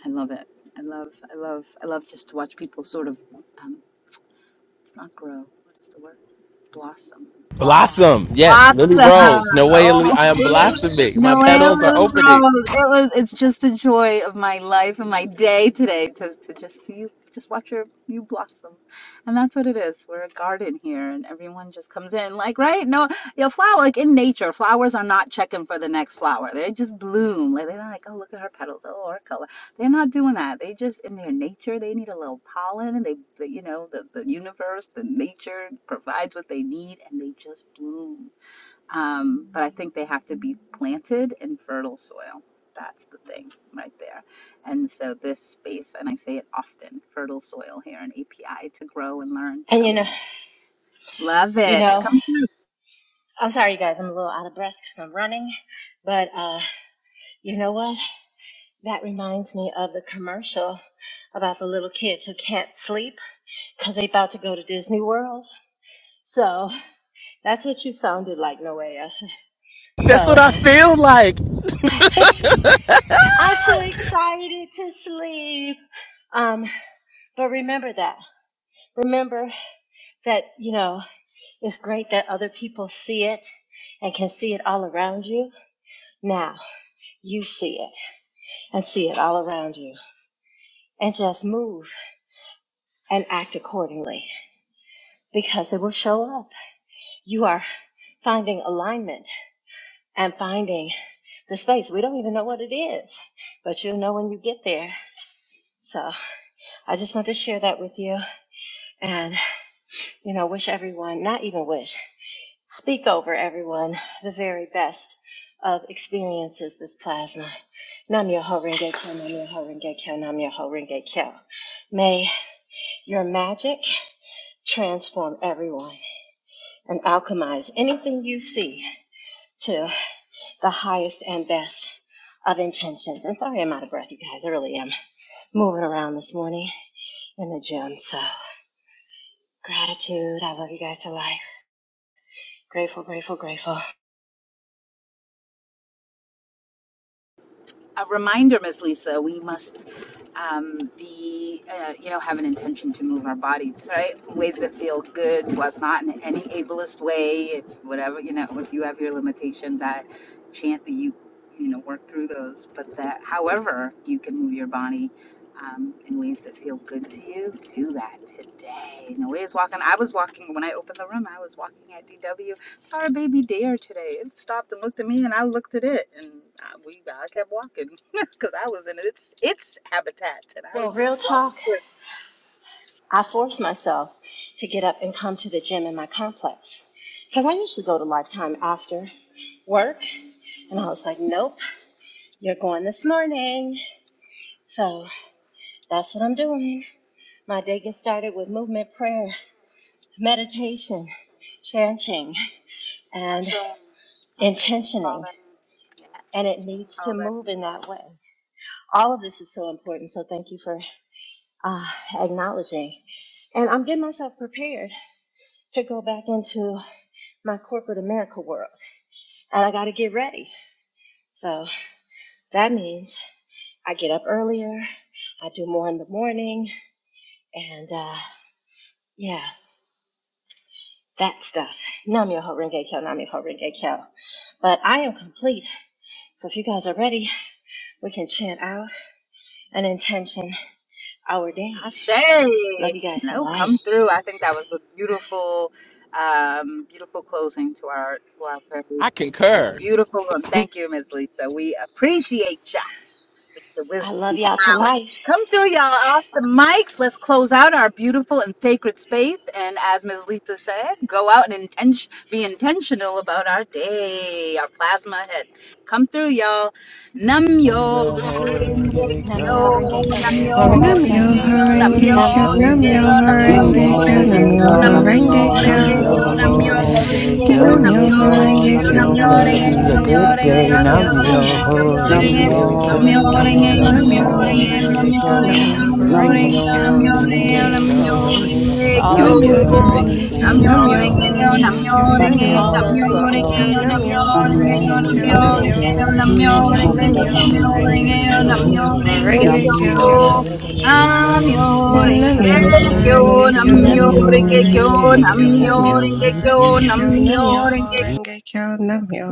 I love it. I love, I love, I love just to watch people sort of, um, it's not grow. What is the word? Blossom, blossom
blossom yes lily
Awesome.
rose no way lily
Oh,
i am
Lil-
blossoming my
Noelle
petals are
Lily
opening
Rose. It was it's just a joy of my life and my day today to, to just see you just watch your you blossom. And that's what it is. We're a garden here and everyone just comes in like right? No your flower like in nature, flowers are not checking for the next flower. They just bloom. Like they're not like, oh look at her petals, oh her color. They're not doing that. They just in their nature they need a little pollen and they they- you know, the, the universe, the nature provides what they need and they just bloom. Um, but I think they have to be planted in fertile soil. That's the thing right there. And so this space, and I say it often, fertile soil here in API to grow and learn. So
And you know,
love
you
it.
know,
Come through.
I'm sorry, you guys. I'm a little out of breath because I'm running, but uh, you know what? That reminds me of the commercial about the little kids who can't sleep. because they about to go to Disney World. So that's what you sounded like, Noea.
that's what
So
i feel like
(laughs) I'm too excited to sleep. Um, but remember that. Remember that, you know, it's great that other people see it and can see it all around you. Now you see it and see it all around you. And just move and act accordingly because it will show up. You are finding alignment and finding the space. We don't even know what it is, but you'll know when you get there. So I just want to share that with you and, you know, wish everyone, not even wish, speak over everyone the very best of experiences this plasma. Nam Yoho Renge Kyo, Nam Yoho Renge Kyo, Nam Yoho Renge Kyo. May your magic transform everyone and alchemize anything you see To the highest and best of intentions. And sorry I'm out of breath, you guys. I really am moving around this morning in the gym. So, gratitude. I love you guys to life. Grateful, grateful, grateful.
a reminder, Ms. Lisa, we must um, be, uh, you know, have an intention to move our bodies, right? Ways that feel good to us, not in any ableist way. If whatever, you know, if you have your limitations, I chant that you, you know, work through those. But that, however, you can move your body um, in ways that feel good to you. Do that today. No way is walking. I was walking when I opened the room. I was walking at DW saw our baby dare today. It stopped and looked at me, and I looked at it, and I, we I kept walking (laughs) because I was in its its habitat, and I
Well,
was just
real
walking
talk, I forced myself to get up and come to the gym in my complex because I usually go to Lifetime after work. And
through.
I was
Mm-hmm.
like, nope, you're going this morning. So, that's what I'm doing. My day gets started with movement, prayer, meditation, chanting. And
Ashe, Ashe, we call
intentioning
that in.
and it
Yes, we
needs to
call that in.
move in that way all of this is so important so thank you for uh, acknowledging and i'm getting myself prepared to go back into my corporate america world and i got to get ready so that means i get up earlier i do more in the morning and uh, yeah that stuff Nam namyo horenge kyo namyo horenge kyo but i am complete so if you guys are ready we can chant out an intention our day
Ashe.
Love you guys to
No,
life.
come through. I think that was a beautiful, um, beautiful closing to our to our very
i concur
beautiful room. Thank you, Ms. Lisa. We appreciate you. the
I
wisdom
love
and
y'all to
knowledge.
life.
Come through, y'all, off the mics. Let's close out our beautiful and sacred space. And as Ms. Lisa said, go out and inten- be intentional about our day, our plasma head. Come through, y'all. Nam
Nam yo
yo.
ho renge
Nam
Yo,
kyo,
yo ho renge
nam
kyo,
yo
nam
nam yo
yo,
ho
ho
renge
Namyo
ring
kyo.
renge
yo,
kyo,
nam
Horenge
yo,
Nam yo
Kyo,
nam
ho
ring
yo
renge
Namyo
kyo,
yo,
ho
nam
nam
yo
yo,
ho
Horenge
Namyo
renge
Kyo,
ring
kyo.
Renge
renge
Namyo
yo,
Kyo,
kyo,
nam yo,
Namyo
Horenge
Nam
ring
nam
Kyo.
yo
Renge
ho
Kyo,
yo
yo,
renge
ho
kyo,
nam yo, ring yo, nam
Namyo
nam
yo,
yo ho
renge
ring
renge
yo,
kyo.
kyo.
nam
Namyo
Renge Kyo,
Nam yo
Horenge
ho
Today
Kyo,
Namyo
renge
is
yo,
kyo, nam
Namyo
gonna
Renge,
yo
ring yo, nam yo, ring yo, nam yo, ring
ho
be a
renge
Namyo
Horenge
kyo.
good
yo,
Renge
Kyo,
day.
Namyo
Nam
Nam
nam
yo
yo
ho
ho
Horenge
renge
yo,
Kyo,
Kyo,
kyo,
ring
nam
yo.
yo
renge
ho
Namyo
Namyo
renge
kyo,
Namyo
kyo.
Horenge
nam
Kyo,
yo
Nam yo ho
ho
Namyo
renge kyo, nam
renge
Horenge
Renge
Kyo,
kyo,
yo
Kyo,
Namyo
nam yo ho
Horenge
Namyo
Possible.
Kyo.
Nam
renge
yo
Renge
ho
kyo,
renge kyo.
nam
Kyo,
For all
yo,
those who
Namyo
are
Namyo
in need.
Horenge Kyo,
Renge
nam
Nam yo
Namyo
yo
Kyo,
ho renge
ho
kyo.
Horenge Kyo,
renge kyo.
For
Namyo
Namyo
all those who
Renge
are
Horenge
Kyo,
Kyo,
unable to
I'm your
Namyo
receive,
heart
Horenge
Namyo
and
be
Kyo,
Renge
your
open.
Namyo
Kyo,
Horenge
Nam yo
Kyo,
ho
Namyo
renge
Renge
Namyo
kyo.
Kyo, Namyo
Horenge
Renge
Kyo,
Kyo,
Namyo
Nam-myoho-renge-kyo.
Horenge
Namyo
Kyo.
Nam-myoho-renge-kyo.
Renge Kyo. I
Namyo
will
Nam-myoho-renge-kyo.
Horenge
engage
Kyo, Namyo
you.
Nam-myoho-renge-kyo.
Horenge Kyo,
Nam-myoho-renge-kyo.
Namyo
dream.
Horenge
Namyo
Kyo, Namyo
Nam-myoho-renge-kyo.
Horenge Kyo, Namyo